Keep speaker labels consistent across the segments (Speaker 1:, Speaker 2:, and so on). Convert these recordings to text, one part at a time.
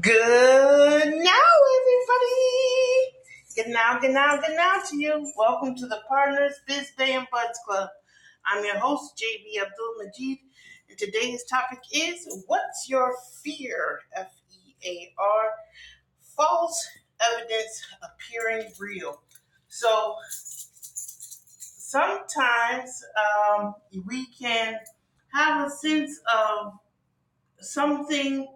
Speaker 1: Good now, everybody. Good now, good now, good now to you. Welcome to the Partners Biz Bay and Buds Club. I'm your host, JB Abdul Majid, and today's topic is What's Your Fear? F E A R. False evidence appearing real. So sometimes um, we can have a sense of something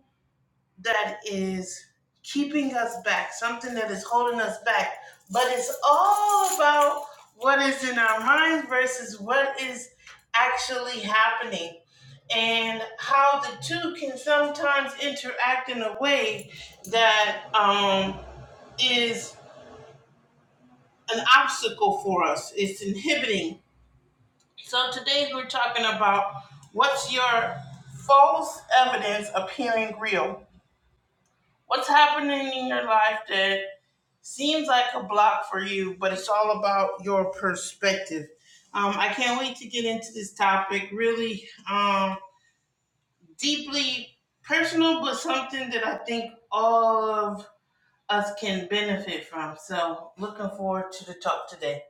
Speaker 1: that is keeping us back, something that is holding us back. But it's all about what is in our minds versus what is actually happening and how the two can sometimes interact in a way that um, is an obstacle for us, it's inhibiting. So today we're talking about what's your false evidence appearing real? What's happening in your life that Seems like a block for you, but it's all about your perspective. Um, I can't wait to get into this topic. Really um, deeply personal, but something that I think all of us can benefit from. So, looking forward to the talk today.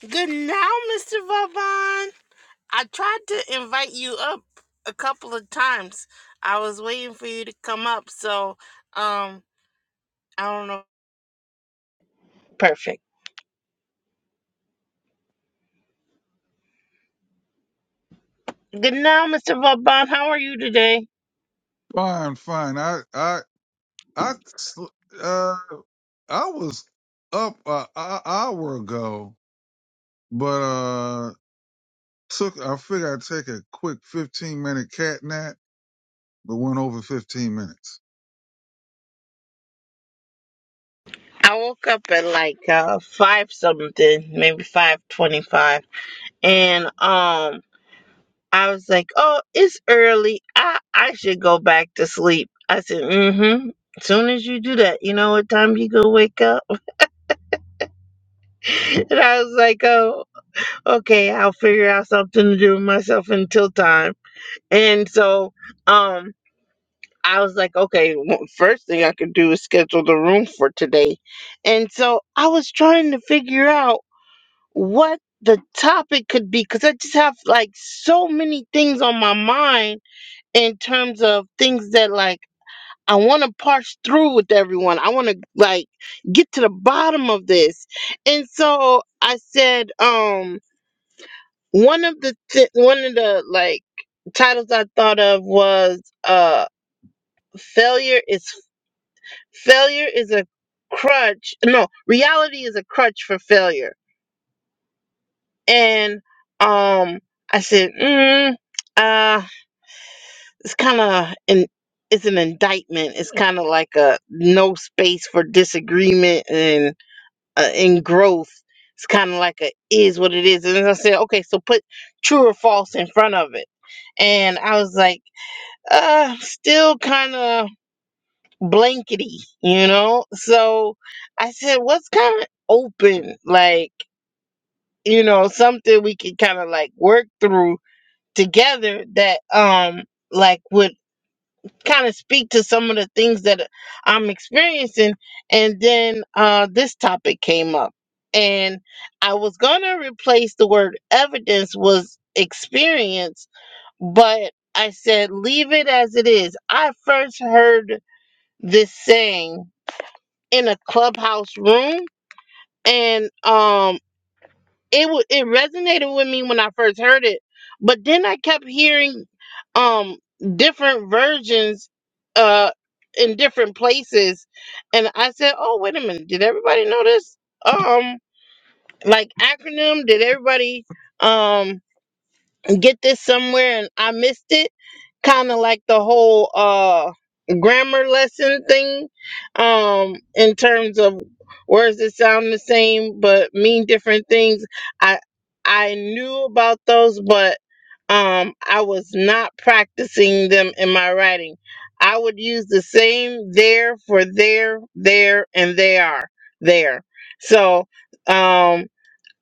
Speaker 1: Good now, Mr. Vavon. I tried to invite you up a couple of times. I was waiting for you to come up, so um, I don't know. Perfect. Good now, Mr. Vavon. How are you today?
Speaker 2: Fine, fine. I, I, I, sl- uh, I was up an hour ago, but uh, took. I figured I'd take a quick fifteen minute cat nap, but went over fifteen minutes.
Speaker 1: I woke up at like uh five something, maybe five twenty-five, and um I was like, "Oh, it's early. I I should go back to sleep." I said, "Mm-hmm." Soon as you do that, you know what time you gonna wake up? and I was like, "Oh, okay. I'll figure out something to do with myself until time." And so, um, I was like, "Okay, w- first thing I could do is schedule the room for today." And so I was trying to figure out. what the topic could be because I just have like so many things on my mind in terms of things that like I want to parse through with everyone. I want to like get to the bottom of this. And so I said um one of the th- one of the like titles I thought of was uh failure is failure is a crutch. No, reality is a crutch for failure and um, I said, mm, uh, it's kind of an it's an indictment. It's kind of like a no space for disagreement and uh, and growth. It's kind of like a is what it is. And I said, okay, so put true or false in front of it. And I was like, uh, still kind of blankety, you know. So I said, what's kind of open, like you know, something we could kind of like work through together that um like would kind of speak to some of the things that I'm experiencing and then uh this topic came up and I was going to replace the word evidence was experience but I said leave it as it is. I first heard this saying in a clubhouse room and um it wa- it resonated with me when I first heard it, but then I kept hearing um different versions uh in different places and I said, "Oh, wait a minute. Did everybody know this? Um like acronym, did everybody um get this somewhere and I missed it?" kind of like the whole uh grammar lesson thing um in terms of words that sound the same but mean different things i i knew about those but um i was not practicing them in my writing i would use the same there for there there and they are there so um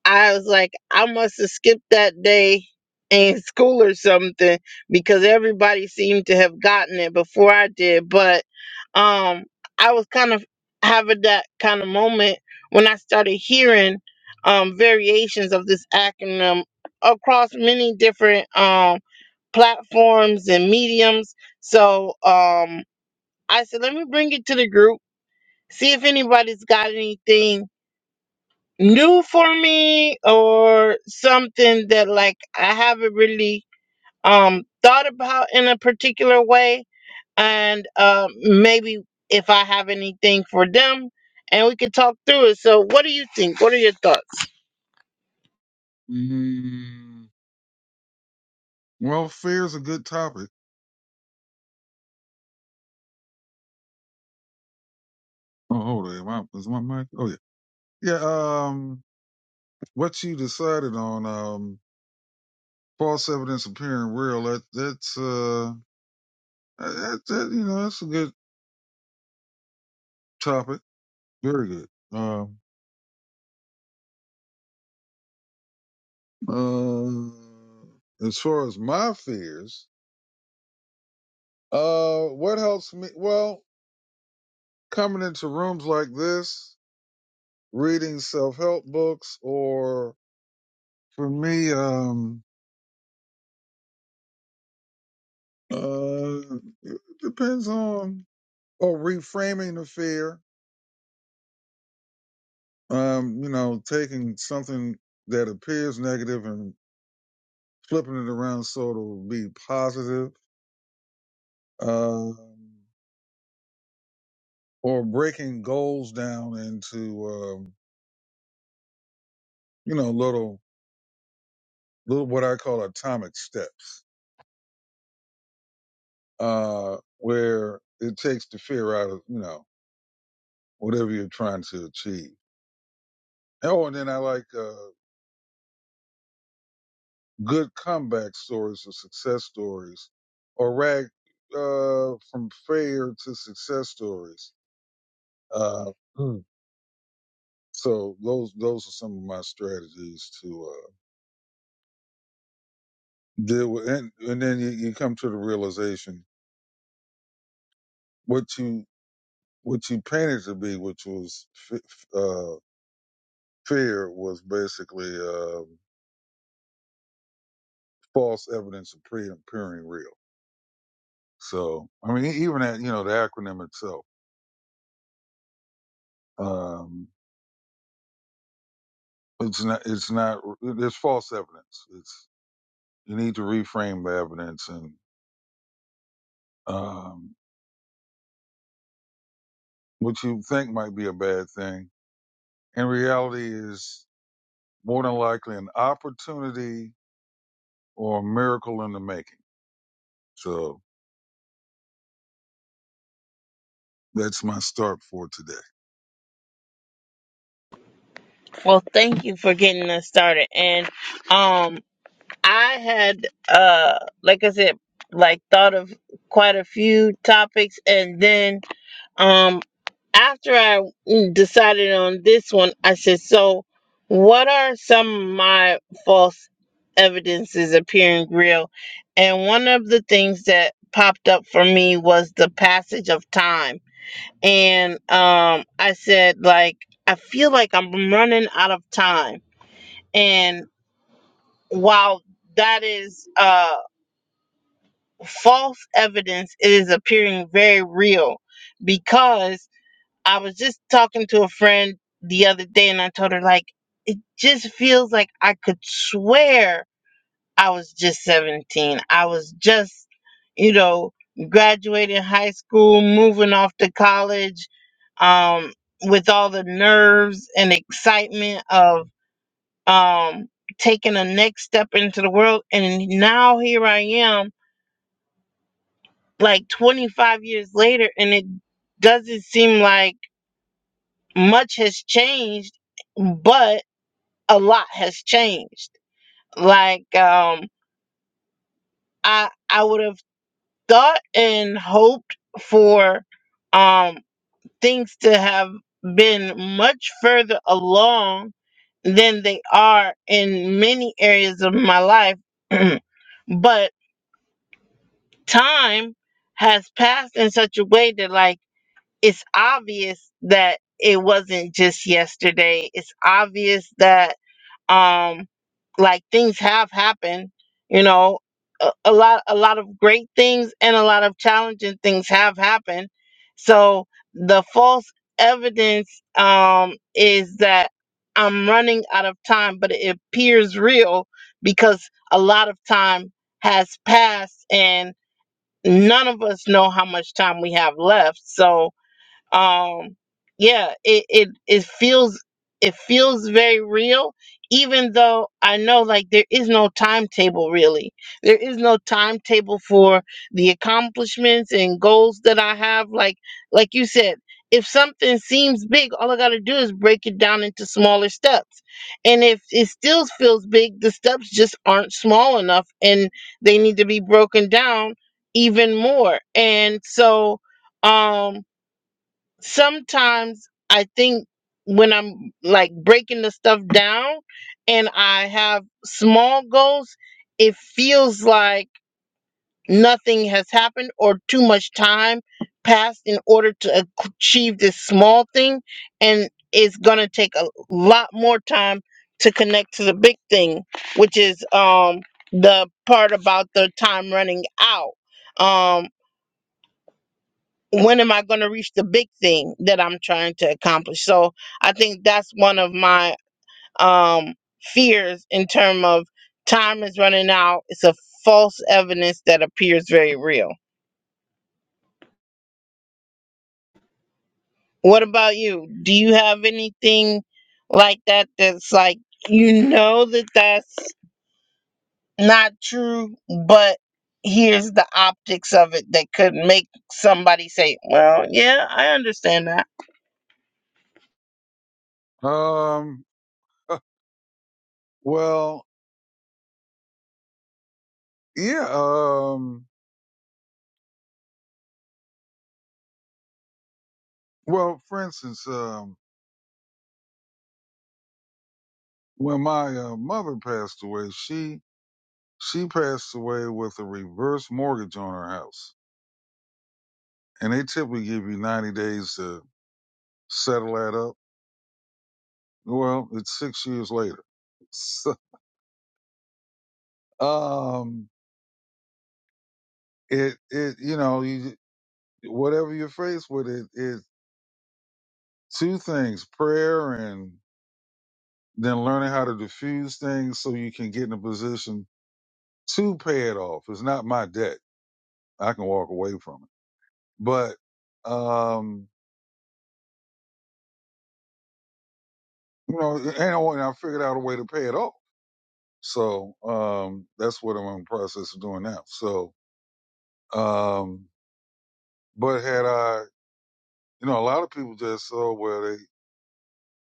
Speaker 1: I was like, I must have skipped that day in school or something because everybody seemed to have gotten it before I did. But um, I was kind of having that kind of moment when I started hearing um, variations of this acronym across many different um, platforms and mediums. So um, I said, let me bring it to the group, see if anybody's got anything new for me or something that like I haven't really um thought about in a particular way and um maybe if I have anything for them and we could talk through it. So what do you think? What are your thoughts?
Speaker 2: Mm. Well, fear's a good topic. Oh, hold on. My, is my mic? Oh yeah, yeah. Um, what you decided on? Um, false evidence appearing real. That that's uh, that, that you know that's a good topic. Very good. Um. Um, as far as my fears, uh, what helps me? Well, coming into rooms like this, reading self-help books, or for me, um, uh, it depends on or reframing the fear. Um, you know, taking something that appears negative and flipping it around so it'll be positive. Um, or breaking goals down into um, you know little little what I call atomic steps, uh, where it takes the fear out of you know whatever you're trying to achieve. Oh, and then I like uh, good comeback stories or success stories, or rag uh, from failure to success stories. Uh, hmm. So those those are some of my strategies to uh, deal with, and and then you, you come to the realization what you what you painted to be, which was f- uh, fear was basically um false evidence of pre appearing real. So I mean, e- even that you know the acronym itself, um, it's not it's not there's false evidence. It's you need to reframe the evidence, and um, what you think might be a bad thing in reality is more than likely an opportunity or a miracle in the making. So that's my start for today.
Speaker 1: Well, thank you for getting us started. And um I had uh like I said like thought of quite a few topics and then um. after I mm, decided on this one, I said, so what are some of my false evidences appearing real? And one of the things that popped up for me was the passage of time. And um, I said, like, I feel like I'm running out of time. And while that is uh, false evidence, it is appearing very real because I was just talking to a friend the other day and I told her like it just feels like I could swear I was just 17. I was just, you know, graduating high school, moving off to college um with all the nerves and excitement of um taking a next step into the world and now here I am like 25 years later and it doesn't seem like much has changed, but a lot has changed. Like um I I would have thought and hoped for um things to have been much further along than they are in many areas of my life. but time has passed in such a way that like it's obvious that it wasn't just yesterday. It's obvious that um like things have happened, you know, a, a lot a lot of great things and a lot of challenging things have happened. So the false evidence um is that I'm running out of time, but it appears real because a lot of time has passed and none of us know how much time we have left. So um yeah it it it feels it feels very real even though i know like there is no timetable really there is no timetable for the accomplishments and goals that i have like like you said if something seems big all i got to do is break it down into smaller steps and if it still feels big the steps just aren't small enough and they need to be broken down even more and so um sometimes I think when I'm like breaking the stuff down and I have small goals, it feels like nothing has happened or too much time passed in order to ac- achieve this small thing. And it's going to take a lot more time to connect to the big thing, which is um, the part about the time running out. Um, when am I going to reach the big thing that I'm trying to accomplish? So I think that's one of my um, fears in terms of time is running out. It's a false evidence that appears very real. What about you? Do you have anything like that that's like, you know, that that's not true, but here's the optics of it that could make somebody say, well, yeah, I understand that.
Speaker 2: Um, well, yeah. Um, Well, for instance, um, when my uh, mother passed away, she she passed away with a reverse mortgage on her house, and they typically give you ninety days to settle that up. Well, it's six years later. So, um, it it you know you whatever you're faced with it it two things prayer and then learning how to diffuse things so you can get in a position to pay it off. It's not my debt. I can walk away from it But um, you know, and I, and I figured out a way to pay it off. So um, that's what I'm in the process of doing now. So, um, but had I, you know, a lot of people just oh well, they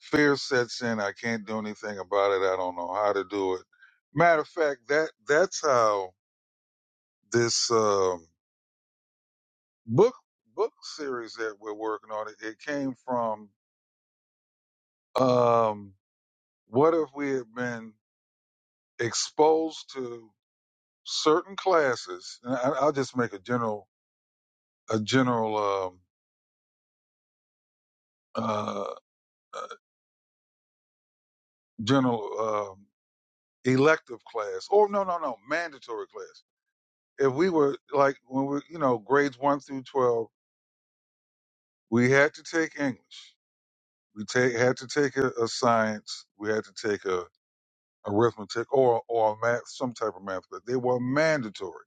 Speaker 2: fear sets in. I can't do anything about it. I don't know how to do it. Matter of fact, that that's how this um, book book series that we're working on it, it came from um, what if we had been exposed to certain classes. And I, I'll just make a general a general um, uh, uh, general um, elective class, or no, no, no, mandatory class. If we were like when we, you know, grades one through twelve, we had to take English. We take had to take a, a science. We had to take a arithmetic or or a math, some type of math class. They were mandatory.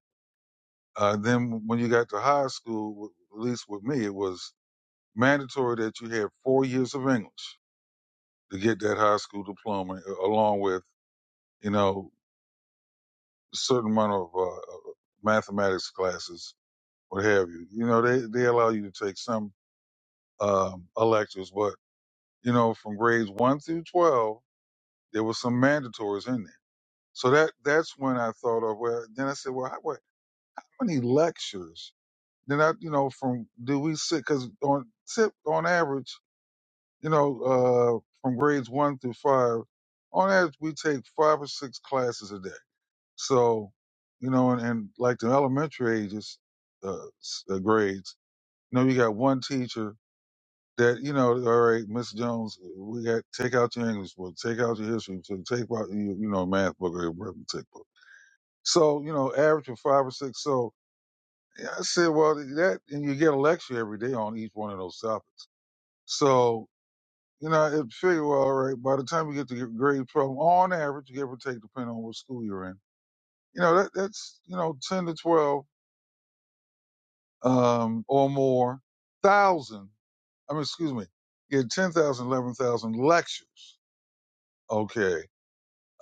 Speaker 2: Uh, then when you got to high school, at least with me, it was mandatory that you had four years of English. to get that high school diploma, a- along with you know a certain amount of uh, mathematics classes, what have you. You know, they they allow you to take some um, electives, but you know, from grades one through twelve, there was some mandatories in there. So that that's when I thought of well. Then I said, well, how, what, how many lectures? Then I, you know, from do we sit? Because on tip on average, you know, uh, from grades one through five, on average we take five or six classes a day So, you know, and, and like the elementary ages, uh, s- uh, grades, you know, you got one teacher that, you know, all right, Miss Jones, we got, take out your English book, take out your history book, take out your, you know, math book or your arithmetic book. So, you know, average of five or six. So yeah, I said, well, that, and you get a lecture every day on each one of those topics. So, you know, it figure, well, all right, by the time you get to grade 12, on average, give or take, depending on what school you're in, you know, that, that's, you know, 10 to 12 um, or more thousand, I mean, excuse me, yeah, 10,000, 11,000 lectures. Okay.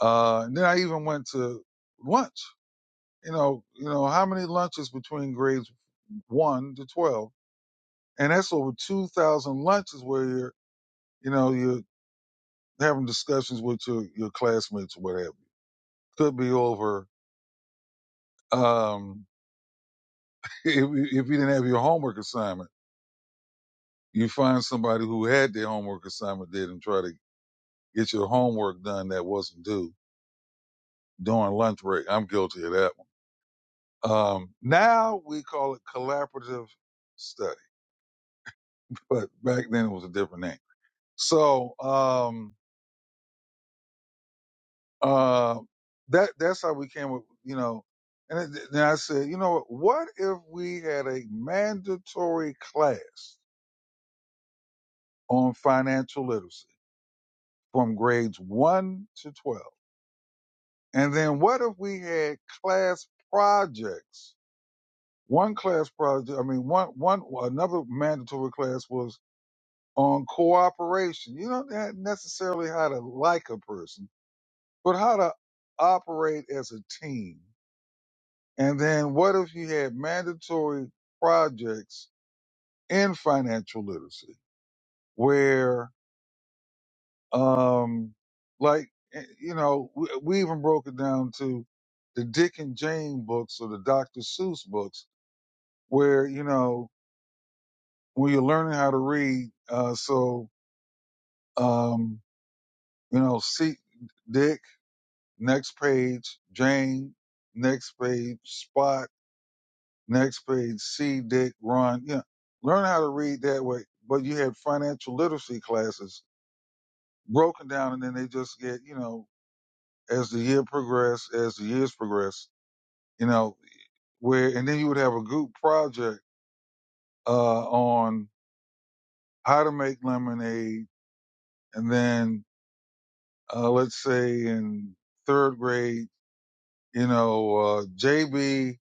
Speaker 2: Uh, and then I even went to lunch, you know, you know, how many lunches between grades one to 12? And that's over 2,000 lunches where you're, you know, you're having discussions with your, your classmates or whatever. Could be over, um, if, if you didn't have your homework assignment, you find somebody who had their homework assignment did and try to get your homework done that wasn't due during lunch break. I'm guilty of that one. Um, now we call it collaborative study, but back then it was a different name. So um, uh, that that's how we came up, you know. And then I said, you know, what if we had a mandatory class on financial literacy from grades one to twelve, and then what if we had class projects One class project, I mean, one, one, another mandatory class was on cooperation. You don't have necessarily how to like a person, but how to operate as a team. And then what if you had mandatory projects in financial literacy where, um, like, eh, you know, we, we even broke it down to the Dick and Jane books or the Dr. Seuss books where, you know, when you're learning how to read. Uh, so Um, you know, see Dick, next page, Jane, next page, Spot, next page, see Dick, Ron. Yeah. Learn how to read that way. But you had financial literacy classes broken down and then they just get, you know, as the year progressed, as the years progress, you know, where and then you would have a group project uh on how to make lemonade and then uh let's say in third grade you know, uh, JB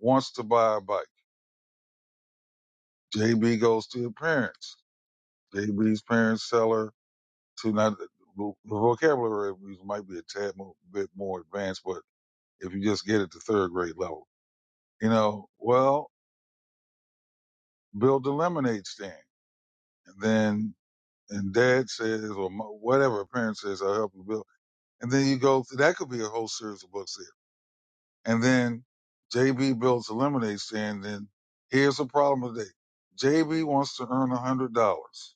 Speaker 2: wants to buy a bike. JB goes to her parents. JB's parents sell her to not. the the vocabulary of music might be a tad mo bit more advanced, but if you just get it to third grade level, you know, well, build a lemonade stand. And then, and dad says, or mo- whatever, parent says, I'll help you build. And then you go through, that could be a whole series of books there. And then JB builds a lemonade stand. Then here's the problem today. JB wants to earn a hundred dollars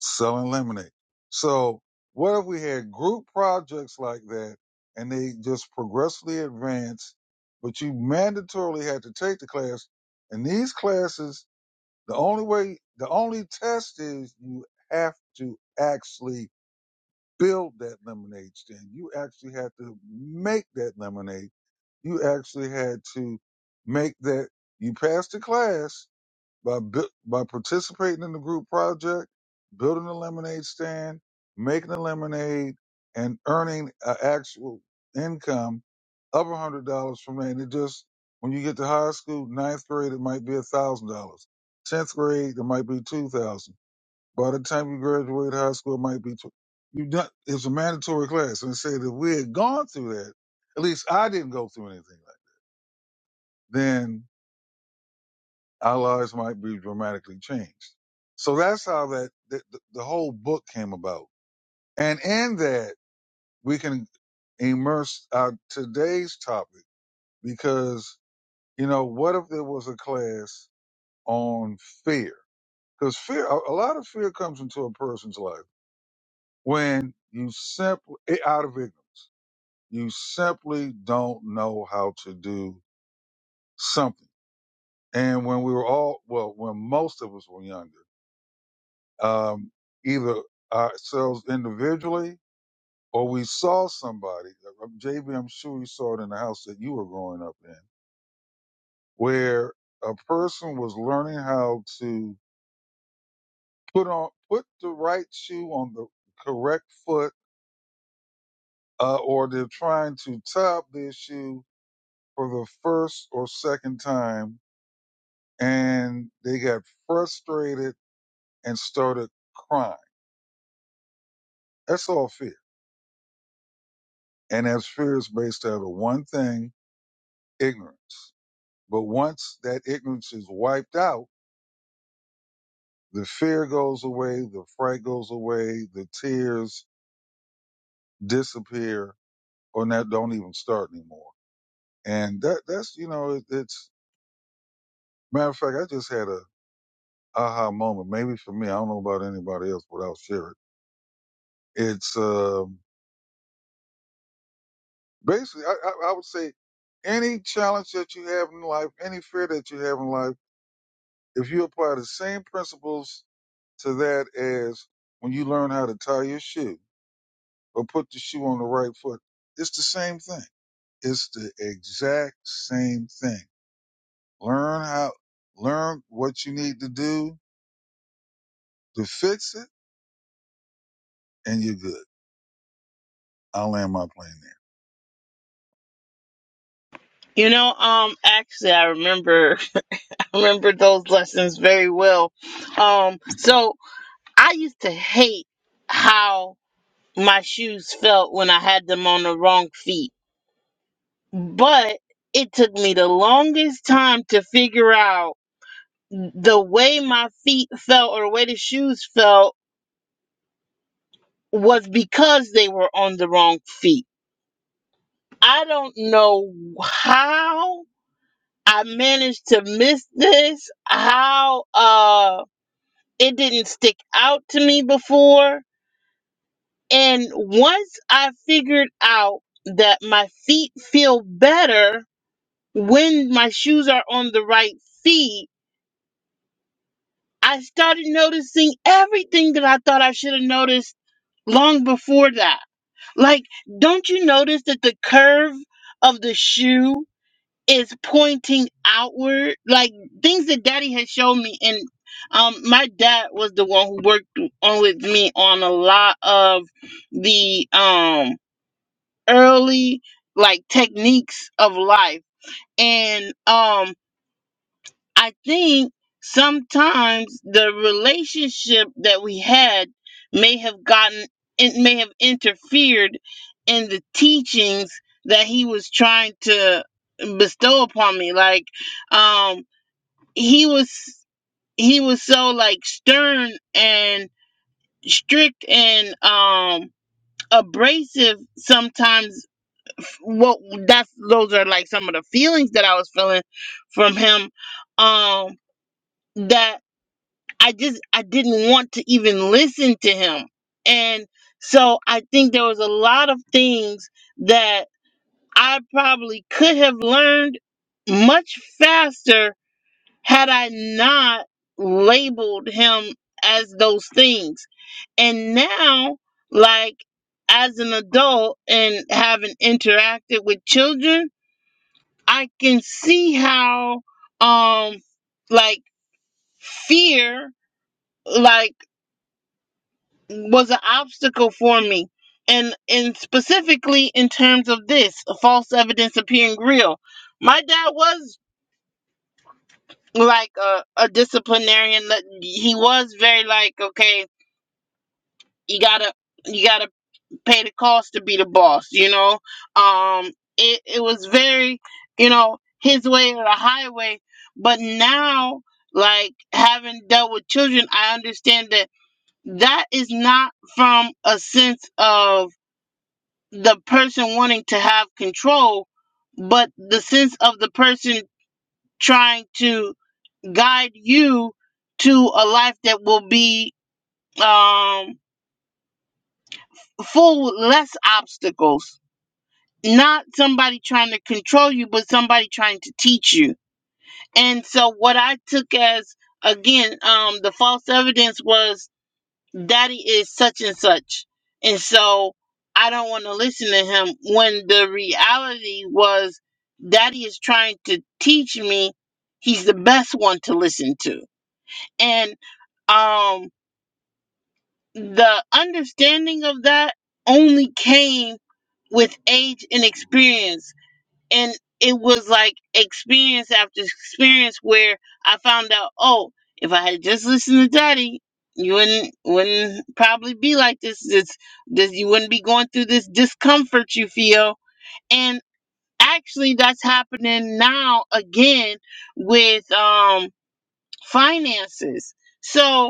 Speaker 2: selling lemonade. So what if we had group projects like that and they just progressively advance, but you mandatorily had to take the class. And these classes, the only way, the only test is you have to actually build that lemonade stand. You actually had to make that lemonade. You actually had to make that you passed the class by bu- by participating in the group project, building a lemonade stand, making a lemonade, and earning an actual income of a hundred dollars from that. And it just when you get to high school, ninth grade, it might be a thousand dollars. Tenth grade, it might be two thousand. By the time you graduate high school, it might be tw- you done. It's a mandatory class, and it said if we had gone through that, at least I didn't go through anything like that, then our lives might be dramatically changed. So that's how that the, the the whole book came about. And in that, we can immerse our today's topic because, you know, what if there was a class on fear? Because fear, a, a lot of fear comes into a person's life when you simply, eh, out of ignorance, you simply don't know how to do something. And when we were all, well, when most of us were younger, um, either ourselves individually or we saw somebody. JB, I'm sure you saw it in the house that you were growing up in, where a person was learning how to put on put the right shoe on the correct foot, uh, or they're trying to top their shoe for the first or second time, and they got frustrated and started crying. That's all fear, and as fear is based out of one thing: ignorance But once that ignorance is wiped out, the fear goes away, the fright goes away, the tears disappear, or not, don't even start anymore. And that that's you know it, it's matter of fact, I just had a aha moment. Maybe for me, I don't know about anybody else, but I'll share it. It's um, basically I, I, I would say any challenge that you have in life, any fear that you have in life, if you apply the same principles to that as when you learn how to tie your shoe or put the shoe on the right foot. It's the same thing. It's the exact same thing. Learn how, learn what you need to do to fix it, and you're good. I'll land my plane
Speaker 1: You know, um, actually, I remember remember those lessons very well. Um, so I used to hate how my shoes felt when I had them on the wrong feet, but it took me the longest time to figure out the way my feet felt or the way the shoes felt was because they were on the wrong feet. I don't know how I managed to miss this, how, uh, it didn't stick out to me before And once I figured out that my feet feel better when my shoes are on the right feet, I started noticing everything that I thought I should have noticed long before that. Like, don't you notice that the curve of the shoe is pointing outward? Like things that daddy had shown me and um my dad was the one who worked on with me on a lot of the um early like techniques of life and um i think sometimes the relationship that we had may have gotten it may have interfered in the teachings that he was trying to bestow upon me like um he was he was so like stern and strict and um abrasive sometimes well that's those are like some of the feelings that I was feeling from him um that I just I didn't want to even listen to him and so I think there was a lot of things that I probably could have learned much faster had I not labeled him as those things and now like as an adult and having interacted with children I can see how um like fear like was an obstacle for me. And and specifically in terms of this, false evidence appearing real. My dad was like a, a disciplinarian that he was very like, okay, you gotta you gotta pay the cost to be the boss, you know. Um it, it was very, you know, his way or the highway. But now, like having dealt with children, I understand that that is not from a sense of the person wanting to have control, but the sense of the person trying to guide you to a life that will be um full with less obstacles not somebody trying to control you, but somebody trying to teach you. And so what I took as again, um, the false evidence was daddy is such and such. And so I don't want to listen to him when the reality was daddy is trying to teach me he's the best one to listen to. And um the understanding of that only came with age and experience and it was like experience after experience where I found out, oh, if I had just listened to Daddy, you wouldn't wouldn't probably be like this. This this you wouldn't be going through this discomfort you feel. And actually, that's happening now again with um finances. So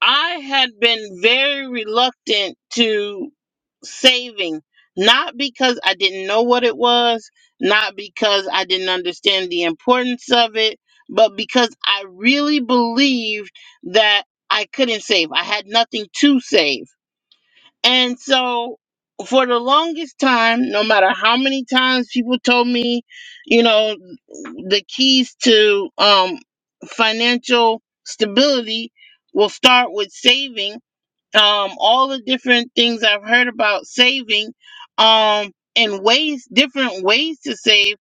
Speaker 1: I had been very reluctant to saving, not because I didn't know what it was, not because I didn't understand the importance of it, but because I really believed that I couldn't save. I had nothing to save. And so for the longest time, no matter how many times people told me, you know, the keys to um financial stability will start with saving. Um all the different things I've heard about saving um and ways different ways to save,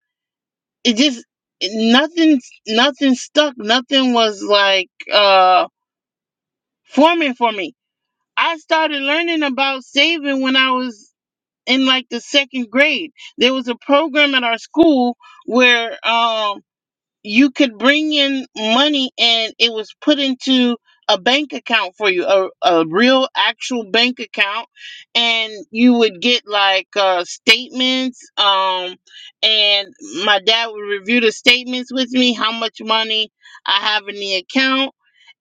Speaker 1: it just nothing nothing stuck, nothing was like uh forming for me. I started learning about saving when I was in like the second grade. There was a program at our school where um you could bring in money and it was put into a bank account for you, a, a real actual bank account, and you would get like uh, statements. Um, and my dad would review the statements with me, how much money I have in the account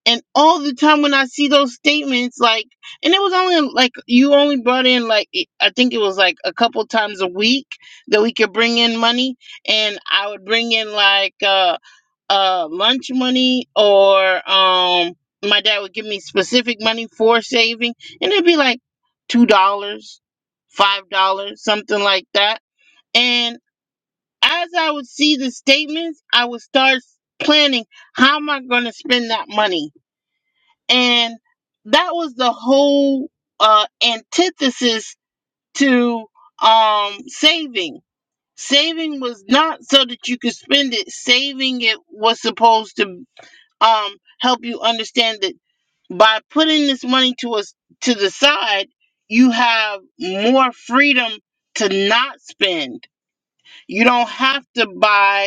Speaker 1: and all the time when I see those statements, like, and it was only like you only brought in like it- I think it was like a couple times a week that we could bring in money, and I would bring in like uh uh lunch money or um my dad would give me specific money for saving, and it'd be like two dollars, five dollars, something like that. And as I would see the statements, I would start planning how am I going to spend that money and that was the whole uh, antithesis to um, saving. Saving was not so that you could spend it. Saving it was supposed to um, help you understand that by putting this money to us to the side, you have more freedom to not spend. You don't have to buy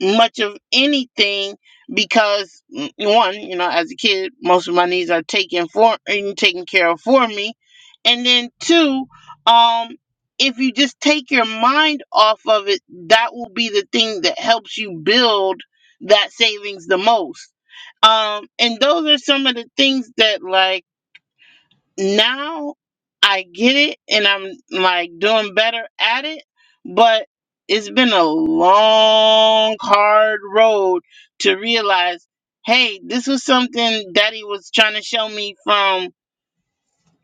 Speaker 1: much of anything because mm, one, you know, as a kid, most of my needs are taken for and taken care of for me, and then two, um, if you just take your mind off of it, that will be the thing that helps you build that savings the most. Um, and those are some of the things that like now I get it and I'm like doing better at it, but it's been a long, hard road to realize hey, this was something daddy was trying to show me from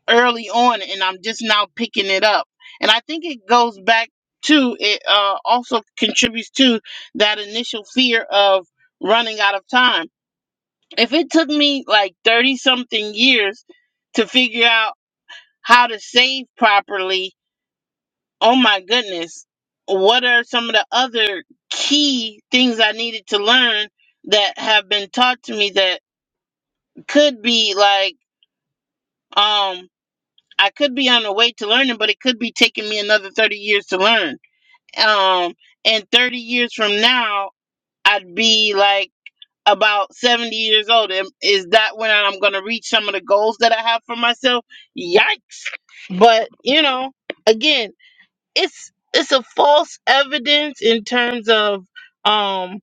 Speaker 1: early on, and I'm just now picking it up. And I think it goes back to it, uh, also contributes to that initial fear of running out of time. If it took me like 30 something years to figure out how to save properly. Oh my goodness. What are some of the other key things I needed to learn that have been taught to me that could be like um I could be on the way to learning, but it could be taking me another 30 years to learn. Um and 30 years from now, I'd be like about 70 years old. Am- Is that when I'm going to reach some of the goals that I have for myself? Yikes. But, you know, again. it's it's a false evidence in terms of um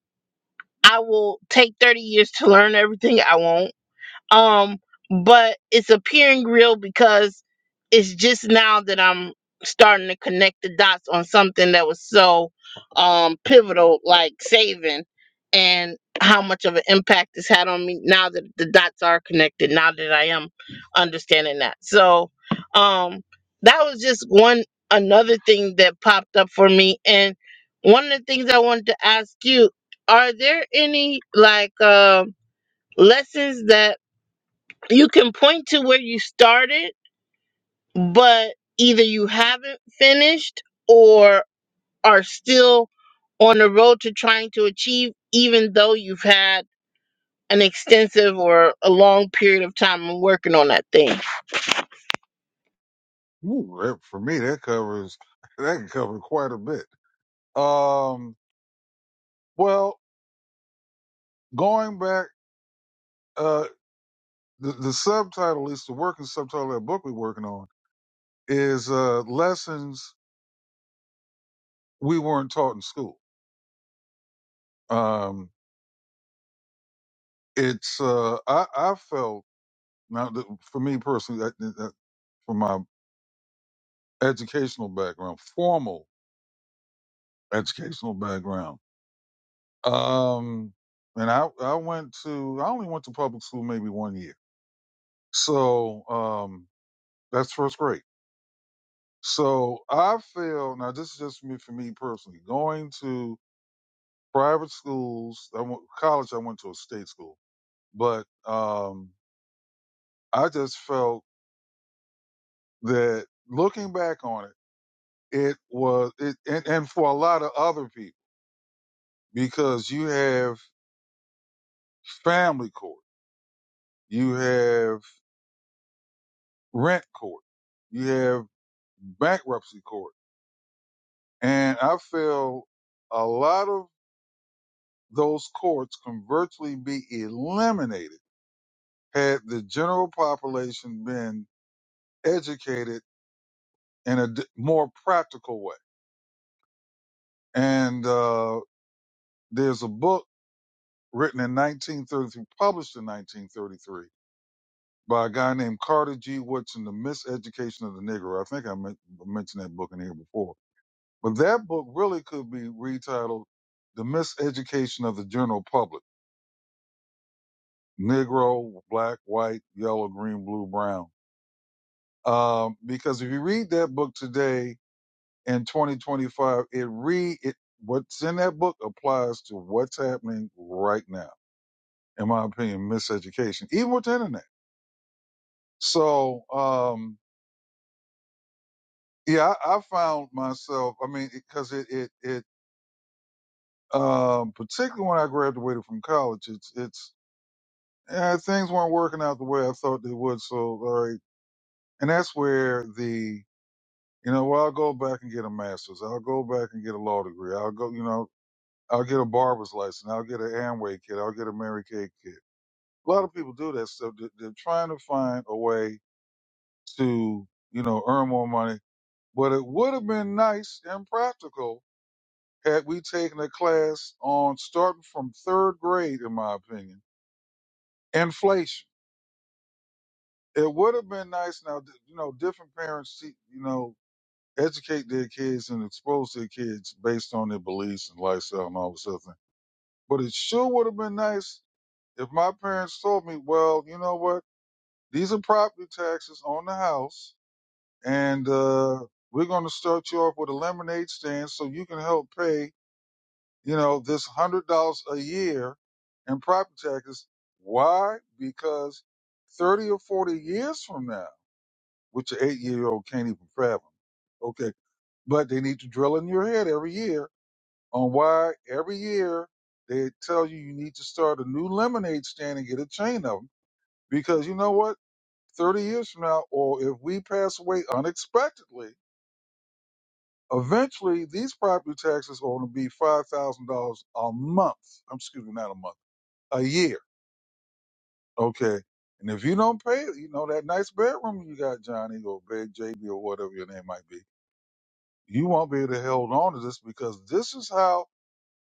Speaker 1: I will take 30 years to learn everything I won't um but it's appearing real because it's just now that i'm starting to connect the dots on something that was so um pivotal like saving and how much of an impact it's had on me now that the dots are connected now that i am understanding that so um that was just one another thing that popped up for me and one of the things i wanted to ask you are there any like um lessons that you can point to where you started, but either you haven't finished or are still on the road to trying to achieve, even though you've had an extensive or a long period of time in working on that thing.
Speaker 2: there. Ooh, that, for me, that covers that can cover quite a bit. Um, well, going back, uh, the, the subtitle, at least the working subtitle of that book we're working on, is uh, lessons we weren't taught in school. Um, it's uh, I, I felt Now, th- for me personally, that, that, that- from my educational background, formal educational background, um, and I, I went to, I only went to public school maybe one year. So um, that's first grade. So I feel, now this is just me, for me personally, going to private schools, I went, college, I went to a state school, but um, I just felt that looking back on it, it was, it, and, and for a lot of other people, because you have family court, you have rent court, you have bankruptcy court. And I feel a lot of those courts can virtually be eliminated had the general population been educated in a d- more practical way. And uh, there's a book written in 1933, published in 1933 by a guy named Carter G. Woodson, The Miseducation of the Negro. I think I men- mentioned that book in here before. But that book really could be retitled The Miseducation of the General Public Negro, Black, White, Yellow, Green, Blue, Brown. Um, because if you read that book today in 2025, it re it, what's in that book applies to what's happening right now. In my opinion, miseducation, even with the internet. So, um, Yeah, I, I found myself. I mean, because it, 'cause it it it um, particularly when I graduated from college, it's it's eh, things weren't working out the way I thought they would. So, all right, and that's where the you know, well, I'll go back and get a master's. I'll go back and get a law degree. I'll go, you know, I'll get a barber's license. I'll get an Amway kit. I'll get a Mary Kay kit. A lot of people do that stuff. They- They're trying to find a way to you know earn more money, but it would have been nice and practical had we taken a class on starting from third grade, in my opinion, inflation. It would have been nice now, you know, different parents, te- you know, educate their kids and expose their kids based on their beliefs and lifestyle and all this other thing. But it sure would have been nice if my parents told me, well, you know what? These are property taxes on the house and, uh, we're going to start you off with a lemonade stand so you can help pay you know, this hundred dollars a year in property taxes. Why? Because thirty or forty years from now, which an eight year old can't even fathom. Okay. But they need to drill in your head every year on why every year they tell you you need to start a new lemonade stand and get a chain of them. Because you know what? 30 years from now, or if we pass away unexpectedly, eventually these property taxes are going to be $5,000 a month. I'm excuse me, not a month a year. Okay. And if you don't pay, you know, that nice bedroom you got, Johnny, or Big JB, or whatever your name might be, you won't be able to hold on to this because this is how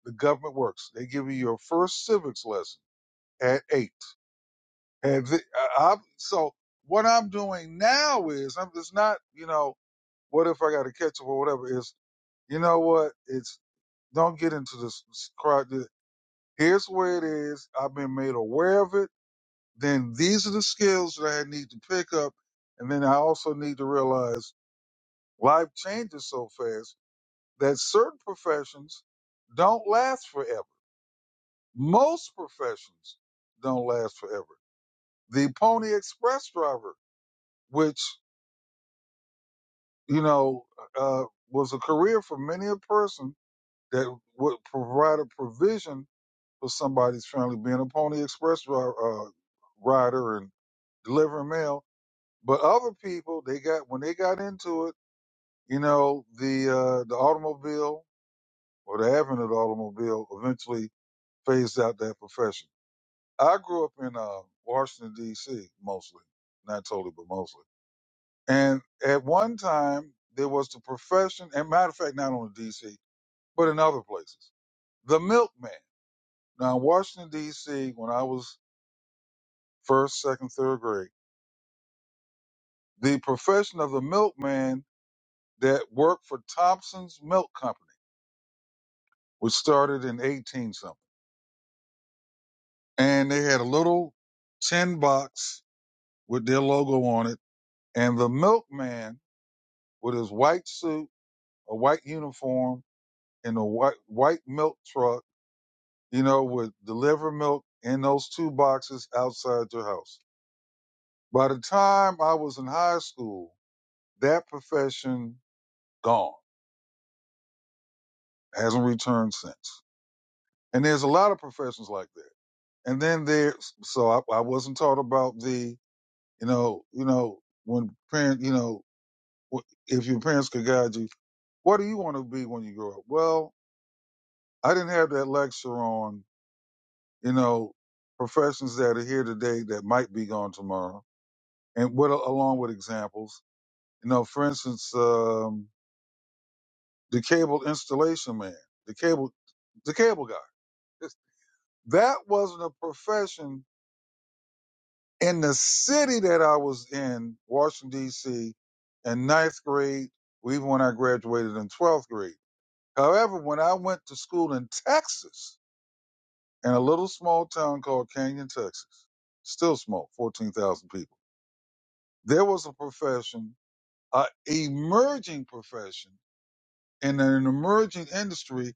Speaker 2: the government works. They give you your first civics lesson at eight. And the, I, I, so what I'm doing now is, I'm it's not, you know, what if I got to catch up or whatever, is you know what? It's don't get into this crowd. Here's where it is. I've been made aware of it then these are the skills that I need to pick up. And then I also need to realize life changes so fast that certain professions don't last forever. Most professions don't last forever. The Pony Express driver, which, you know, uh, was a career for many a person that would provide a provision for somebody's family, being a Pony Express dri- uh, rider and delivering mail But other people, they got when they got into it, you know, the uh, the automobile or the advent of the automobile eventually phased out that profession. I grew up in uh, Washington D.C. mostly, not totally, but mostly. And at one time, there was the profession, and matter of fact, not only D.C. but in other places, the milkman. Now, in Washington D.C., when I was first, second, third grade, the profession of the milkman that worked for Thompson's Milk Company. which started in 18 something. And they had a little tin box with their logo on it. And the milkman with his white suit, a white uniform, and a white, white milk truck, you know, would deliver milk in those two boxes outside your house. By the time I was in high school, that profession gone, hasn't returned since. And there's a lot of professions like that. And then there, so I, I wasn't taught about the You know, you know, when parents, you know, wh- if your parents could guide you, what do you want to be when you grow up? Well, I didn't have that lecture on, you know, professions that are here today that might be gone tomorrow, and what along with examples. You know, for instance, um, the cable installation man, the cable, the cable guy. That wasn't a profession in the city that I was in, Washington D.C., in ninth grade, or even when I graduated in twelfth grade. However, when I went to school in Texas, in a little small town called Canyon, Texas, still small, 14,000 people, there was a profession, an emerging profession, in an emerging industry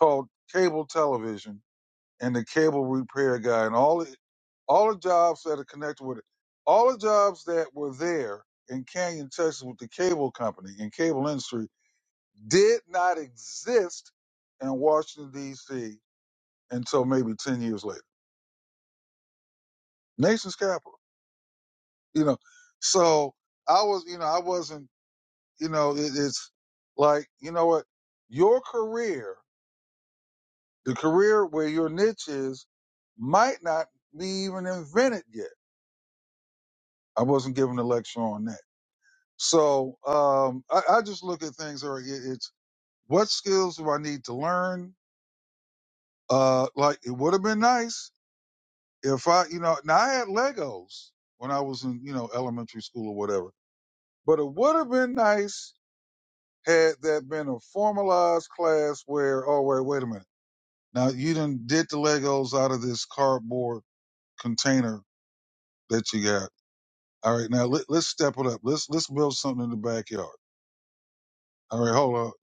Speaker 2: called cable television and the cable repair guy and all the, all the jobs that are connected with it. All the jobs that were there in Canyon, Texas with the cable company and cable industry did not exist in Washington, D.C until maybe 10 years later. Nation's capital, you know. So I was, you know, I wasn't, you know, it, it's like, you know what? Your career, the career where your niche is, might not be even invented yet. I wasn't giving a lecture on that. So um, I, I just look at things or it, it's what skills do I need to learn? Uh, like it would have been nice if I, you know, now I had Legos when I was in, you know, elementary school or whatever But it would have been nice had that been a formalized class where, oh wait, wait a minute. Now you done did the Legos out of this cardboard container that you got. All right, now let, let's step it up. Let's let's build something in the backyard. All right, hold up.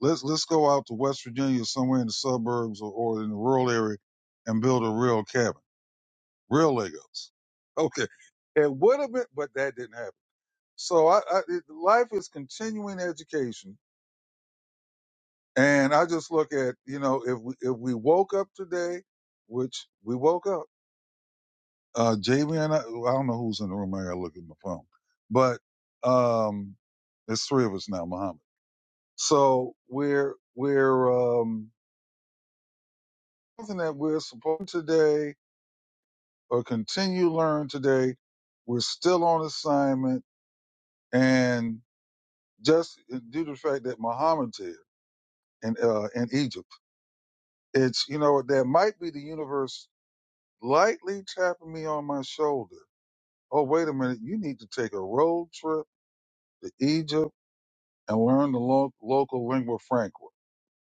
Speaker 2: Let's let's go out to West Virginia, somewhere in the suburbs or, or in the rural area, and build a real cabin, real Legos. Okay, it would have been, but that didn't happen. So I, I it, life is continuing education And I just look at, you know, if we, if we woke up today, which we woke up, uh, JB and I, I don't know who's in the room. I gotta look at my phone, but, um, it's three of us now, Muhammad. So we're, we're, um, something that we're supporting today or continue learn today. We're still on assignment and just uh, due to the fact that Muhammad's here in, uh, in Egypt, it's, you know, that might be the universe lightly tapping me on my shoulder. Oh, wait a minute. You need to take a road trip to Egypt and learn the lo- local lingua franca.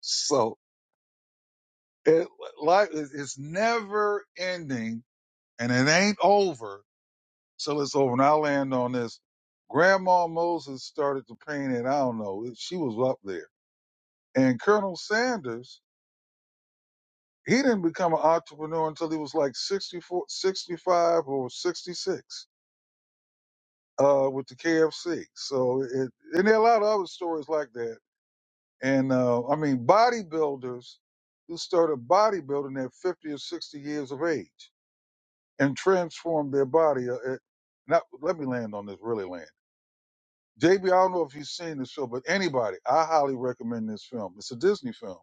Speaker 2: So it, life is it's never ending and it ain't over till it's over. And I land on this. Grandma Moses started to paint it. I don't know. She was up there. And Colonel Sanders, he didn't become an entrepreneur until he was like 64, 65, or 66 uh, with the KFC. So it, and there are a lot of other stories like that. And uh, I mean, bodybuilders who started bodybuilding at 50 or 60 years of age and transformed their body. Uh, it, not, let me land on this, really land. JB, I don't know if you've seen the show, but anybody, I highly recommend this film. It's a Disney film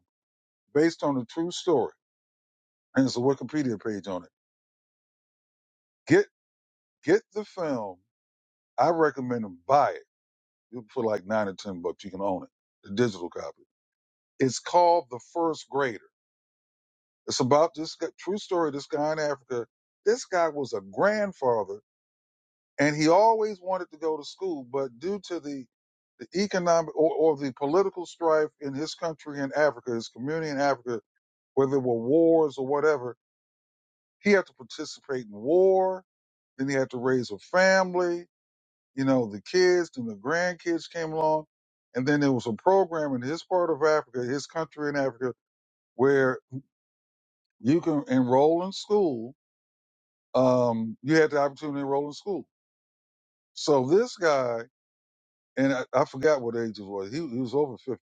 Speaker 2: based on a true story, and there's a Wikipedia page on it. Get get the film. I recommend them buy it You for like nine or ten bucks. You can own it, the digital copy It's called The First Grader. It's about this guy, true story. This guy in Africa, this guy was a grandfather and he always wanted to go to school, but due to the, the economic or, or the political strife in his country in Africa, his community in Africa, where there were wars or whatever, he had to participate in war. Then he had to raise a family, you know, the kids and the grandkids came along. And then there was a program in his part of Africa, his country in Africa, where you can enroll in school. Um, you had the opportunity to enroll in school. So this guy, and I, I forgot what age he was. He, he was over 50.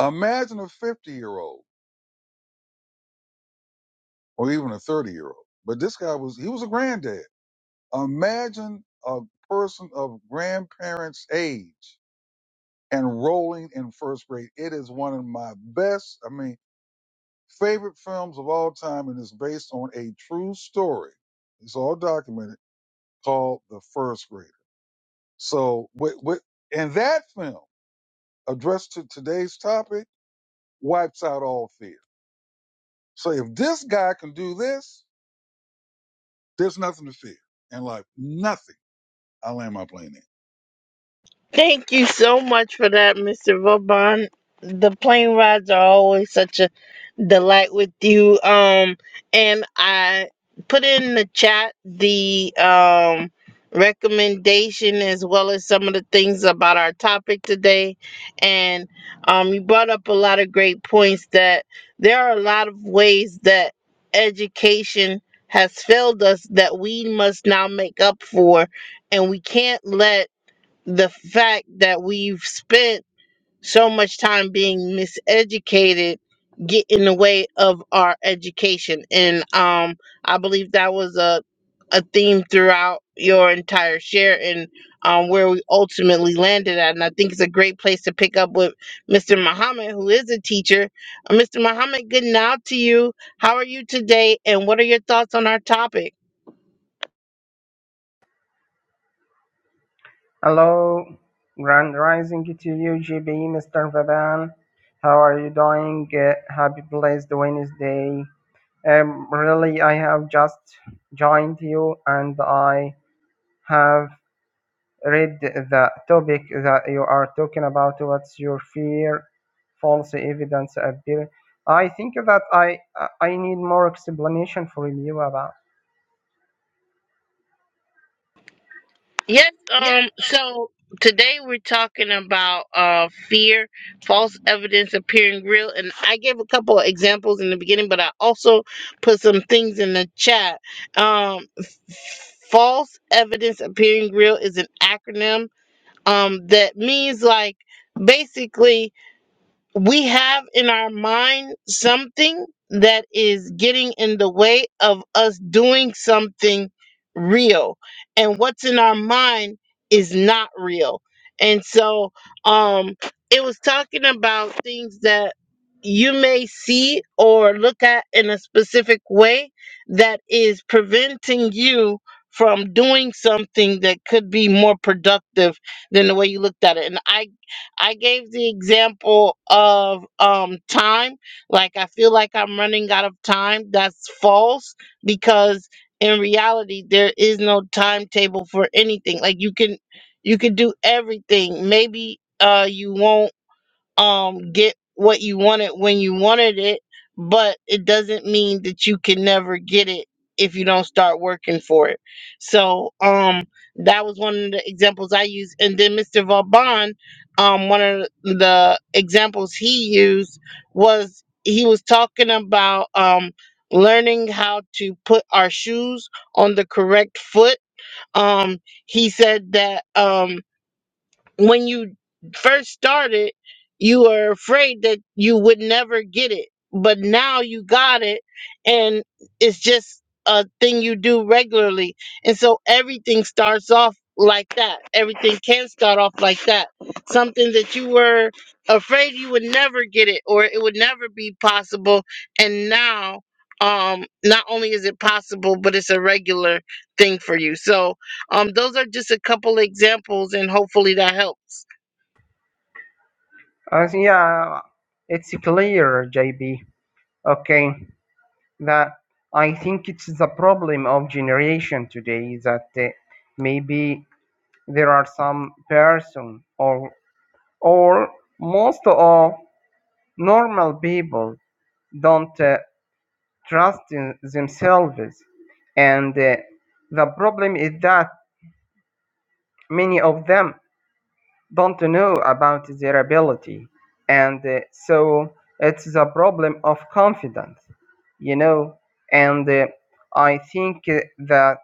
Speaker 2: Imagine a 50 year old or even a 30 year old. But this guy was, he was a granddad. Imagine a person of grandparents age enrolling in first grade. It is one of my best, I mean, favorite films of all time. And it's based on a true story. It's all documented called The First Grader So, with, with, and that film addressed to today's topic wipes out all fear. So, if this guy can do this, there's nothing to fear in life. Nothing. I land my plane in.
Speaker 1: Thank you so much for that, Mr. Vauban. The plane rides are always such a delight with you. Um, and I put in the chat the um recommendation as well as some of the things about our topic today. And um, you brought up a lot of great points that there are a lot of ways that education has failed us that we must now make up for, and we can't let the fact that we've spent so much time being miseducated get in the way of our education and um i believe that was a a theme throughout your entire share and um where we ultimately landed at and i think it's a great place to pick up with mr muhammad who is a teacher Uh, mr muhammad good now to you how are you today and what are your thoughts on our topic
Speaker 3: Hello, Grand Rising to you, GB, Mr. Vaban. How are you doing? Uh, happy blessed Wednesday. Um, really, I have just joined you and I have read the topic that you are talking about. What's your fear? False evidence appear. I think that I I need more explanation from you about.
Speaker 1: Yes,
Speaker 3: Yeah.
Speaker 1: um, so today we're talking about uh fear, false evidence appearing real, and I gave a couple of examples in the beginning, but I also put some things in the chat. Um f- false evidence appearing real is an acronym um that means like basically we have in our mind something that is getting in the way of us doing something real and what's in our mind is not real and so um it was talking about things that you may see or look at in a specific way that is preventing you from doing something that could be more productive than the way you looked at it and I. I gave the example of um time. Like I feel like I'm running out of time. That's false because in reality there is no timetable for anything. Like you can you can do everything. Maybe uh you won't um get what you wanted when you wanted it, but it doesn't mean that you can never get it if you don't start working for it. So um that was one of the examples I used. And then Mr. Vauban, um one of the examples he used was he was talking about um learning how to put our shoes on the correct foot. Um he said that um when you first started, you were afraid that you would never get it, but now you got it, and it's just a thing you do regularly. And so everything starts off like that. Everything can start off like that. Something that you were afraid you would never get it or it would never be possible, and now um not only is it possible but it's a regular thing for you so um, those are just a couple examples, and hopefully that helps.
Speaker 3: Uh, yeah, it's clear, JB. Okay. that I think it's the problem of generation today that uh, maybe there are some person or or most of normal people don't uh, trust in themselves and uh, the problem is that many of them don't know about their ability and uh, so it's the problem of confidence you know and uh, i think uh, that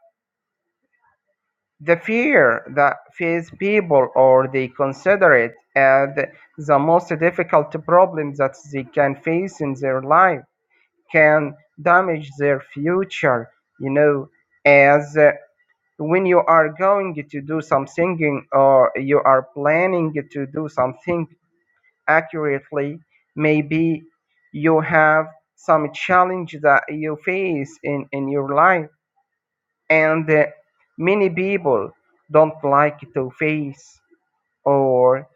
Speaker 3: The fear that face people or they consider it as the most difficult problem that they can face in their life can damage their future, you know, as uh, when you are going to do something or you are planning to do something accurately, maybe you have some challenge that you face in, in your life and uh, many people don't like to face or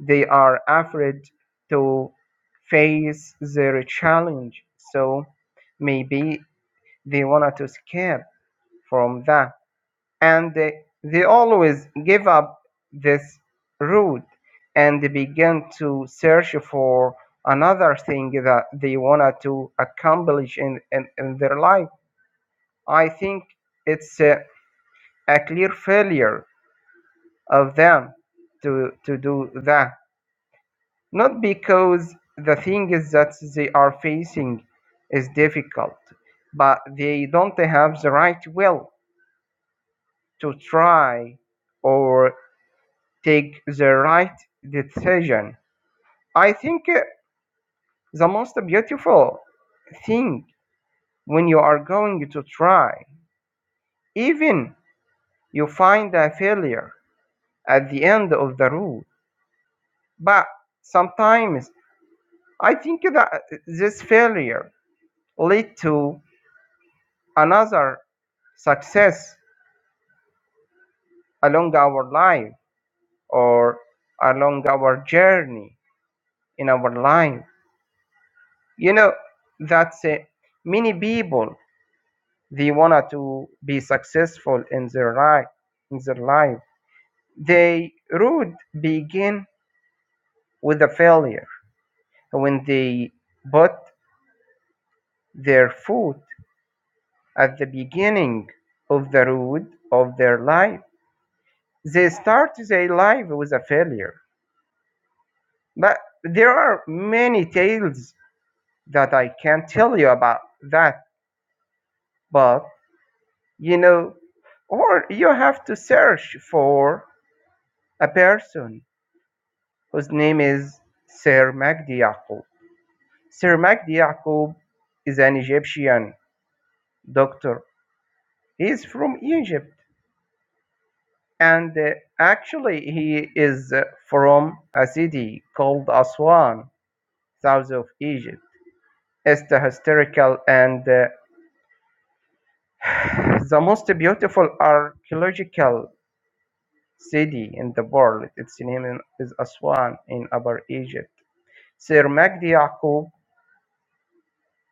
Speaker 3: they are afraid to face their challenge so maybe they wanted to escape from that and uh, they always give up this route and they begin to search for another thing that they wanted to accomplish in, in, in their life i think it's uh, a clear failure of them to, to do that, not because the thing is that they are facing is difficult, but they don't have the right will to try or take the right decision. I think uh, the most beautiful thing when you are going to try, even you find a failure at the end of the road, but sometimes I think that this failure lead to another success along our life or along our journey in our life. You know, that's uh, many people they wanted to be successful in their life, in their life. They would begin with a failure when they put their foot at the beginning of the road of their life. They start their life with a failure But there are many tales that I can tell you about that. But, you know, or you have to search for a person whose name is Sir Magdi Yaqub. Sir Magdi Yaqub is an Egyptian doctor. He's from Egypt. And uh, actually, he is uh, from a city called Aswan, south of Egypt. It's a historical and uh, The most beautiful archaeological city in the world, its name is Aswan in Upper Egypt. Sir Magdi Yaqub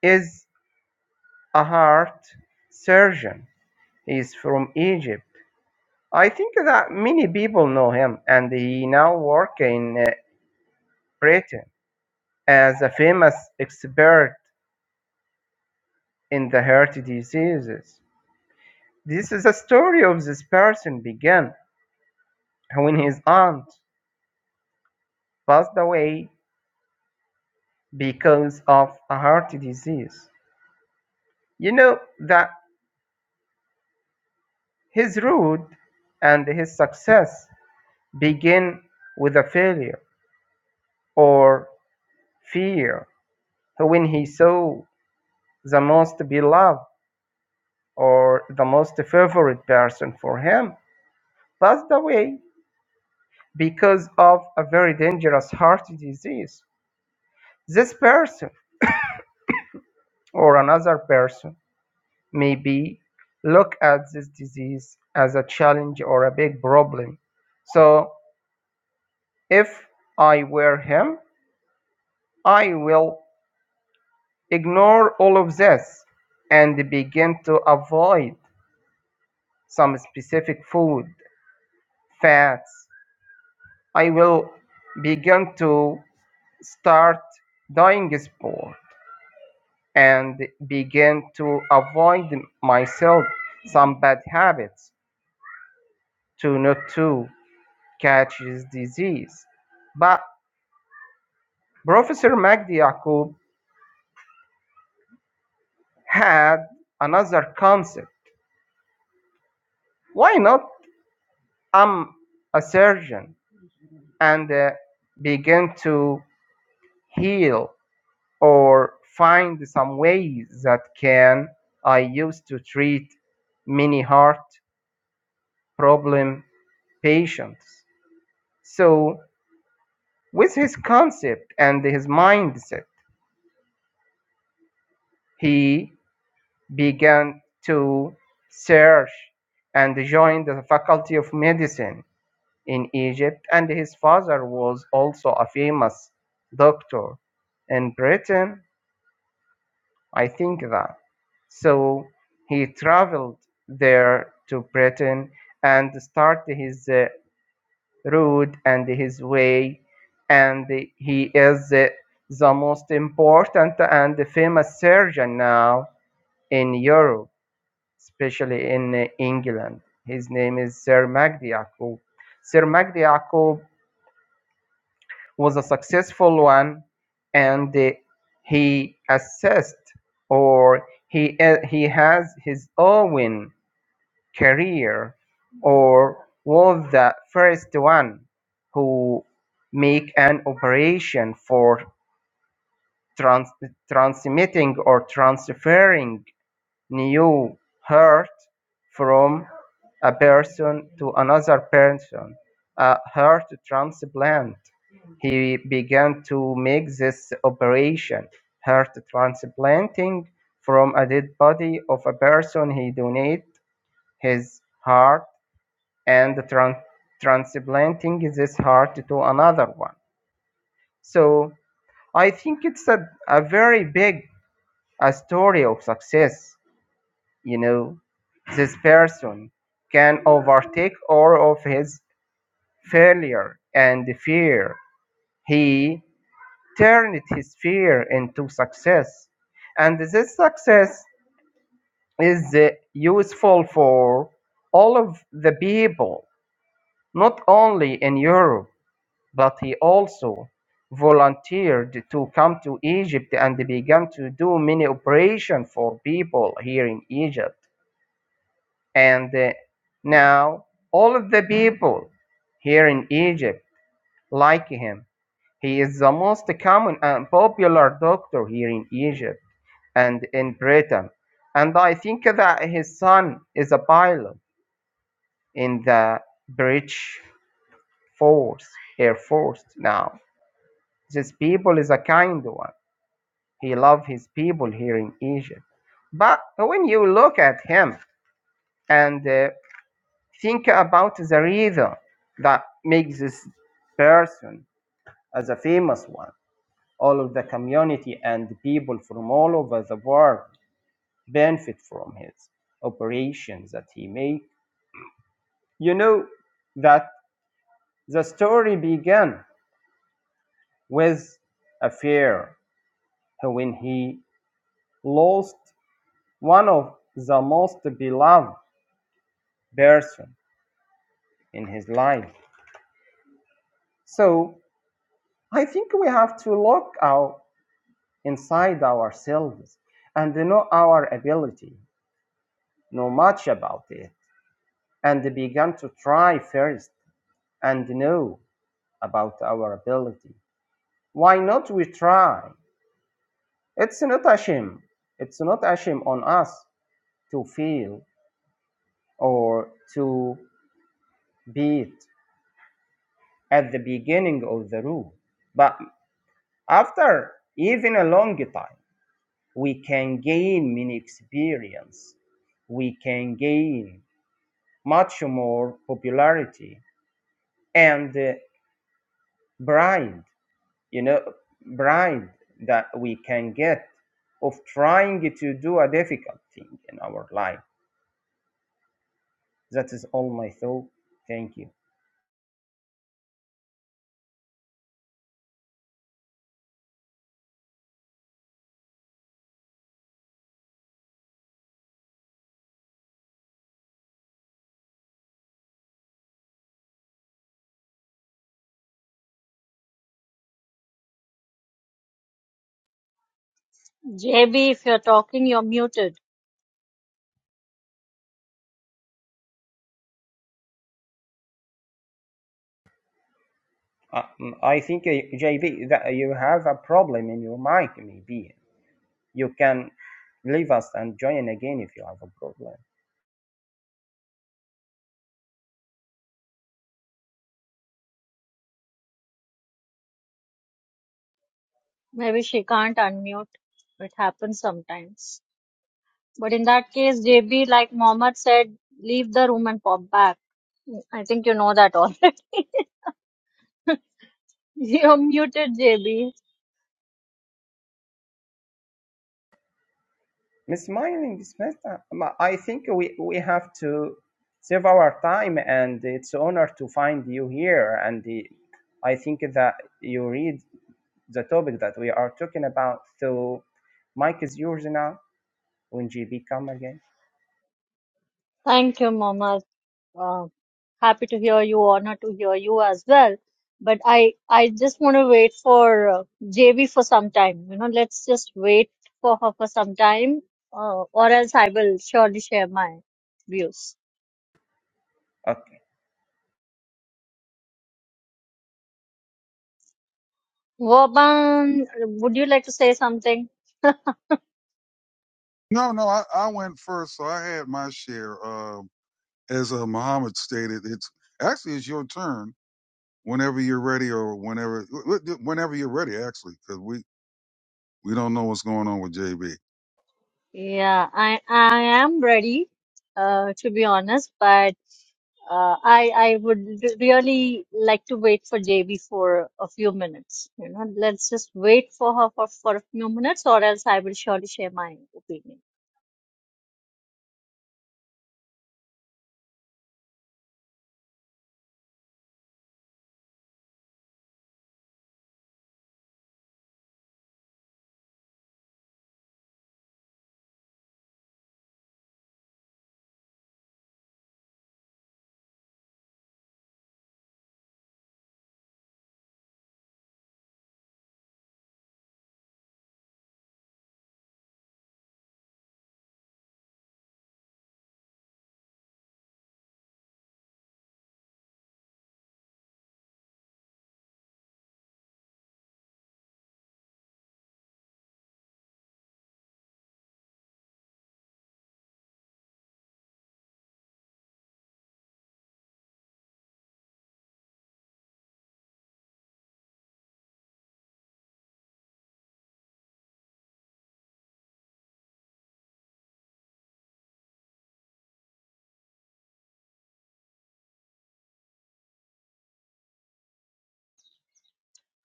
Speaker 3: is a heart surgeon. He is from Egypt. I think that many people know him, and he now works in uh, Britain as a famous expert in the heart diseases. This is the story of this person began when his aunt passed away because of a heart disease. You know that his road and his success begin with a failure or fear. When he saw the most beloved or the most favorite person for him passed away because of a very dangerous heart disease, this person or another person maybe look at this disease as a challenge or a big problem. So If I were him, I will ignore all of this and begin to avoid some specific food, fats. I will begin to start doing sport and begin to avoid myself some bad habits to not to catch this disease. But Professor Magdi Yaqub had another concept. Why not I'm a surgeon and uh, begin to heal or find some ways that can I use to treat many heart problem patients. So with his concept and his mindset, he began to search and joined the faculty of medicine in Egypt, and his father was also a famous doctor in Britain. I think that. So he traveled there to Britain and started his uh, road and his way, and he is uh, the most important and famous surgeon now in Europe, especially in uh, England. His name is Sir Magdi Yaqub. Sir Magdi Yaqub was a successful one and uh, he assessed or he, uh, he has his own career or was the first one who make an operation for trans- transmitting or transferring new hurt from a person to another person, a heart transplant. He began to make this operation, heart transplanting from a dead body of a person. He donated his heart and tran- transplanting this heart to another one. So I think it's a, a very big a story of success you know this person can overtake all of his failure and fear he turned his fear into success and this success is uh, useful for all of the people not only in europe but he also volunteered to come to egypt and began to do many operations for people here in egypt And uh, now all of the people here in Egypt like him. He is the most common and popular doctor here in Egypt and in Britain. And I think that his son is a pilot in the British Force, Air Force now. This people is a kind one. He loves his people here in Egypt. But when you look at him and uh, Think about the reason that makes this person as a famous one. All of the community and people from all over the world benefit from his operations that he made. You know that the story began with a fear when he lost one of the most beloved person in his life. So I think we have to look out inside ourselves and know our ability, know much about it, and begin to try first and know about our ability. Why not we try? It's not a shame. It's not a shame on us to fail or to beat at the beginning of the route. But after even a long time, we can gain many experience we can gain much more popularity and uh, bride you know bride that we can get of trying to do a difficult thing in our life that is all my thought thank you
Speaker 4: JB, if you're talking, you're muted.
Speaker 3: uh, mm, i think uh, jb that you have a problem in your mind maybe you can leave us and join again if you have a problem
Speaker 4: Maybe she can't unmute. It happens sometimes. But in that case, JB, like Mohammed said, leave the room and pop back. I think you know that already. you're muted, JB.
Speaker 3: Miss Mining dismissed. uh, I think we, we have to save our time, and it's an honor to find you here. And the, I think that you read the topic that we are talking about. So, Mike is yours now when GB come again.
Speaker 4: Thank you, Mohammed. Uh, happy to hear you. Honored to hear you as well. But I, I just want to wait for uh, JB for some time. You know, let's just wait for her for some time, uh, or else I will surely share my views.
Speaker 3: Okay.
Speaker 4: Vaban, would you like to say something?
Speaker 2: No, no, I, I went first, so I had my share. Uh, as uh, Muhammad stated, it's actually it's your turn whenever you're ready, or whenever wh- wh- whenever you're ready, actually, because we we don't know what's going on with JB.
Speaker 4: Yeah, I I am ready, uh, to be honest, but uh, I I would r- really like to wait for JB for a few minutes. You know, let's just wait for her for, for a few minutes, or else I will surely share my opinion.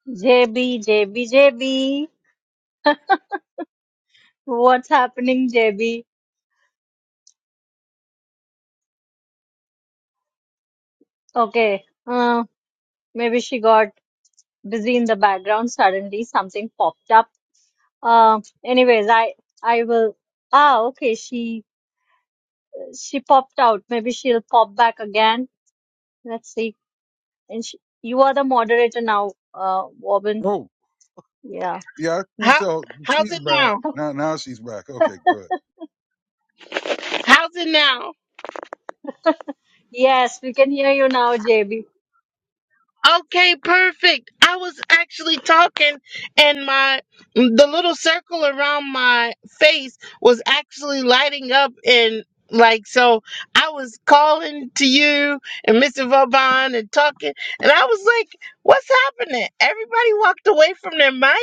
Speaker 4: JB, JB, JB, what's happening, JB? Okay, uh, maybe she got busy in the background. Suddenly, something popped up Uh, anyways, I I will. Ah, okay. She she popped out. Maybe she'll pop back again. Let's see. And she, you are the moderator now, uh, Robin.
Speaker 2: Oh,
Speaker 4: Yeah.
Speaker 2: yeah, I sent
Speaker 1: How
Speaker 2: you
Speaker 1: how's
Speaker 2: She's
Speaker 1: it
Speaker 2: back
Speaker 1: now?
Speaker 2: now. Now she's back. Okay, good.
Speaker 1: How's it now?
Speaker 4: Yes, we can hear you now, JB.
Speaker 1: Okay, perfect. I was actually talking, and my the little circle around my face was actually lighting up, and like so, I was calling to you and Mr. Vauban and talking, and I was like, "What's happening?" Everybody walked away from their mic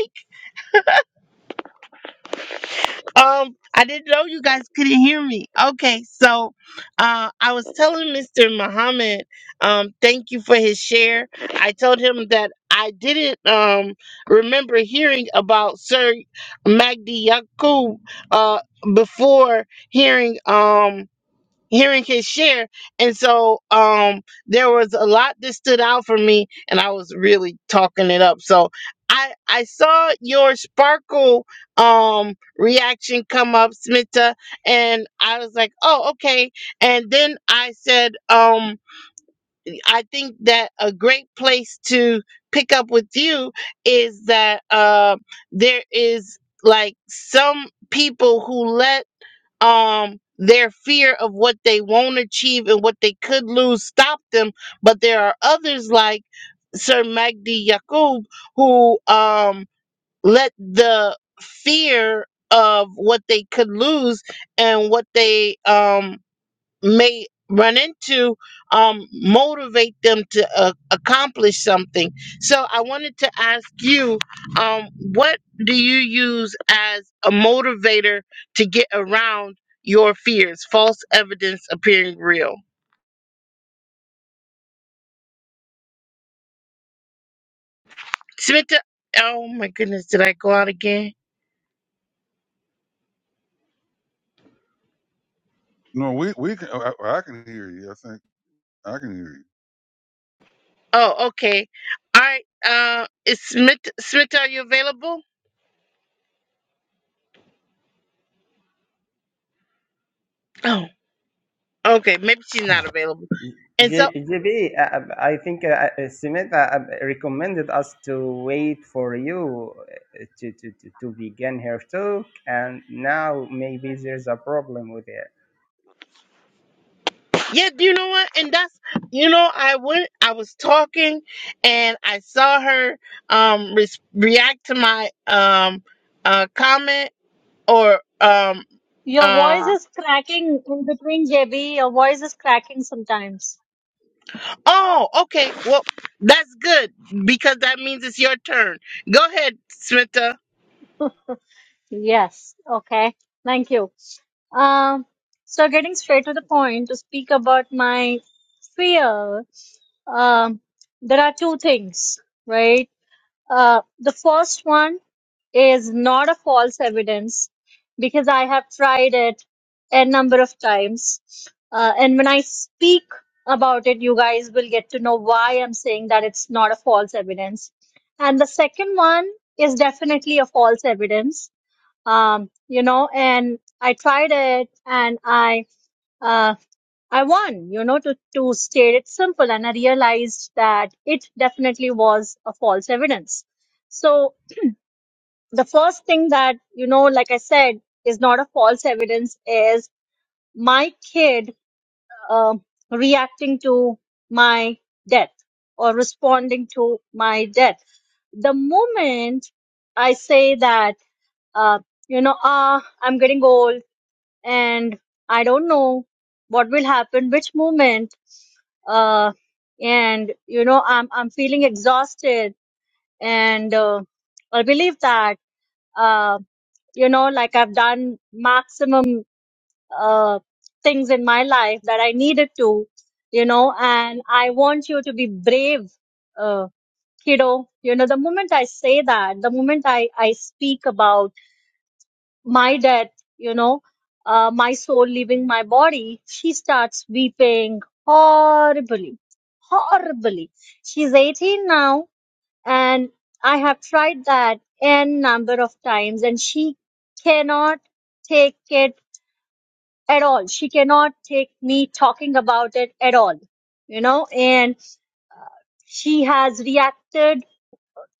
Speaker 1: Um, I didn't know you guys couldn't hear me. Okay, so uh, I was telling Mr. Muhammad, um, thank you for his share. I told him that I didn't um, remember hearing about Sir Magdi Yaqub uh, before hearing. Um, hearing his share and so um there was a lot that stood out for me and i was really talking it up so i i saw your sparkle um reaction come up smita and i was like oh okay and then i said um i think that a great place to pick up with you is that uh there is like some people who let um their fear of what they won't achieve and what they could lose stop them but there are others like sir magdi yaqub who um let the fear of what they could lose and what they um may run into um, motivate them to uh, accomplish something. So I wanted to ask you, um, what do you use as a motivator to get around your fears? False evidence appearing real. Smita, oh my goodness, did I go out again?
Speaker 2: No, we we can. I, I can hear you. I think I can hear you.
Speaker 1: Oh, okay. All right. Uh, is Smita, Smita, are you available? Oh, okay. Maybe she's
Speaker 3: Oh,
Speaker 1: not available. And so.
Speaker 3: J- JB, uh, I think uh, Simeta recommended us to wait for you uh, to, to, to, to begin her talk, and now maybe there's a problem with it.
Speaker 1: Yep, you know what? And that's you know, I went I was talking and I saw her um re- react to my um uh comment or um
Speaker 4: Your voice
Speaker 1: uh
Speaker 4: is cracking in between, JB. Your voice is cracking sometimes.
Speaker 1: oh, okay. Well, that's good because that means it's your turn. Go ahead, Smita.
Speaker 4: Yes. Okay. Thank you. Um. So getting straight to the point to speak about my fear. Um. There are two things, right? Uh, the first one is not a false evidence because I have tried it a number of times. Uh, and when I speak about it, you guys will get to know why I'm saying that it's not a false evidence. And the second one is definitely a false evidence. Um, you know, and I tried it and I, uh, I won, you know, to, to state it simple. And I realized that it definitely was a false evidence. So the first thing that you know like i said is not a false evidence is my kid um reacting to my death or responding to my death the moment i say that uh, you know ah i'm getting old and i don't know what will happen which moment uh, and you know i'm i'm feeling exhausted and uh, i believe that uh, you know like i've done maximum uh, things in my life that i needed to you know and i want you to be brave uh, kiddo you know the moment i say that the moment i i speak about my death you know uh, my soul leaving my body she starts weeping horribly horribly she's 18 now and I have tried that n number of times, and she cannot take it at all. She cannot take me talking about it at all, you know. And she has reacted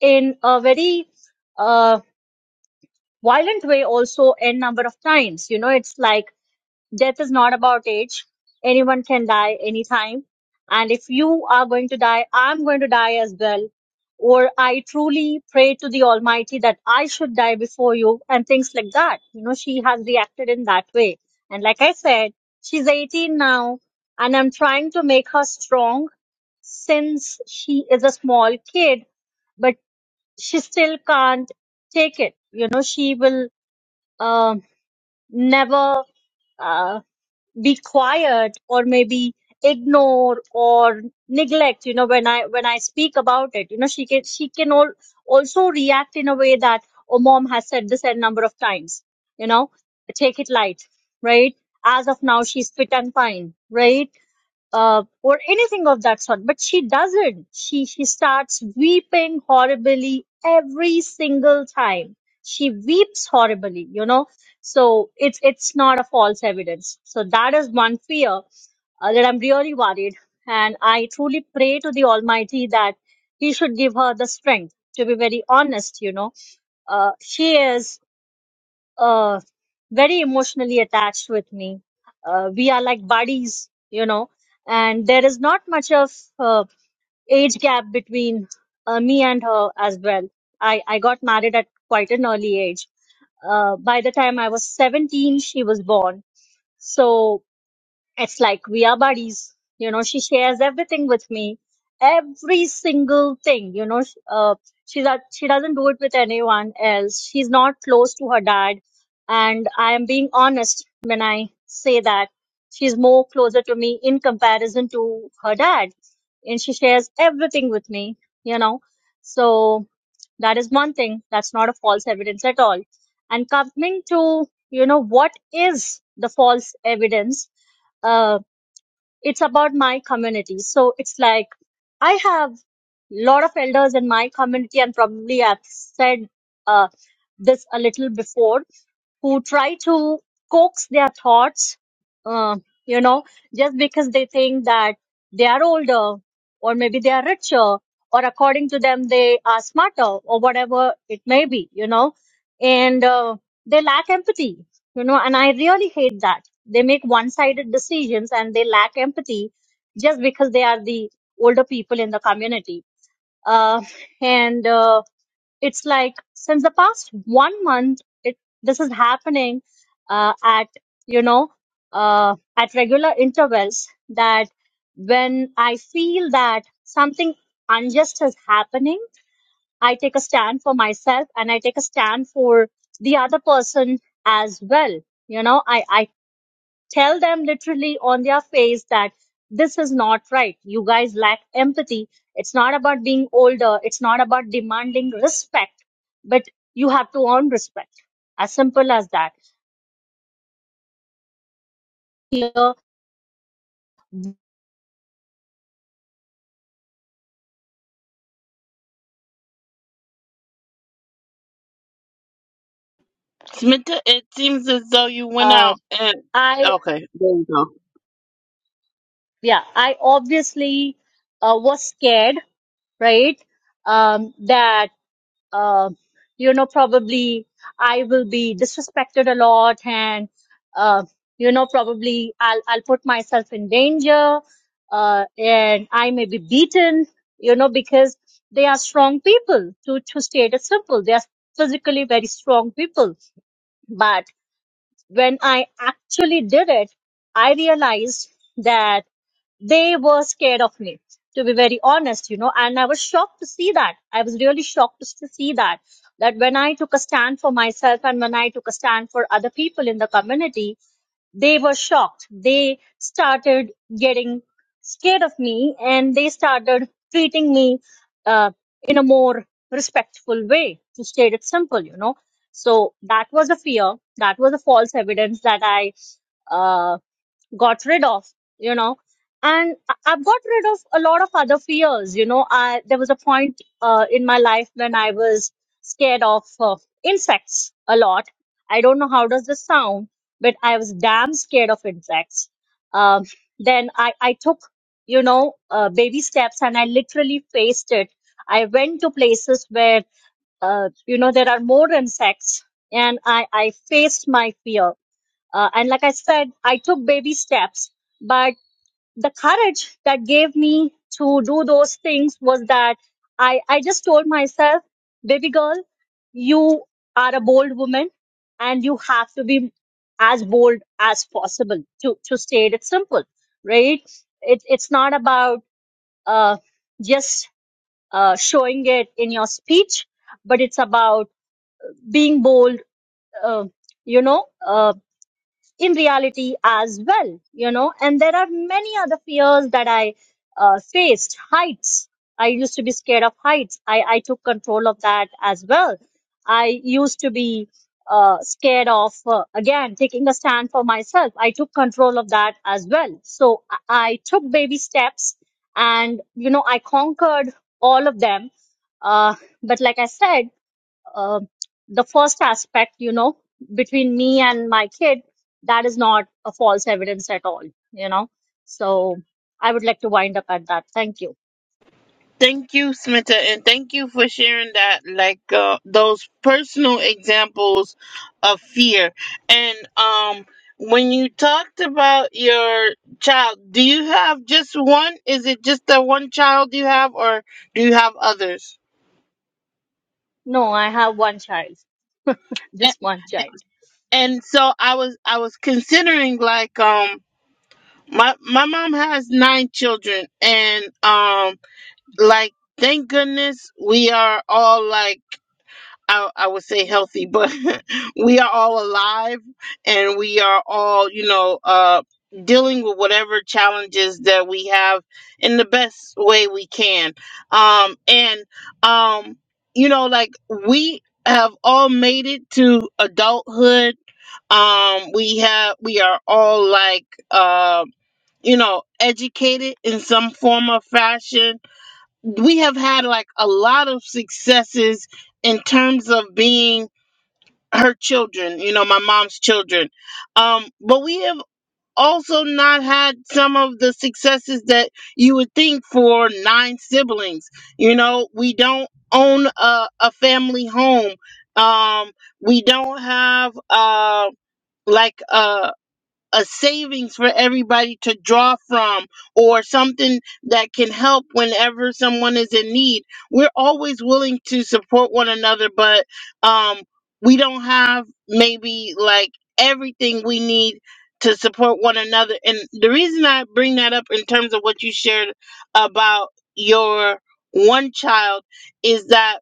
Speaker 4: in a very uh, violent way also n number of times. You know, it's like death is not about age. Anyone can die anytime. And if you are going to die, I'm going to die as well. Or I truly pray to the Almighty that I should die before you and things like that. You know, she has reacted in that way. And like I said, she's 18 now and I'm trying to make her strong since she is a small kid, but she still can't take it. You know, she will um never Uh, be quiet or maybe ignore or neglect you know when i when i speak about it you know she can she can all, also react in a way that oh mom has said this a number of times you know take it light right as of now she's fit and fine right uh, or anything of that sort. But she doesn't. She she starts weeping horribly every single time. She weeps horribly, you know. So it's it's not a false evidence. So that is one fear uh, that I'm really worried, and I truly pray to the Almighty that He should give her the strength. To be very honest, you know, uh, she is uh, very emotionally attached with me. Uh, we are like buddies, you know, and there is not much of uh, age gap between uh, me and her as well. I, I got married at quite an early age. Uh, by the time I was 17, she was born. So it's like we are buddies. You know, she shares everything with me, every single thing. You know, sh- uh, she that she doesn't do it with anyone else. She's not close to her dad, and I am being honest when I say that she's more closer to me in comparison to her dad, and she shares everything with me. You know, so that is one thing. That's not a false evidence at all. And coming to you know what is the false evidence? uh, it's about my community. So it's like I have a lot of elders in my community, and probably I've said uh, this a little before who try to coax their thoughts, uh, you know, just because they think that they are older or maybe they are richer or according to them they are smarter or whatever it may be, you know, and uh, they lack empathy, you know, and I really hate that. They make one sided decisions and they lack empathy just because they are the older people in the community. Uh, and uh, it's like since the past one month, it this is happening uh, at you know uh, at regular intervals. That when I feel that something unjust is happening, I take a stand for myself and I take a stand for the other person as well. You know, I I tell them literally on their face that this is not right. You guys lack empathy. It's not about being older, it's not about demanding respect, but you have to earn respect. As simple as that. Here,
Speaker 1: Smita, it seems as though you went
Speaker 4: uh,
Speaker 1: out and
Speaker 4: I,
Speaker 1: okay, there you go.
Speaker 4: yeah, I obviously uh, was scared, right? Um, that uh, you know, probably I will be disrespected a lot, and uh, you know, probably I'll I'll put myself in danger, uh, and I may be beaten, you know, because they are strong people. To to state it simple, they are physically very strong people. But when I actually did it, I realized that they were scared of me to be very honest you know and i was shocked to see that i was really shocked to s- see that that when i took a stand for myself and when i took a stand for other people in the community they were shocked they started getting scared of me and they started treating me uh, in a more respectful way to state it simple you know so that was a fear that was a false evidence that i uh, got rid of, you know. And I- I've got rid of a lot of other fears, you know. I, there was a point uh, in my life when I was scared of uh, insects a lot. I don't know how does this sound, but I was damn scared of insects. Um, then I, I took, you know, uh, baby steps and I literally faced it. I went to places where, uh, you know, there are more insects and I, I faced my fear uh, and like I said, I took baby steps, but the courage that gave me to do those things was that I, I just told myself, baby girl, you are a bold woman and you have to be as bold as possible to, to state it simple, right? It, it's not about, uh, just, uh, showing it in your speech, but it's about being bold, uh, you know, uh, in reality as well, you know. And there are many other fears that I uh, faced. Heights. I used to be scared of heights. I, I took control of that as well. I used to be uh, scared of, uh, again, taking a stand for myself. I took control of that as well. So I, I took baby steps and, you know, I conquered all of them. Uh, but like I said, uh, the first aspect, you know, between me and my kid, that is not a false evidence at all, you know. So I would like to wind up at that. Thank you.
Speaker 1: Thank you, Smita, and thank you for sharing that, like uh, those personal examples of fear. And um, when you talked about your child, do you have just one? Is it just the one child you have, or do you have others?
Speaker 4: No, I have one child,
Speaker 1: A-
Speaker 4: just one child.
Speaker 1: And so I was, I was considering like um, my my mom has nine children, and um, like thank goodness we are all like. I, I would say healthy, but we are all alive and we are all, you know, uh, dealing with whatever challenges that we have in the best way we can. Um, and, um, you know, like we have all made it to adulthood. Um, we have, we are all like, uh, you know, educated in some form or fashion. We have had like a lot of successes in terms of being her children, you know, my mom's children. Um, but we have also not had some of the successes that you would think for nine siblings. You know, we don't own a, a family home. Um, we don't have uh like a a savings for everybody to draw from or something that can help whenever someone is in need. We're always willing to support one another, but um, we don't have maybe like everything we need to support one another. And the reason I bring that up in terms of what you shared about your one child is that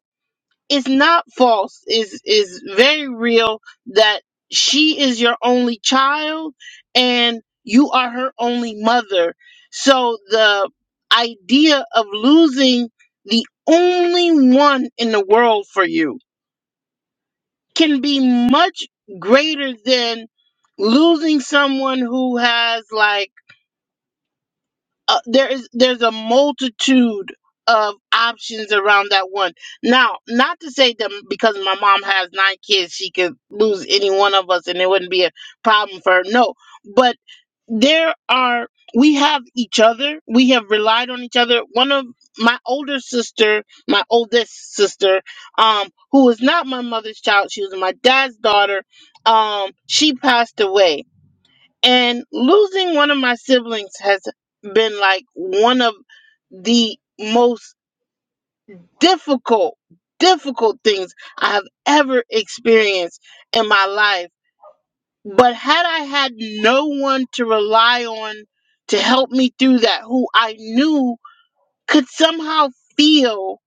Speaker 1: it's not false is is very real that she is your only child and you are her only mother so the idea of losing the only one in the world for you can be much greater than losing someone who has like uh, there is there's a multitude of options around that one. Now, not to say that because my mom has nine kids, she could lose any one of us and it wouldn't be a problem for her. No, but there are we have each other. We have relied on each other. One of my older sister, my oldest sister, um, who was not my mother's child, she was my dad's daughter. Um, she passed away and losing one of my siblings has been like one of the most difficult, difficult things I have ever experienced in my life. But had I had no one to rely on to help me through that, who I knew could somehow feel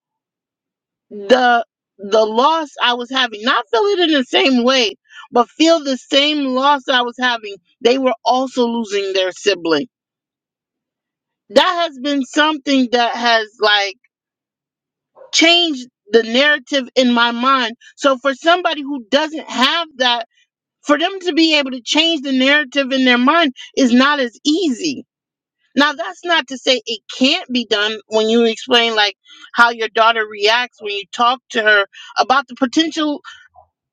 Speaker 1: the the loss I was having, not feel it in the same way, but feel the same loss I was having, they were also losing their sibling that has been something that has like changed the narrative in my mind. So for somebody who doesn't have that, for them to be able to change the narrative in their mind is not as easy. Now that's not to say it can't be done when you explain like how your daughter reacts when you talk to her about the potential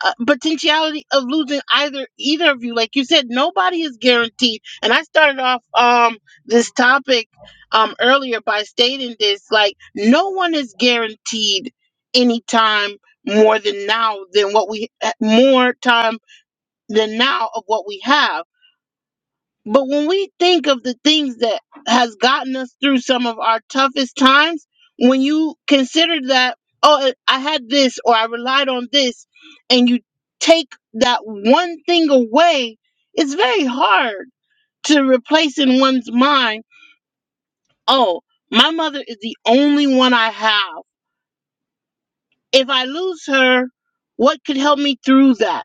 Speaker 1: uh, potentiality of losing either either of you. Like you said, nobody is guaranteed. And I started off um this topic um earlier by stating this: like no one is guaranteed any time more than now than what we eh, more time than now of what we have but when we think of the things that has gotten us through some of our toughest times, when you consider that, oh, I had this or I relied on this, and you take that one thing away, it's very hard to replace in one's mind, oh, my mother is the only one I have. If I lose her, what could help me through that?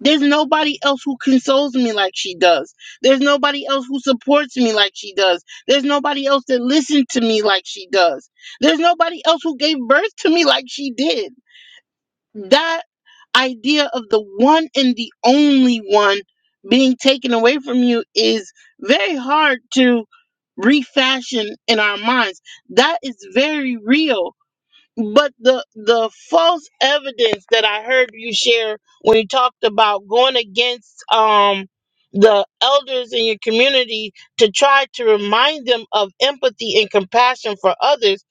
Speaker 1: There's nobody else who consoles me like she does. There's nobody else who supports me like she does. There's nobody else that listened to me like she does. There's nobody else who gave birth to me like she did. That idea of the one and the only one being taken away from you is very hard to refashion in our minds. That is very real. But the the false evidence that I heard you share when you talked about going against um the elders in your community to try to remind them of empathy and compassion for others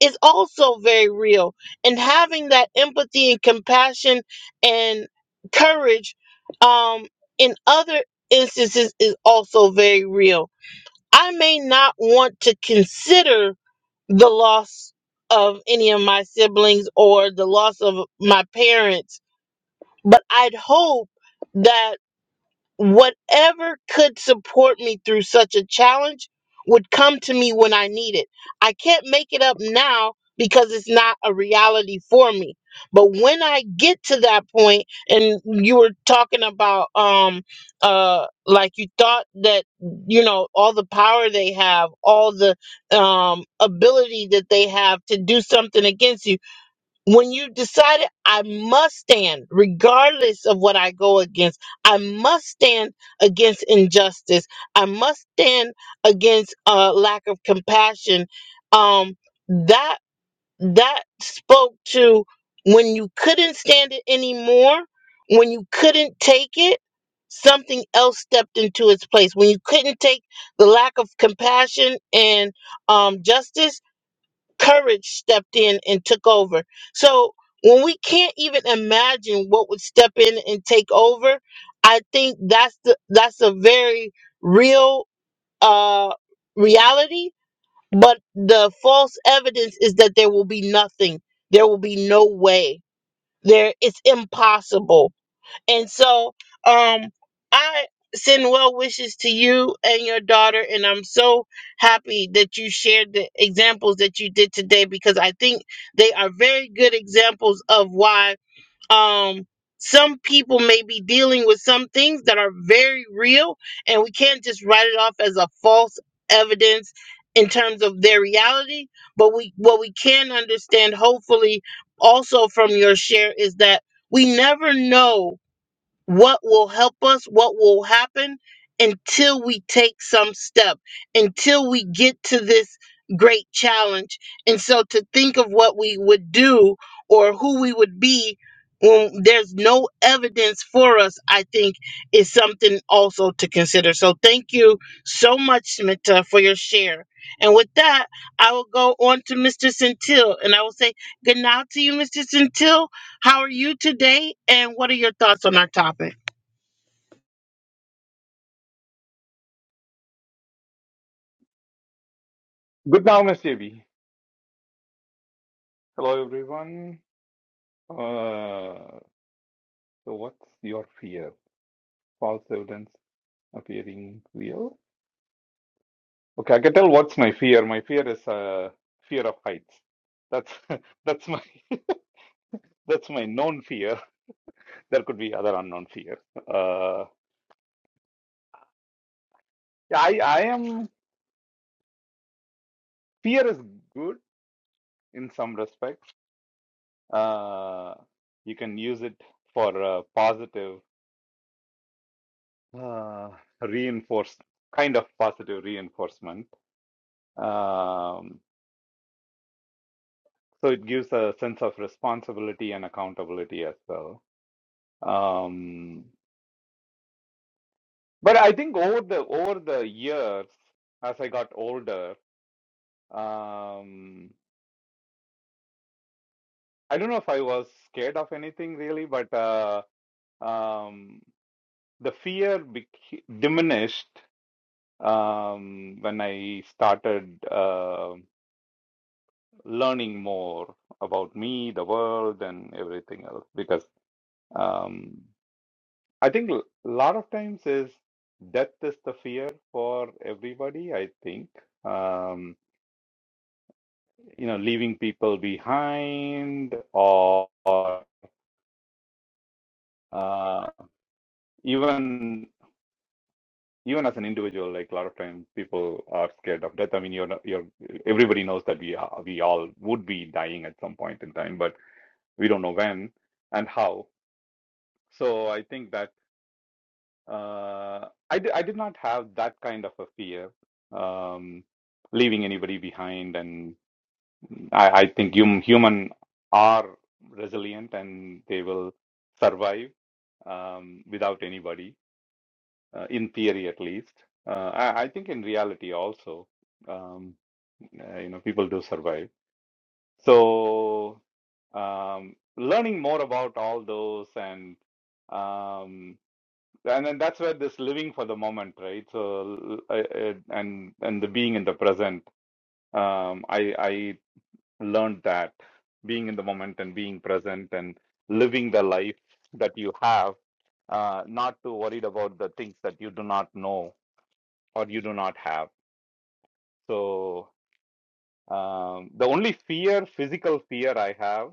Speaker 1: is also very real. And having that empathy and compassion and courage um in other instances is also very real. I may not want to consider the loss of any of my siblings or the loss of my parents. But I'd hope that whatever could support me through such a challenge would come to me when I need it. I can't make it up now because it's not a reality for me. But when I get to that point, and you were talking about, um, uh, like you thought that you know all the power they have, all the um ability that they have to do something against you when you decided I must stand, regardless of what I go against, I must stand against injustice. I must stand against uh, lack of compassion. Um, that that spoke to when you couldn't stand it anymore, when you couldn't take it. Something else stepped into its place when you couldn't take the lack of compassion and um, justice courage stepped in and took over. So when we can't even imagine what would step in and take over, I think that's the that's a very real uh reality. But the false evidence is that there will be nothing. There will be no way. There it's impossible and so, um, I send well wishes to you and your daughter, and I'm so happy that you shared the examples that you did today because I think they are very good examples of why um some people may be dealing with some things that are very real, and we can't just write it off as a false evidence in terms of their reality. But we what we can understand, hopefully, also from your share, is that we never know what will help us, what will happen until we take some step, until we get to this great challenge. And so to think of what we would do or who we would be when there's no evidence for us, I think is something also to consider. So thank you so much, Smita, for your share. And with that, I will go on to Mr. Centil and I will say good night to you, Mr. Centil. How are you today? And what are your thoughts on our topic?
Speaker 5: Good now, Miss JB. Hello, everyone. Uh, so, what's your fear? False evidence appearing real? Okay, I can tell what's my fear. My fear is uh, fear of heights. That's that's my that's my known fear. There could be other unknown fear. Uh, yeah, I I am fear is good in some respects. Uh, you can use it for uh, positive uh, reinforce kind of positive reinforcement Um, so it gives a sense of responsibility and accountability as well. Um, but I think over the over the years, as I got older, um, I don't know if I was scared of anything really, but uh, um, the fear bec diminished um, when I started uh, learning more about me, the world, and everything else because. um, I think a lot of times is death is the fear for everybody, I think. Um, you know, leaving people behind or, or, uh, even even as an individual, like a lot of times people are scared of death. I mean, you're not- you're everybody knows that we are, we all would be dying at some point in time, but we don't know when and how. So I think that. Uh, I di- I did not have that kind of a fear, um, leaving anybody behind, and I, I think hum, human are resilient and they will survive um, without anybody, uh, in theory at least. Uh, I, I think in reality also, um, uh, you know, people do survive. So, um, learning more about all those and um, and then that's where this living for the moment right so I, I, and and the being in the present um i i learned that being in the moment and being present and living the life that you have uh not too worried about the things that you do not know or you do not have so um the only fear physical fear i have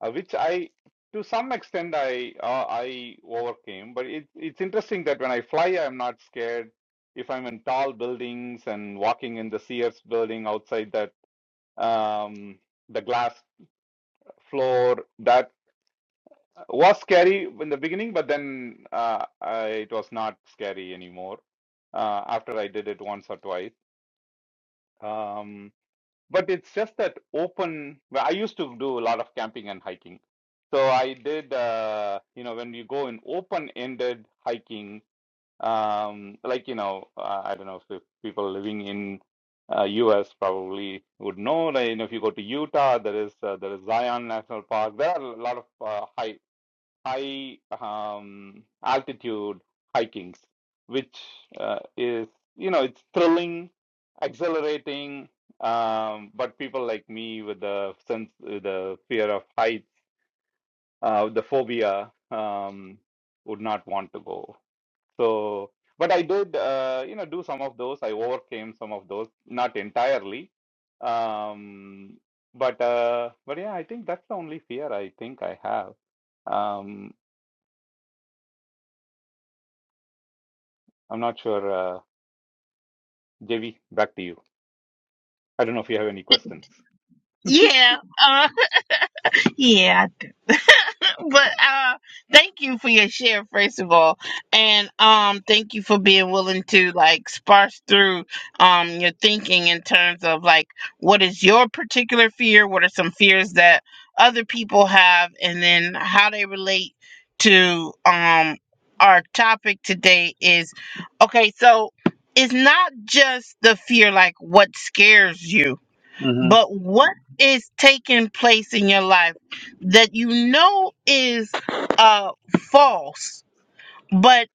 Speaker 5: uh, which I, to some extent, I uh, I overcame. But it, it's interesting that when I fly, I'm not scared. If I'm in tall buildings and walking in the Sears building outside that um, the glass floor, that was scary in the beginning, but then uh, I, it was not scary anymore uh, after I did it once or twice. Um, But it's just that open. Well, I used to do a lot of camping and hiking. So I did, uh, you know, when you go in open-ended hiking, um, like, you know, uh, I don't know if if people living in uh, US probably would know that, you know, if you go to Utah, there is uh, there is Zion National Park. There are a lot of uh, hike high um, altitude hikings, which uh, is, you know, it's thrilling, exhilarating. Um, but people like me with the sense, with the fear of heights, uh, the phobia, um, would not want to go. So, but I did, uh, you know, do some of those. I overcame some of those, not entirely. Um, but, uh, but yeah, I think that's the only fear I think I have. Um, I'm not sure. Uh, JV, back to you. I don't know if you have any questions.
Speaker 1: Yeah, uh, yeah. But uh, thank you for your share, first of all, and um, thank you for being willing to like sparse through um your thinking in terms of like what is your particular fear, what are some fears that other people have, and then how they relate to um our topic today is okay. So it's not just the fear like what scares you
Speaker 5: hmm
Speaker 1: But what is taking place in your life that you know is uh, false, but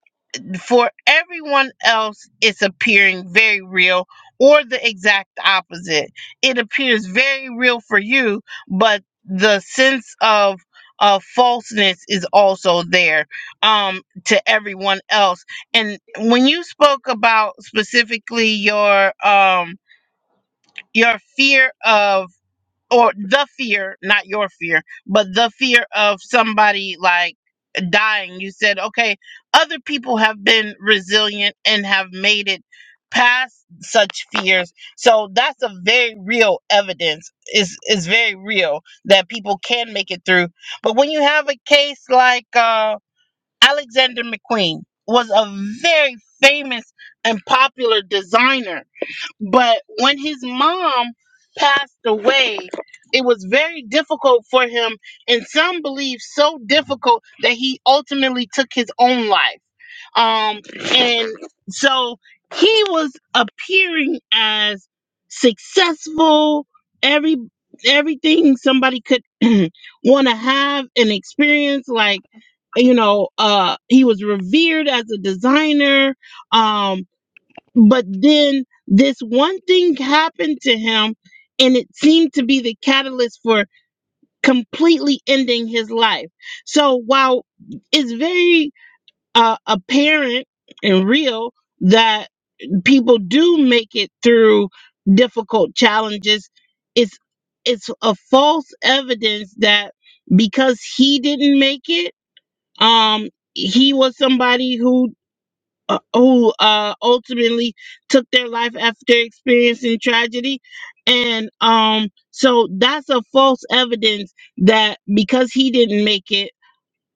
Speaker 1: for everyone else, it's appearing very real, or the exact opposite? It appears very real for you, but the sense of uh, falseness is also there um, to everyone else. And when you spoke about specifically your um, your fear of or the fear, not your fear, but the fear of somebody like dying. You said, okay, other people have been resilient and have made it past such fears. So that's a very real evidence. Is is very real that people can make it through. But when you have a case like uh Alexander McQueen was a very famous and popular designer but when his mom passed away, it was very difficult for him, and some believe so difficult that he ultimately took his own life. Um, and so he was appearing as successful, every everything somebody could want to have and experience, like you know, uh, he was revered as a designer. Um, but then this one thing happened to him, and it seemed to be the catalyst for completely ending his life. So while it's very uh, apparent and real that people do make it through difficult challenges, it's it's a false evidence that because he didn't make it, um, he was somebody who uh, who uh, ultimately took their life after experiencing tragedy. And um, so that's a false evidence that because he didn't make it,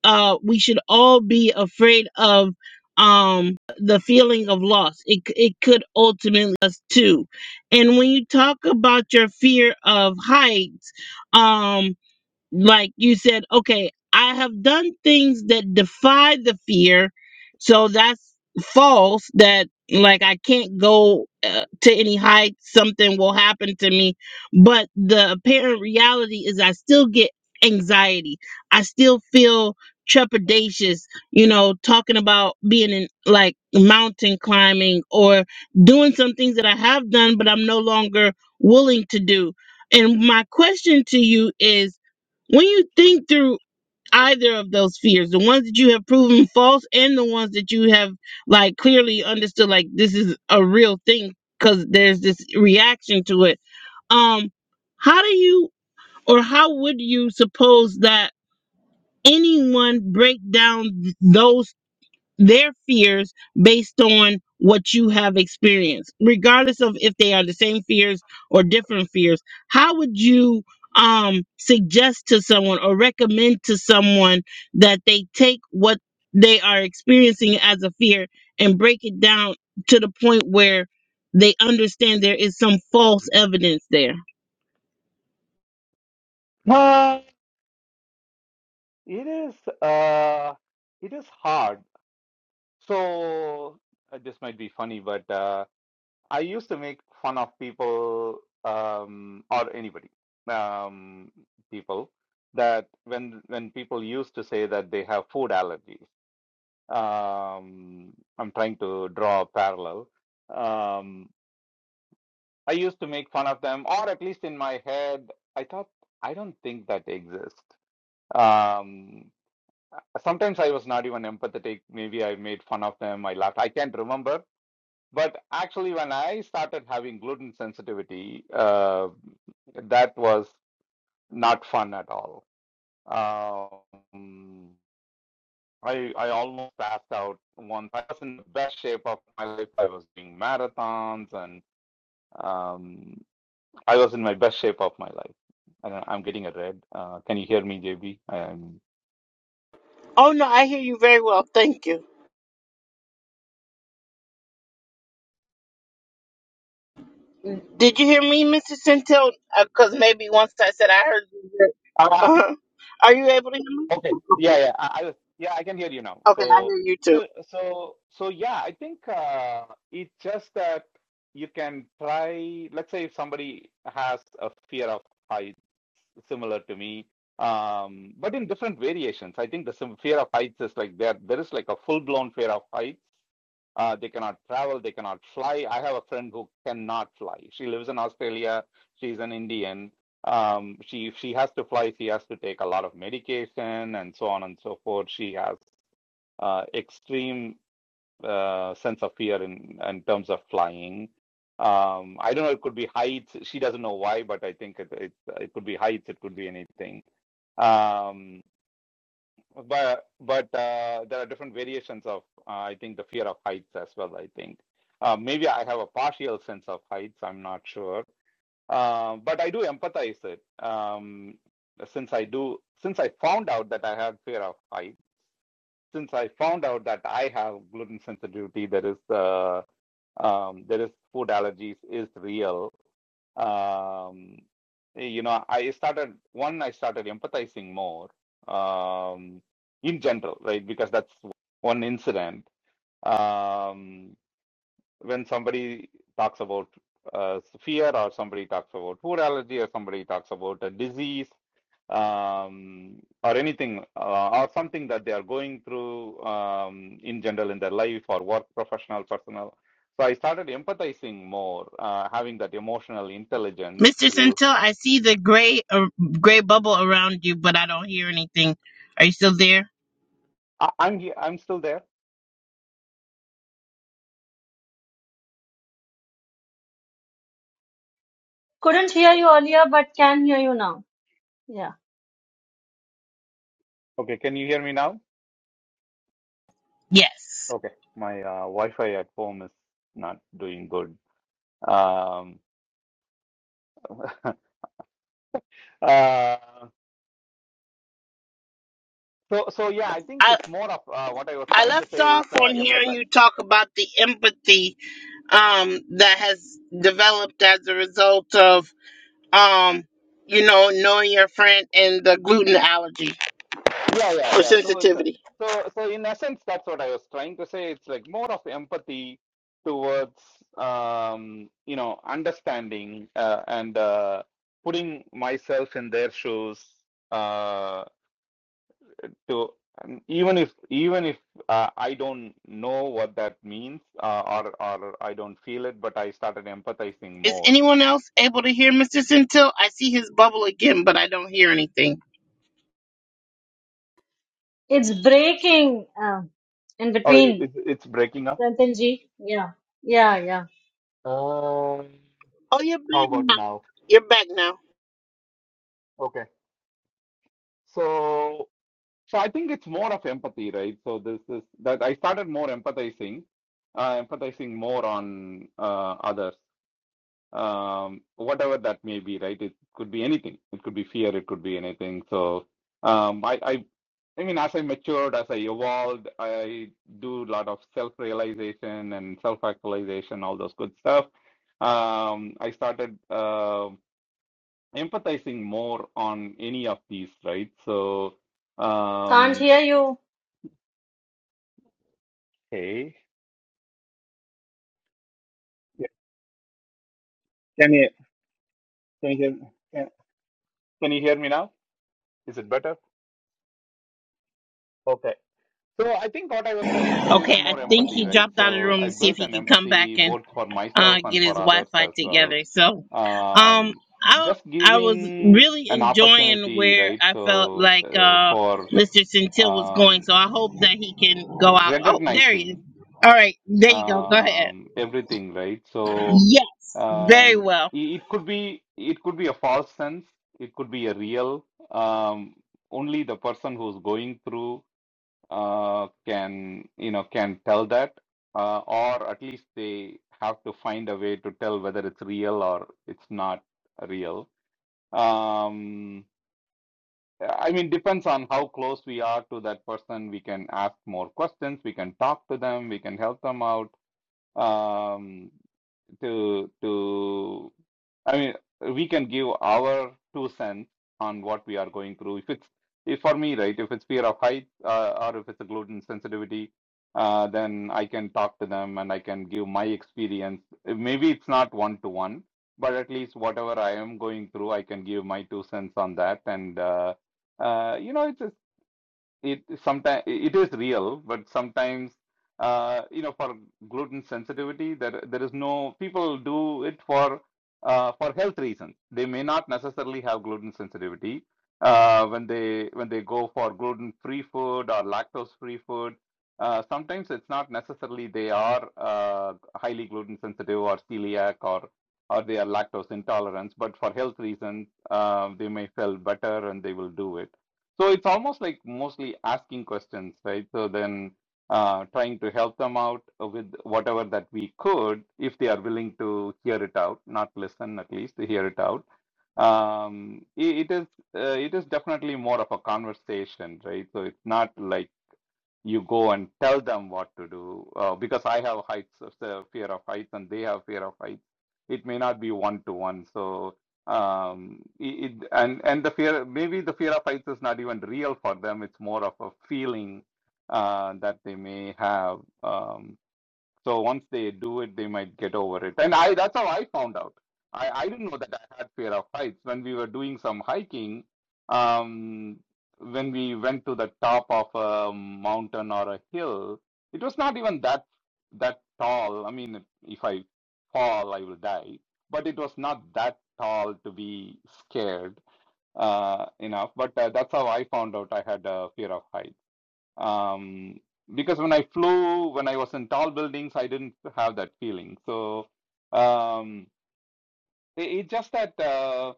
Speaker 1: uh, we should all be afraid of um, the feeling of loss. It, c- it could ultimately us too. And when you talk about your fear of heights, um like you said, okay, I have done things that defy the fear, so that's false. That like I can't go uh, to any height, something will happen to me. But the apparent reality is, I still get anxiety. I still feel trepidatious. You know, talking about being in like mountain climbing or doing some things that I have done, but I'm no longer willing to do. And my question to you is when you think through either of those fears, the ones that you have proven false and the ones that you have like clearly understood like this is a real thing because there's this reaction to it. Um how do you or how would you suppose that anyone break down th- those their fears based on what you have experienced, regardless of if they are the same fears or different fears. How would you um, suggest to someone or recommend to someone that they take what they are experiencing as a fear and break it down to the point where they understand there is some false evidence there?
Speaker 5: Uh, it is uh, it is hard. So uh, this might be funny, but uh, I used to make fun of people um, or anybody, um, people that when when people used to say that they have food allergies. Um, I'm trying to draw a parallel. Um, I used to make fun of them, or at least in my head, I thought, I don't think that exists. Um, sometimes I was not even empathetic. Maybe I made fun of them. I laughed. I can't remember. But actually, when I started having gluten sensitivity, uh, that was not fun at all. Um, I I almost passed out once. I was in the best shape of my life. I was doing marathons and um, I was in my best shape of my life. I don't, I'm getting a red. Uh, can you hear me, JB? Um,
Speaker 1: Oh, no, I hear you very well. Thank you. Did you hear me, Mrs. Centel? Because maybe once I said I heard you.
Speaker 5: ah,
Speaker 1: Uh-huh. Are you able to hear me?
Speaker 5: okay. Yeah,
Speaker 1: Okay.
Speaker 5: yeah. I, I was, yeah, I can hear you now.
Speaker 1: Okay, I
Speaker 5: So,
Speaker 1: hear you too.
Speaker 5: so, so, so, yeah. I think uh, it's just that you can try. Let's say if somebody has a fear of heights similar to me, um, but in different variations. I think the sim- fear of heights is like there. There is like a full blown fear of heights Uh, they cannot travel, they cannot fly. I have a friend who cannot fly. She lives in Australia. She's an Indian. Um, she she has to fly. She has to take a lot of medication and so on and so forth. She has uh, extreme uh, sense of fear in in terms of flying. Um, I don't know. It could be heights. She doesn't know why, but I think it it, it could be heights. It could be anything. Um, but but uh, there are different variations of uh, I think the fear of heights as well. I think uh, maybe I have a partial sense of heights. I'm not sure, uh, but I do empathize it um, since I do since I found out that I had fear of heights. Since I found out that I have gluten sensitivity, there is uh, um, there is food allergies is real um, you know, I started one, I started empathizing more um, in general, right? Because that's one incident. Um, when somebody talks about uh, fear or somebody talks about food allergy or somebody talks about a disease um, or anything uh, or something that they are going through um, in general in their life or work professional personal so i started empathizing more uh, having that emotional intelligence
Speaker 1: Mr.
Speaker 5: to
Speaker 1: Centil, I see the gray uh, gray bubble around you, but I don't hear anything. Are you still there?
Speaker 5: I, i'm he- i'm still there
Speaker 4: Couldn't hear you earlier, but can hear you now. Yeah.
Speaker 5: okay can you hear me now
Speaker 1: Yes.
Speaker 5: okay my uh, wi-fi at home is not doing good um, uh, So, so yeah, I think
Speaker 1: I
Speaker 5: it's more of uh, what I was
Speaker 1: I
Speaker 5: trying to
Speaker 1: left
Speaker 5: say is
Speaker 1: off
Speaker 5: uh,
Speaker 1: on hearing
Speaker 5: empathize.
Speaker 1: you talk about the empathy um that has developed as a result of um you know knowing your friend and the gluten allergy
Speaker 5: Yeah, yeah,
Speaker 1: or
Speaker 5: yeah. So it's uh,
Speaker 1: sensitivity.
Speaker 5: so so in essence, that's what I was trying to say. It's like more of empathy towards um, you know understanding uh, and uh, putting myself in their shoes uh, to and even if even if uh, I don't know what that means uh, or or I don't feel it, but I started empathizing
Speaker 1: Is
Speaker 5: more.
Speaker 1: anyone else able to hear Mr. Centil? I see his bubble again, but I don't hear anything.
Speaker 4: It's breaking uh, in
Speaker 5: Oh, it,
Speaker 4: between,
Speaker 5: it's breaking up.
Speaker 4: Rantanji. Yeah. Yeah, yeah.
Speaker 5: Um,
Speaker 1: Oh, you're
Speaker 5: How
Speaker 1: back
Speaker 5: about
Speaker 1: now.
Speaker 5: now?
Speaker 1: You're back now.
Speaker 5: Okay. So, so I think it's more of empathy, right? So this is that I started more empathizing, uh, empathizing more on uh, others, um, whatever that may be, right? It could be anything. It could be fear. It could be anything. So, um, I, I, I mean, as I matured, as I evolved, I do a lot of self-realization and self-actualization, all those good stuff. Um, I started. Uh, empathizing more on any of these, right? So,
Speaker 4: Can't
Speaker 5: um,
Speaker 4: hear you.
Speaker 5: hey, yeah, can you can you hear can, can you hear me now? Is it better? Okay. So I think what I was trying to say is
Speaker 1: Okay, I
Speaker 5: more
Speaker 1: think
Speaker 5: empathy,
Speaker 1: he
Speaker 5: right?
Speaker 1: dropped out of the
Speaker 5: So
Speaker 1: room
Speaker 5: I
Speaker 1: to see if
Speaker 5: built
Speaker 1: he
Speaker 5: an
Speaker 1: could come back
Speaker 5: empathy
Speaker 1: and
Speaker 5: both for
Speaker 1: uh,
Speaker 5: myself and
Speaker 1: get
Speaker 5: for
Speaker 1: his
Speaker 5: others
Speaker 1: Wi-Fi
Speaker 5: as well.
Speaker 1: together. So, um,
Speaker 5: Um,
Speaker 1: I
Speaker 5: just
Speaker 1: I was
Speaker 5: giving
Speaker 1: really
Speaker 5: an
Speaker 1: enjoying
Speaker 5: opportunity,
Speaker 1: where
Speaker 5: right?
Speaker 1: I felt
Speaker 5: So
Speaker 1: like
Speaker 5: uh,
Speaker 1: uh,
Speaker 5: for
Speaker 1: Mr. Centil was going.
Speaker 5: um,
Speaker 1: So I hope that he can go out. Oh, there he is.
Speaker 5: recognizing.
Speaker 1: All right, there you go. Go ahead.
Speaker 5: um, everything, right? So
Speaker 1: Yes, very
Speaker 5: um,
Speaker 1: well.
Speaker 5: it, it could be it could be a false sense, it could be a real. Um, only the person who's going through uh, can you know can tell that, uh, or at least they have to find a way to tell whether it's real or it's not real. Um, I mean, depends on how close we are to that person. We can ask more questions. We can talk to them. We can help them out. Um, to to I mean, we can give our two cents on what we are going through. If it's if for me, right, if it's fear of height uh, or if it's a gluten sensitivity, uh, then I can talk to them and I can give my experience. Maybe it's not one to one, but at least whatever I am going through, I can give my two cents on that. And uh, uh, you know, it's a it sometimes it is real, but sometimes uh, you know for gluten sensitivity there there is no people do it for uh, for health reasons. They may not necessarily have gluten sensitivity uh, when they when they go for gluten free food or lactose free food. Uh, sometimes it's not necessarily they are uh, highly gluten sensitive or celiac or or they are lactose intolerant, but for health reasons, uh, they may feel better and they will do it. So it's almost like mostly asking questions, right? So then uh, trying to help them out with whatever that we could, if they are willing to hear it out, not listen at least, to hear it out. Um, i- it is uh, it is definitely more of a conversation, right? So it's not like you go and tell them what to do uh, because I have heights, uh, so fear of heights, and they have fear of heights. It may not be one to one. So um, it, it- and and the fear maybe the fear of heights is not even real for them. It's more of a feeling uh, that they may have. Um, so once they do it, they might get over it. And I that's how I found out. I, I didn't know that I had fear of heights. When we were doing some hiking, um, when we went to the top of a mountain or a hill, it was not even that that tall. I mean, if I fall, I will die. But it was not that tall to be scared uh, enough. But uh, that's how I found out I had a fear of heights um, because when I flew, when I was in tall buildings, I didn't have that feeling. So um, it, it's just that uh,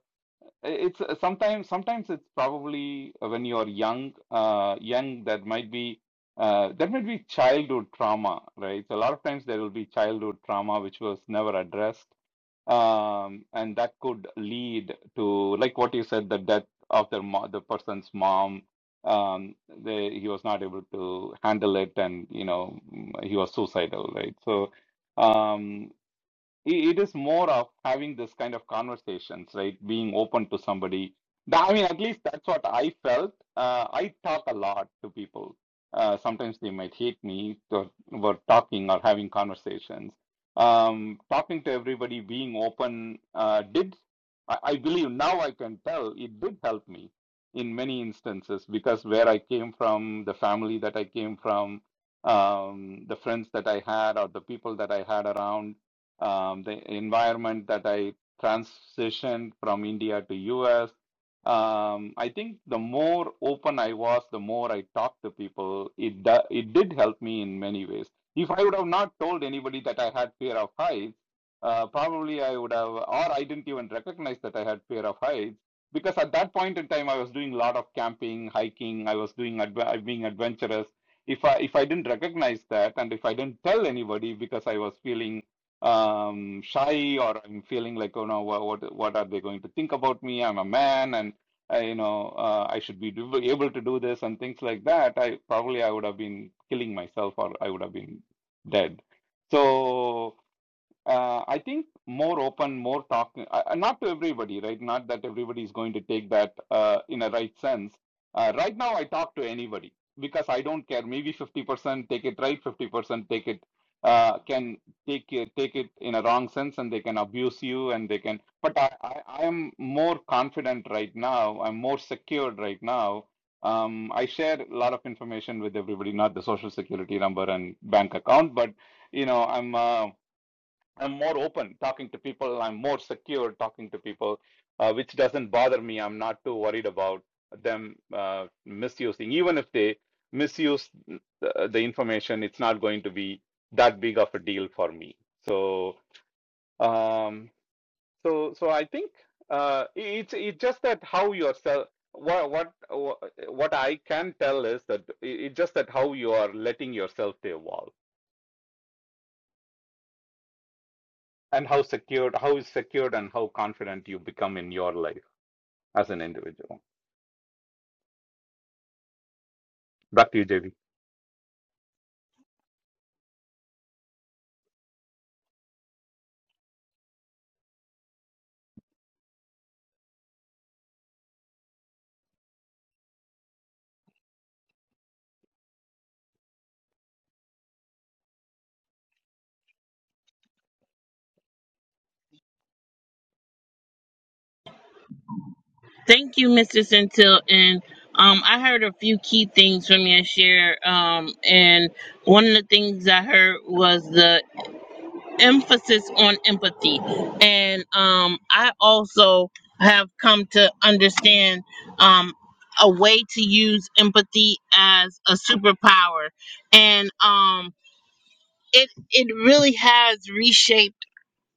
Speaker 5: it's uh, sometimes sometimes it's probably when you're young, uh, young that might be uh, that might be childhood trauma, right? So a lot of times there will be childhood trauma which was never addressed um, and that could lead to like what you said the death of their mo the person's mom um they, he was not able to handle it and you know mm, he was suicidal right so um it, it is more of having this kind of conversations right being open to somebody Tha- i mean at least that's what i felt uh, i talk a lot to people uh, sometimes they might hate me for for talking or having conversations um, talking to everybody being open uh, did I, I believe now i can tell it did help me in many instances because where i came from the family that i came from um, the friends that i had or the people that i had around um, the environment that I transitioned from India to US. Um, I think the more open I was, the more I talked to people. It it did help me in many ways. If I would have not told anybody that I had fear of heights, uh, probably I would have, or I didn't even recognize that I had fear of heights because at that point in time I was doing a lot of camping, hiking. I was doing adve- being adventurous. If I if I didn't recognize that, and if I didn't tell anybody because I was feeling um, shy or I'm feeling like, oh no, what, what are they going to think about me? I'm a man, and I, you know, uh, I should be able to do this and things like that. I probably I would have been killing myself, or I would have been dead. So uh, I think more open, more talk, uh, uh, not to everybody, right? Not that everybody is going to take that uh, in a right sense. Uh, right now, I talk to anybody because I don't care. Maybe 50% take it right, 50% take it uh, can take it, take it in a wrong sense, and they can abuse you, and they can. But I, I, I am more confident right now. I'm more secured right now. Um, I share a lot of information with everybody, not the social security number and bank account, but you know, I'm. Uh, I'm more open talking to people. I'm more secure talking to people, uh, which doesn't bother me. I'm not too worried about them uh, misusing. Even if they misuse the, the information, it's not going to be that big of a deal for me. So, um, so, so I think uh, it's it's just that how yourself. What what what I can tell is that it's just that how you are letting yourself to evolve and how secured how is secured and how confident you become in your life as an individual back to you jv
Speaker 1: Thank you, Mr. Centil. And um, I heard a few key things from your share. Um, and one of the things I heard was the emphasis on empathy. And um, I also have come to understand um, a way to use empathy as a superpower. And um, it, it really has reshaped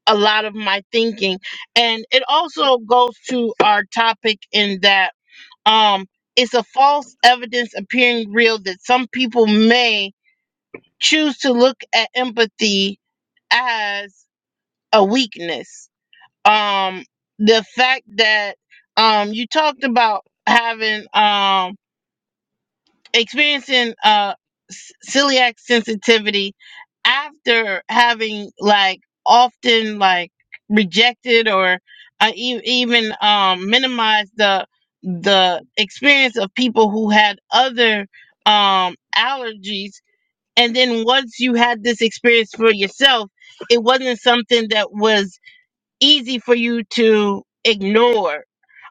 Speaker 1: a lot of my thinking. And it also goes to our topic in that um, it's a false evidence appearing real that some people may choose to look at empathy as a weakness. Um, the fact that um, you talked about having um, experiencing uh c- celiac sensitivity after having like often like rejected or uh, e- even um minimized the the experience of people who had other um allergies and then once you had this experience for yourself it wasn't something that was easy for you to ignore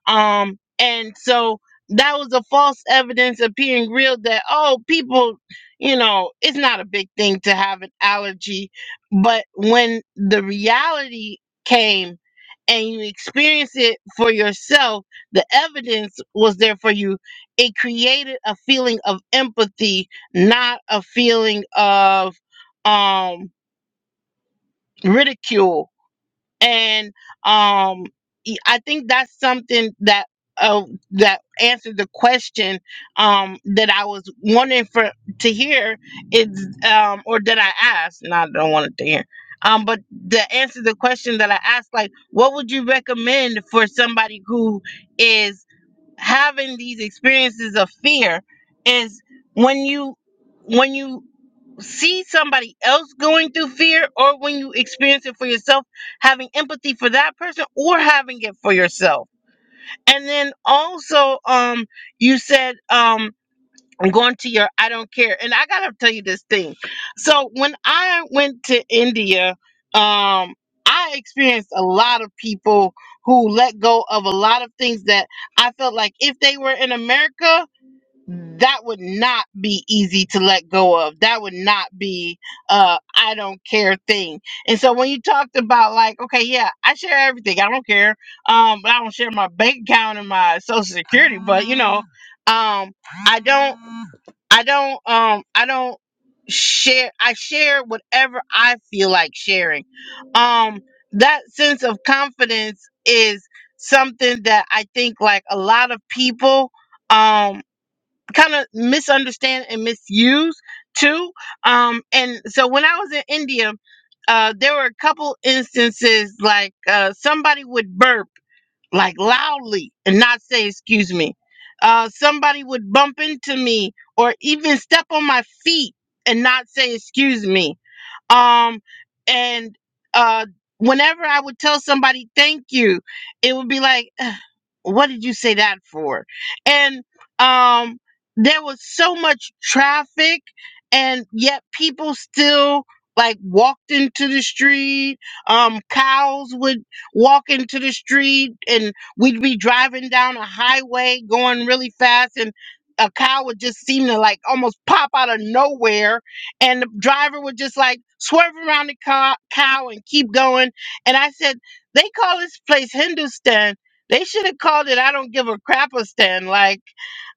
Speaker 1: um, and so that was a false evidence appearing real that, oh, people, you know, it's not a big thing to have an allergy. But when the reality came and you experienced it for yourself, the evidence was there for you. It created a feeling of empathy, not a feeling of um, ridicule and um y- i think that's something that uh, that answered the question um that i was wanting for to hear is um or that i asked no i don't want it to hear um but to answer the question that i asked like what would you recommend for somebody who is having these experiences of fear is when you when you see somebody else going through fear or when you experience it for yourself having empathy for that person or having it for yourself and then also um you said um I'm going to your I don't care and I got to tell you this thing so when I went to India um I experienced a lot of people who let go of a lot of things that I felt like if they were in America that would not be easy to let go of. That would not be uh I don't care thing. And so when you talked about like, okay, yeah, I share everything. I don't care. Um, but I don't share my bank account and my social security, but you know, um I don't I don't um I don't share I share whatever I feel like sharing. Um that sense of confidence is something that I think like a lot of people um kind of misunderstand and misuse too. Um, and so when I was in India, uh, there were a couple instances like uh, somebody would burp like loudly and not say excuse me. Uh, somebody would bump into me or even step on my feet and not say excuse me. Um, and uh, whenever I would tell somebody thank you, it would be like what did you say that for and um there was so much traffic and yet people still like walked into the street um cows would walk into the street and we'd be driving down a highway going really fast and a cow would just seem to like almost pop out of nowhere and the driver would just like swerve around the cow, cow and keep going and i said they call this place hindustan they should have called it "I don't give a crapistan." Like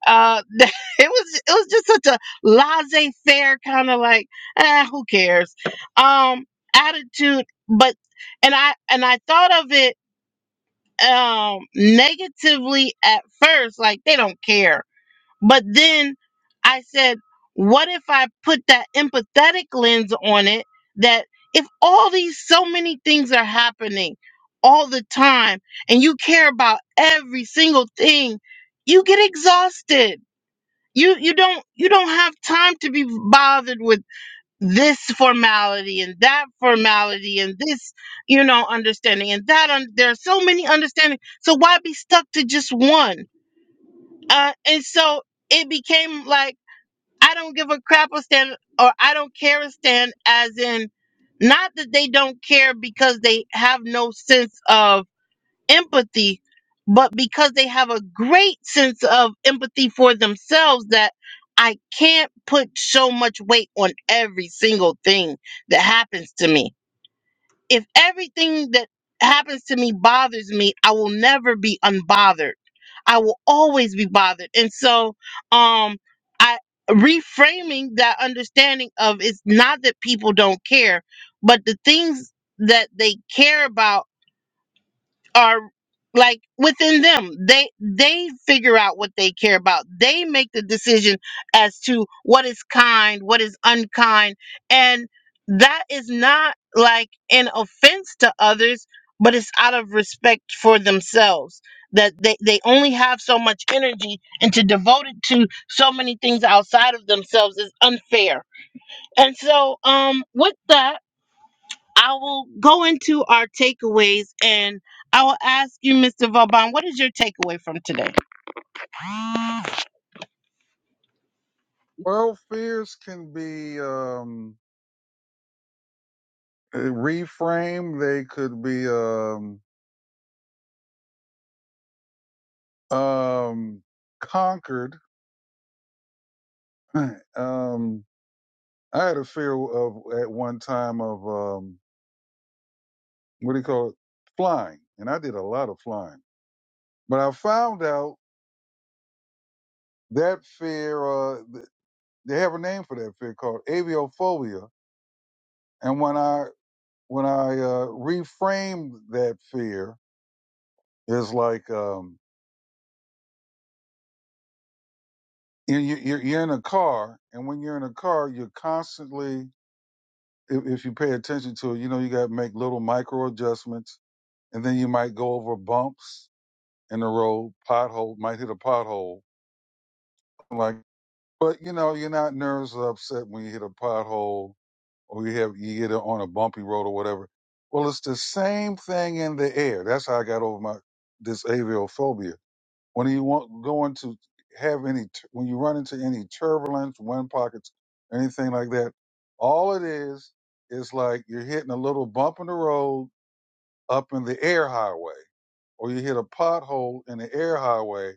Speaker 1: uh, it was, it was just such a laissez-faire kind of like, ah, who cares, um, attitude. But and I and I thought of it um negatively at first, like they don't care but then I said, what if I put that empathetic lens on it that if all these so many things are happening all the time and you care about every single thing, you get exhausted. You you don't you don't have time to be bothered with this formality and that formality and this you know understanding and that un- there are so many understandings. So why be stuck to just one? Uh, and so it became like I don't give a crap or stand or I don't care a stand as in not that they don't care because they have no sense of empathy, but because they have a great sense of empathy for themselves that I can't put so much weight on every single thing that happens to me if everything that happens to me bothers me, I will never be unbothered. I will always be bothered. And so um I reframing that understanding of it's not that people don't care, but the things that they care about are like within them they they figure out what they care about they make the decision as to what is kind what is unkind and that is not like an offense to others but it's out of respect for themselves that they, they only have so much energy and to devote it to so many things outside of themselves is unfair and so um with that I will go into our takeaways and I will ask you, Mr. Vauban, what is your takeaway from today?
Speaker 2: Well, fears can be um, uh, reframed. They could be um, um, conquered. um, I had a fear of at one time of um, what do you call it? Flying, and I did a lot of flying. But I found out that fear. Uh, th- they have a name for that fear called aviophobia. And when I when I uh, reframed that fear, It's like um, you, you- you're, you're in a car, and when you're in a car, you're constantly, if, if you pay attention to it, you know you got to make little micro adjustments, and then you might go over bumps in the road, pothole, might hit a pothole, like. But you know, you're not nervous or upset when you hit a pothole or you have you get on a bumpy road or whatever. Well, it's the same thing in the air. That's how I got over my this aviophobia when you want going to have any t- when you run into any turbulence, wind pockets, anything like that, all it is is like you're hitting a little bump in the road up in the air highway, or you hit a pothole in the air highway.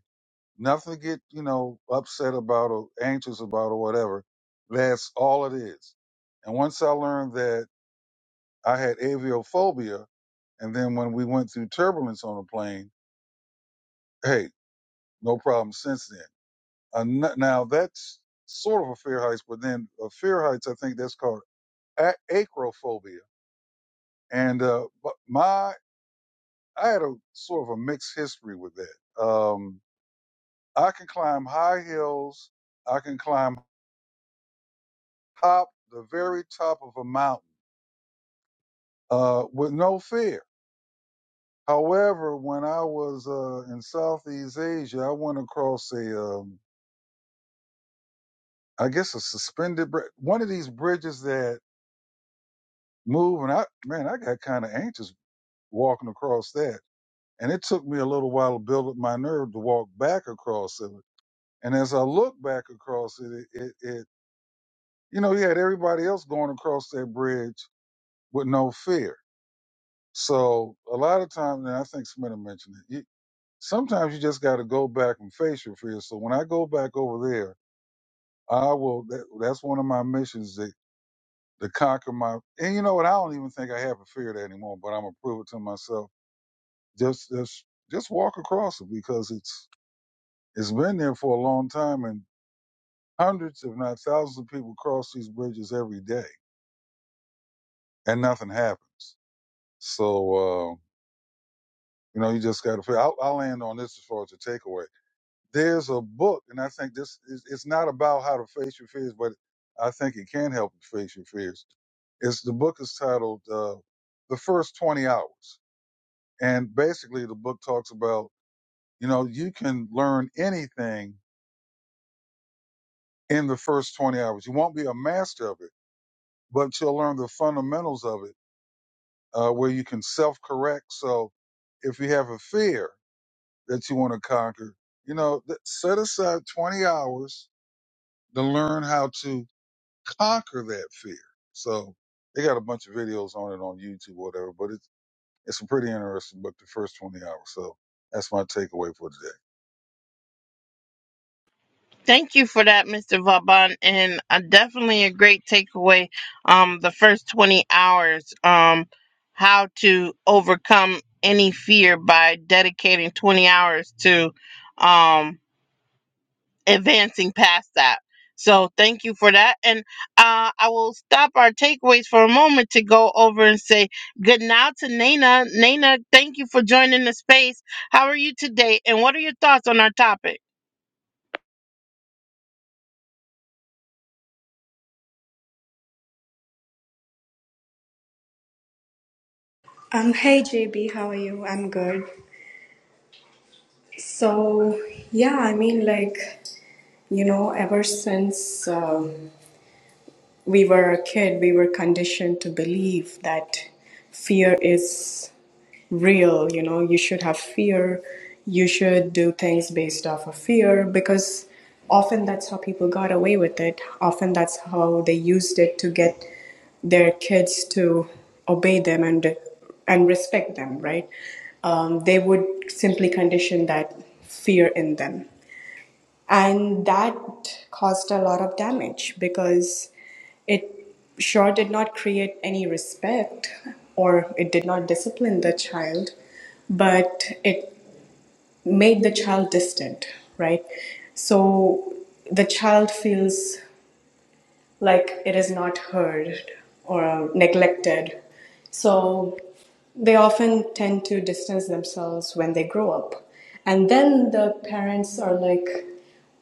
Speaker 2: Nothing to get you know upset about or anxious about or whatever. That's all it is. And once I learned that I had aviophobia, and then when we went through turbulence on the plane, hey, no problem since then And n- now that's sort of a fear heights, but then a fear heights, I think that's called a- acrophobia. And uh, but my, I had a sort of a mixed history with that. Um, I can climb high hills. I can climb top, the very top of a mountain uh, with no fear. However, when I was uh, in Southeast Asia, I went across a, um, I guess a suspended, bri- one of these bridges that move, and I, man, I got kind of anxious walking across that. And it took me a little while to build up my nerve to walk back across it. And as I look back across it, it, it, it you know, you had everybody else going across that bridge with no fear. So a lot of times, and I think Smith mentioned it, you, sometimes you just got to go back and face your fear. So when I go back over there, I will, that, that's one of my missions that, to conquer my, and you know what? I don't even think I have a fear of that anymore, but I'm going to prove it to myself. Just, just, just walk across it because it's, It's been there for a long time, and hundreds, if not thousands, of people cross these bridges every day, and nothing happens. So, uh, you know, you just got to. figure- I'll, I'll land on this as far as the takeaway. There's a book, and I think this is it's not about how to face your fears, but I think it can help you face your fears. It's the book is titled uh, "The First Twenty Hours," and basically, the book talks about you know you can learn anything in the first twenty hours. You won't be a master of it but you'll learn the fundamentals of it uh, where you can self correct. So if you have a fear that you want to conquer, you know, th- set aside 20 hours to learn how to conquer that fear. So they got a bunch of videos on it on YouTube, or whatever, but it's, it's a pretty interesting book, the first 20 hours. So that's my takeaway for today.
Speaker 1: Thank you for that, Mr. Vauban, and uh, definitely a great takeaway. Um, the first 20 hours, um, how to overcome any fear by dedicating 20 hours to um, advancing past that. So thank you for that. And uh, I will stop our takeaways for a moment to go over and say good now to Nana. Nana, thank you for joining the space. How are you today? And what are your thoughts on our topic?
Speaker 6: Um, hey JB, how are you? I'm good. So, yeah, I mean, like, you know, ever since um we were a kid, we were conditioned to believe that fear is real. You know, you should have fear. You should do things based off of fear because often that's how people got away with it. Often that's how they used it to get their kids to obey them and and respect them. Right? Um, they would simply condition that fear in them. And that caused a lot of damage because it sure did not create any respect or it did not discipline the child, but it made the child distant, right? So the child feels like it is not heard or neglected. So they often tend to distance themselves when they grow up. And then the parents are like,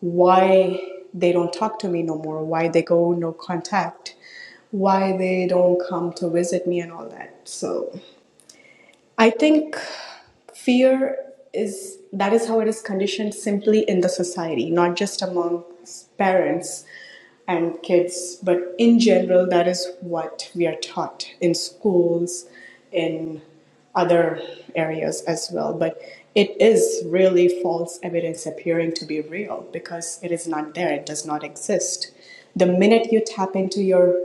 Speaker 6: why they don't talk to me no more, why they go no contact, why they don't come to visit me, and all that. So I think fear is that is how it is conditioned simply in the society, not just among parents and kids, but in general, that is what we are taught in schools, in other areas as well. But it is really false evidence appearing to be real because it is not there, it does not exist. The minute you tap into your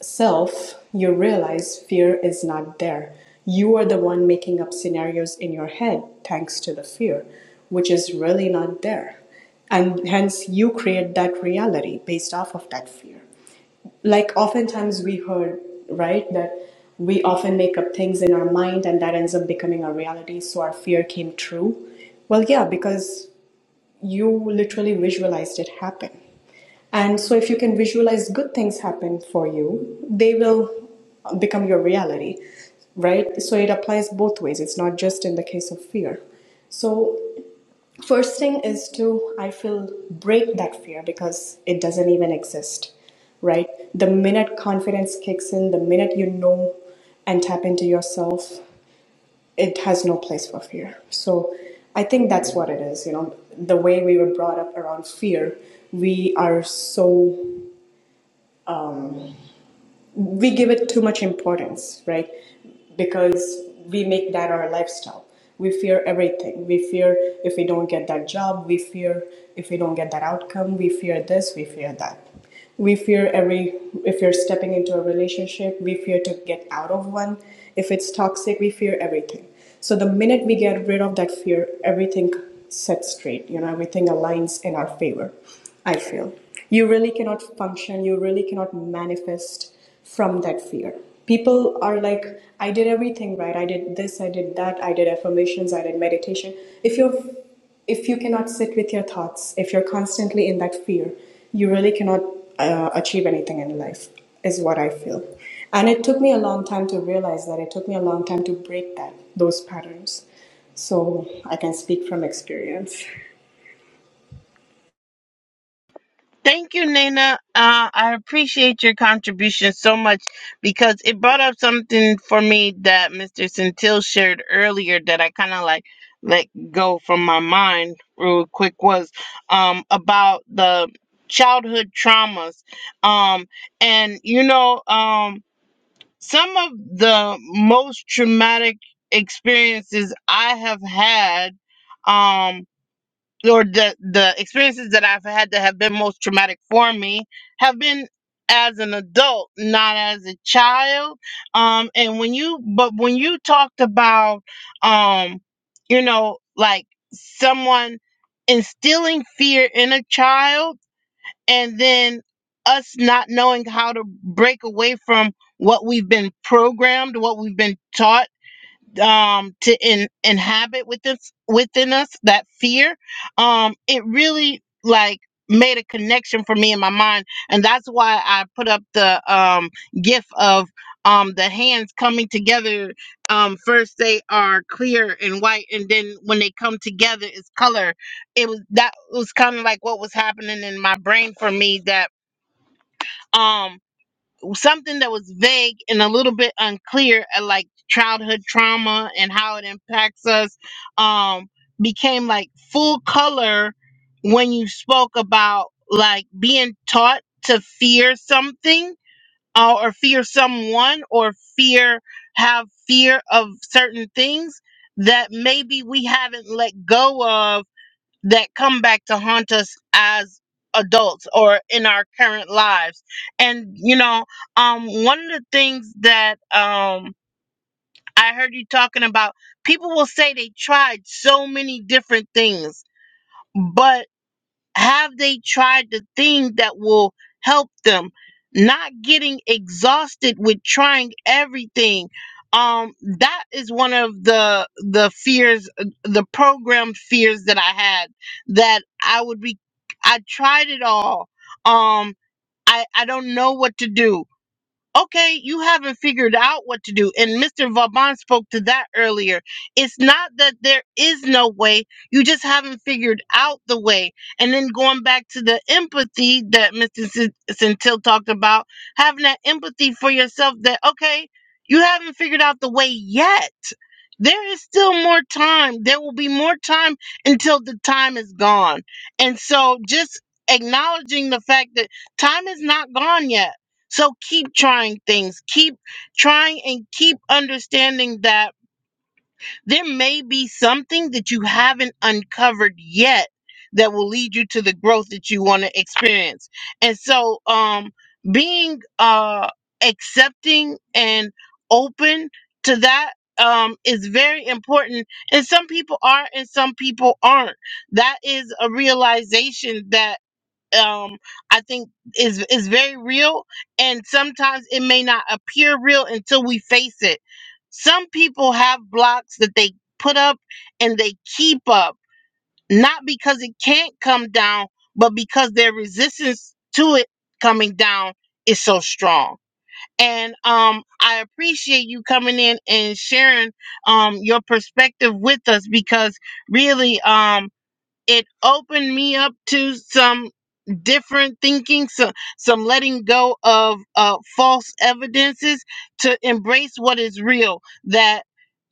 Speaker 6: self, you realize fear is not there. You are the one making up scenarios in your head thanks to the fear, which is really not there. And hence, you create that reality based off of that fear. Like, oftentimes we heard, right, that we often make up things in our mind and that ends up becoming a reality, so our fear came true. Well, yeah, because you literally visualized it happen. And so, if you can visualize good things happen for you, they will become your reality, right? So, it applies both ways. It's not just in the case of fear. So, first thing is to, I feel, break that fear because it doesn't even exist, right? The minute confidence kicks in, the minute you know and tap into yourself, it has no place for fear. So I think that's what it is. You know, the way we were brought up around fear, we are so we give it too much importance, right? Because we make that our lifestyle. We fear everything. We fear if we don't get that job, we fear if we don't get that outcome, we fear this, we fear that. We fear every if you're stepping into a relationship, we fear to get out of one. If it's toxic, we fear everything. So the minute we get rid of that fear, everything sets straight, you know, everything aligns in our favor. I feel. You really cannot function, you really cannot manifest from that fear. People are like, I did everything right. I did this, I did that, I did affirmations, I did meditation. If you're if you cannot sit with your thoughts, if you're constantly in that fear, you really cannot uh, achieve anything in life, is what I feel. And it took me a long time to realize that. It took me a long time to break that those patterns. So I can speak from experience.
Speaker 1: Thank you, Nina. Uh, I appreciate your contribution so much because it brought up something for me that Mr. Centil shared earlier that I kind of like let go from my mind real quick was um, about the childhood traumas. Um, and, you know, um, some of the most traumatic experiences I have had. Um, or the the experiences that I've had that have been most traumatic for me have been as an adult, not as a child. Um, and when you but when you talked about um, you know, like someone instilling fear in a child and then us not knowing how to break away from what we've been programmed, what we've been taught um to in, inhabit within within us that fear um it really like made a connection for me in my mind and that's why i put up the um gif of um the hands coming together um first they are clear and white and then when they come together it's color it was that was kind of like what was happening in my brain for me that um something that was vague and a little bit unclear uh, like childhood trauma and how it impacts us um became like full color when you spoke about like being taught to fear something uh, or fear someone or fear have fear of certain things that maybe we haven't let go that come back to haunt us as adults or in our current lives. And you know, um one of the things that um I heard you talking about people will say they tried so many different things, but have they tried the thing that will help them? Not getting exhausted with trying everything. Um, that is one of the the fears, uh, the program fears that I had that I would be. I tried it all. Um, I I don't know what to do okay, you haven't figured out what to do. And Mr. Vauban spoke to that earlier. It's not that there is no way, you just haven't figured out the way. And then going back to the empathy that Mr. Sen- Centil talked about, having that empathy for yourself that, okay, you haven't figured out the way yet. There is still more time. There will be more time until the time is gone. And so just acknowledging the fact that time is not gone yet so keep trying things. Keep trying and keep understanding that there may be something that you haven't uncovered yet that will lead you to the growth that you want to experience. And so um being uh accepting and open to that um is very important and some people are and some people aren't that is a realization that um i think is is very real and sometimes it may not appear real until we face it some people have blocks that they put up and they keep up not because it can't come down but because their resistance to it coming down is so strong and um i appreciate you coming in and sharing um your perspective with us because really um it opened me up to some different thinking some some letting go of uh false evidences to embrace what is real that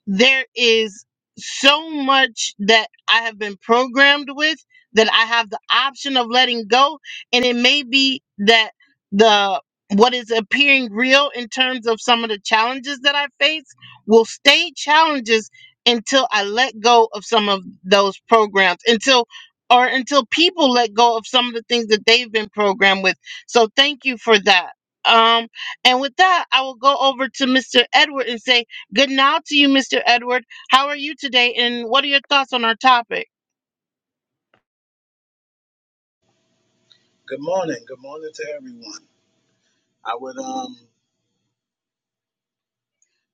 Speaker 1: there is so much that I have been programmed with that I have the option of letting go. And it may be that the what is appearing real in terms of some of the challenges that I face will stay challenges until I let go of some of those programs, until or until people let go of some of the things that they've been programmed with. So thank you for that. Um, and with that, I will go over to Mr. Edward and say, Good night to you, Mr. Edward. How are you today? And what are your thoughts on our topic?
Speaker 7: Good morning. Good morning to everyone. I would um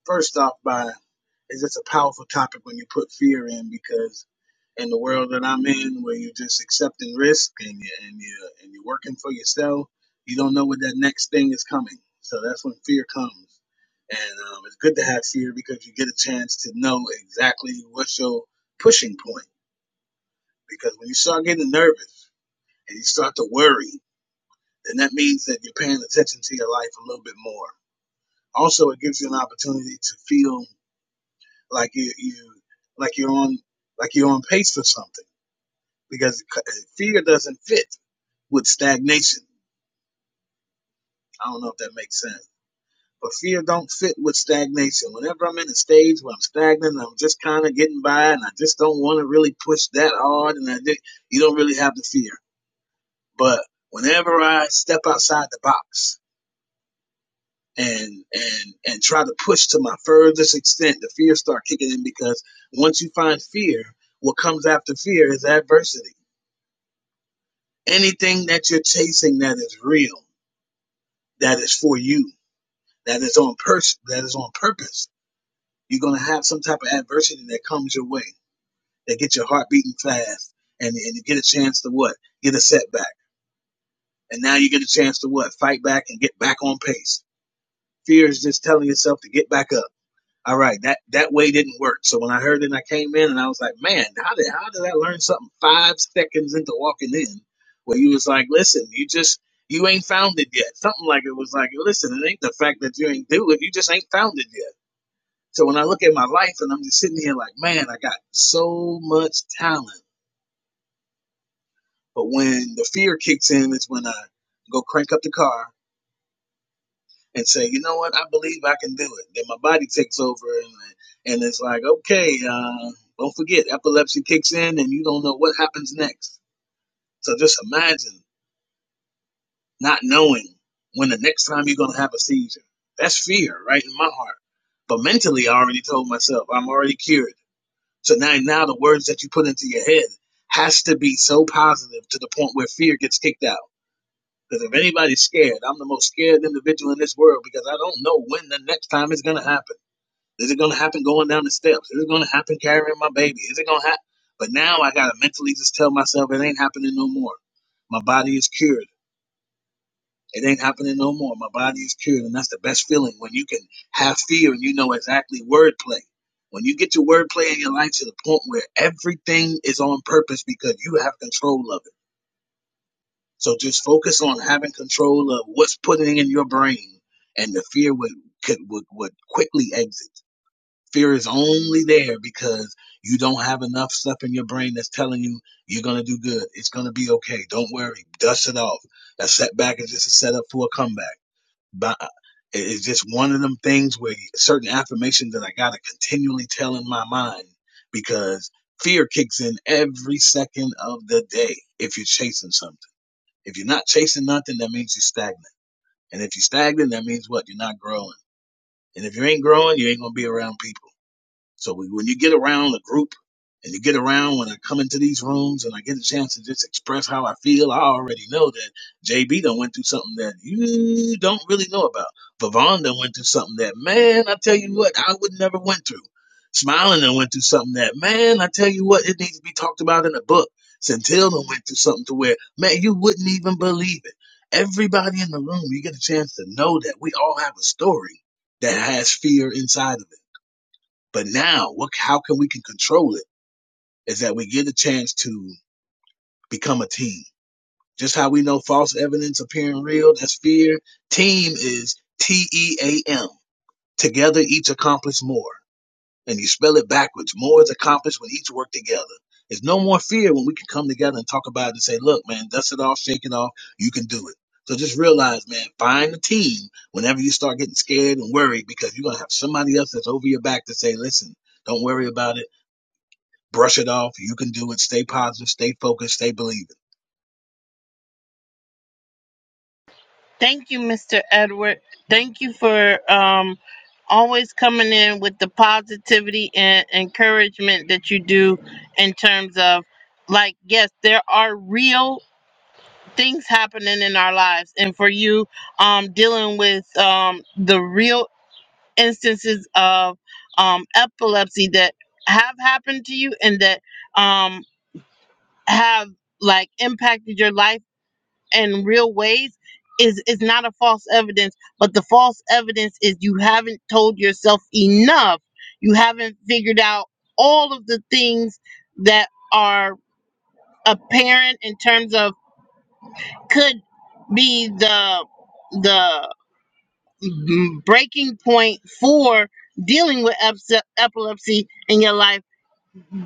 Speaker 7: first off by it's just a powerful topic when you put fear in because in the world that I'm in where you're just accepting risk and you and you and you're working for yourself, you don't know what that next thing is coming. So that's when fear comes. And um, it's good to have fear because you get a chance to know exactly what's your pushing point. Because when you start getting nervous and you start to worry, then that means that you're paying attention to your life a little bit more Also, it gives you an opportunity to feel like you, you like you're on like you're on pace for something because fear doesn't fit with stagnation. I don't know if that makes sense, but fear don't fit with stagnation. Whenever I'm in a stage where I'm stagnant, I'm just kind of getting by, and I just don't want to really push that hard, and I just, you don't really have the fear. But whenever I step outside the box, and and and try to push to my furthest extent the fear start kicking in because once you find fear what comes after fear is adversity anything that you're chasing that is real that is for you that is on pers- that is on purpose you're going to have some type of adversity that comes your way that gets your heart beating fast and, and you get a chance to what get a setback and now you get a chance to what fight back and get back on pace fear is just telling yourself to get back up All right, that that way didn't work. So when I heard it, I came in and I was like, man, how did how did I learn something five seconds into walking in? Where you was like, listen, you just you ain't found it yet. Something like it was like, listen, it ain't the fact that you ain't do it, you just ain't found it yet. So when I look at my life and I'm just sitting here like, man, I got so much talent. But when the fear kicks in, it's when I go crank up the car and say, you know what, I believe I can do it. Then my body takes over and, and it's like, okay, uh, don't forget, epilepsy kicks in and you don't know what happens next. So just imagine not knowing when the next time you're going to have a seizure. That's fear right in my heart. But mentally, I already told myself I'm already cured. So now, now the words that you put into your head has to be so positive to the point where fear gets kicked out. Because if anybody's scared, I'm the most scared individual in this world because I don't know when the next time it's going to happen. Is it gonna happen going down the steps? Is it gonna happen carrying my baby? Is it gonna happen? But now I gotta mentally just tell myself it ain't happening no more. My body is cured. It ain't happening no more. My body is cured, and that's the best feeling when you can have fear and you know exactly wordplay. When you get your wordplay in your life to the point where everything is on purpose because you have control of it. So just focus on having control of what's putting in your brain, and the fear would could would, would quickly exit. Fear is only there because you don't have enough stuff in your brain that's telling you you're going to do good. It's going to be okay. Don't worry. Dust it off. A setback is just a setup for a comeback. But it's just one of them things where certain affirmations that I got to continually tell in my mind because fear kicks in every second of the day if you're chasing something. If you're not chasing nothing, that means you're stagnant. And if you're stagnant, that means what? You're not growing. And if you ain't growing, you ain't going to be around people. So we, when you get around a group and you get around when I come into these rooms and I get a chance to just express how I feel, I already know that JB done went through something that you don't really know about. Vavon done went through something that, man, I tell you what, I would never went through. Smiling done went through something that, man, I tell you what, it needs to be talked about in a book. Centil done went through something to where, man, you wouldn't even believe it. Everybody in the room, you get a chance to know that we all have a story that has fear inside of it but now, what, how can we can control it is that we get a chance to become a team. Just how we know false evidence appearing real, that's fear. Team is T-E-A-M. Together each accomplish more. And you spell it backwards. More is accomplished when each work together. There's no more fear when we can come together and talk about it and say, look, man, dust it off, shake it off. You can do it. So just realize, man, find a team whenever you start getting scared and worried because you're going to have somebody else that's over your back to say, listen, don't worry about it brush it off. You can do it. Stay positive, stay focused, stay believing.
Speaker 1: Thank you, Mr. Edward. Thank you for um, always coming in with the positivity and encouragement that you do in terms of, like, yes, there are real things happening in our lives. And for you, um, dealing with um, the real instances of um, epilepsy that have happened to you and that. Um, have like impacted your life in real ways is is not a false evidence but the false evidence is you haven't told yourself enough you haven't figured out all of the things that are apparent in terms of could be the the mm, breaking point for dealing with eps- epilepsy in your life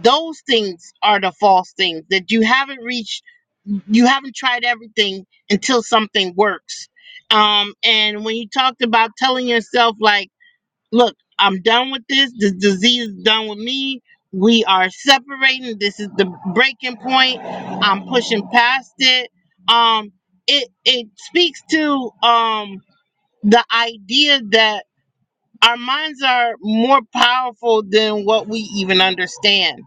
Speaker 1: those things are the false things that you haven't reached you haven't tried everything until something works um and when you talked about telling yourself like look i'm done with this this disease is done with me we are separating this is the breaking point i'm pushing past it um it it speaks to um the idea that our minds are more powerful than what we even understand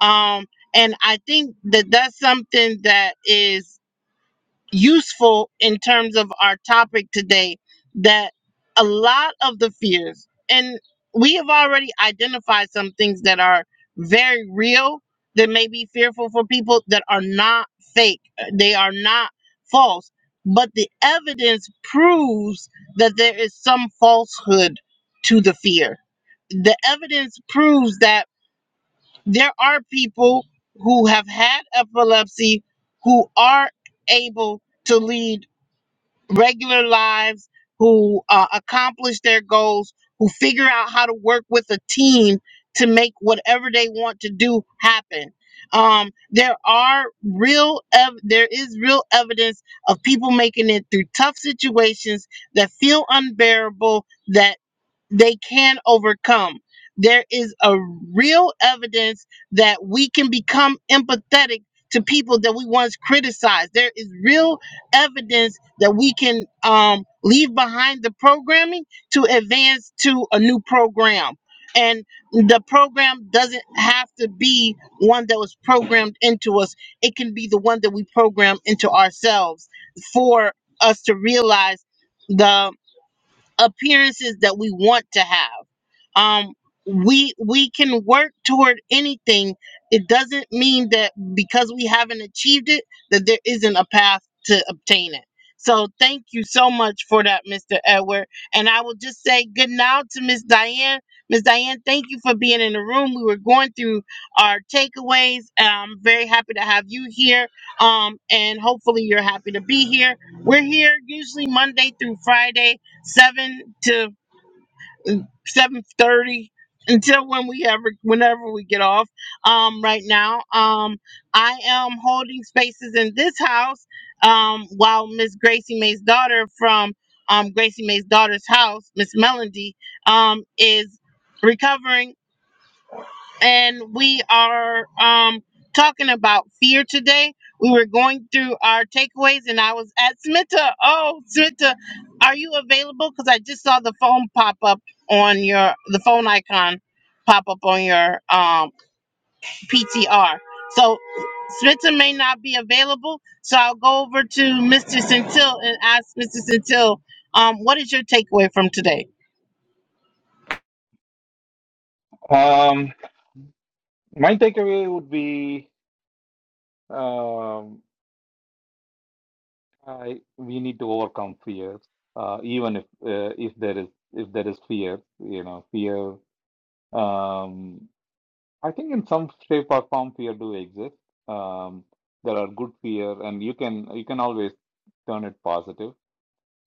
Speaker 1: um and i think that that's something that is useful in terms of our topic today that a lot of the fears, and we have already identified some things that are very real that may be fearful for people that are not fake, uh, they are not false, but the evidence proves that there is some falsehood to the fear. The evidence proves that there are people who have had epilepsy who are able to lead regular lives, who uh, accomplish their goals, who figure out how to work with a team to make whatever they want to do happen. Um, there are real, ev- there is real evidence of people making it through tough situations that feel unbearable, That they can overcome. There is a real evidence that we can become empathetic to people that we once criticized. There is real evidence that we can um, leave behind the programming to advance to a new program. And the program doesn't have to be one that was programmed into us. It can be the one that we program into ourselves for us to realize the appearances that we want to have um we we can work toward anything it doesn't mean that because we haven't achieved it that there isn't a path to obtain it so thank you so much for that mr edward and i will just say good now to miss diane miss diane thank you for being in the room we were going through our takeaways i'm very happy to have you here um, and hopefully you're happy to be here we're here usually monday through friday 7 to seven thirty until when we ever whenever we get off um right now um i am holding spaces in this house um while miss gracie may's daughter from um gracie may's daughter's house miss melody um is recovering and we are um, talking about fear today. We were going through our takeaways, and I was at Smita. Oh, Smita, are you available? Because I just saw the phone pop up on your the phone icon pop up on your um, PTR. So Smita may not be available, so I'll go over to Mr. Centil and ask Mr. Centil, um, what is your takeaway from today?
Speaker 5: Um, my takeaway would be um, I, we need to overcome fear, uh, even if uh, if there is if there is fear, you know, fear. Um, I think in some shape or form, fear do exist. Um, there are good fear, and you can you can always turn it positive.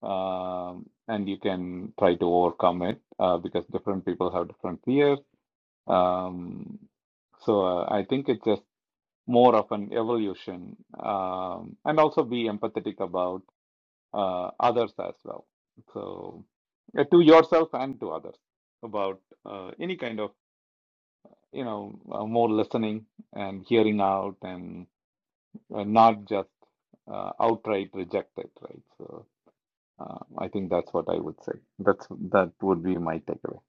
Speaker 5: um, and you can try to overcome it uh, because different people have different fears. Um, so uh, I think it's just more of an evolution, um, and also be empathetic about uh, others as well. So uh, to yourself and to others about uh, any kind of you know uh, more listening and hearing out and uh, not just uh, outright reject it, right? So. Uh, I think that's what I would say. That's that would be my takeaway.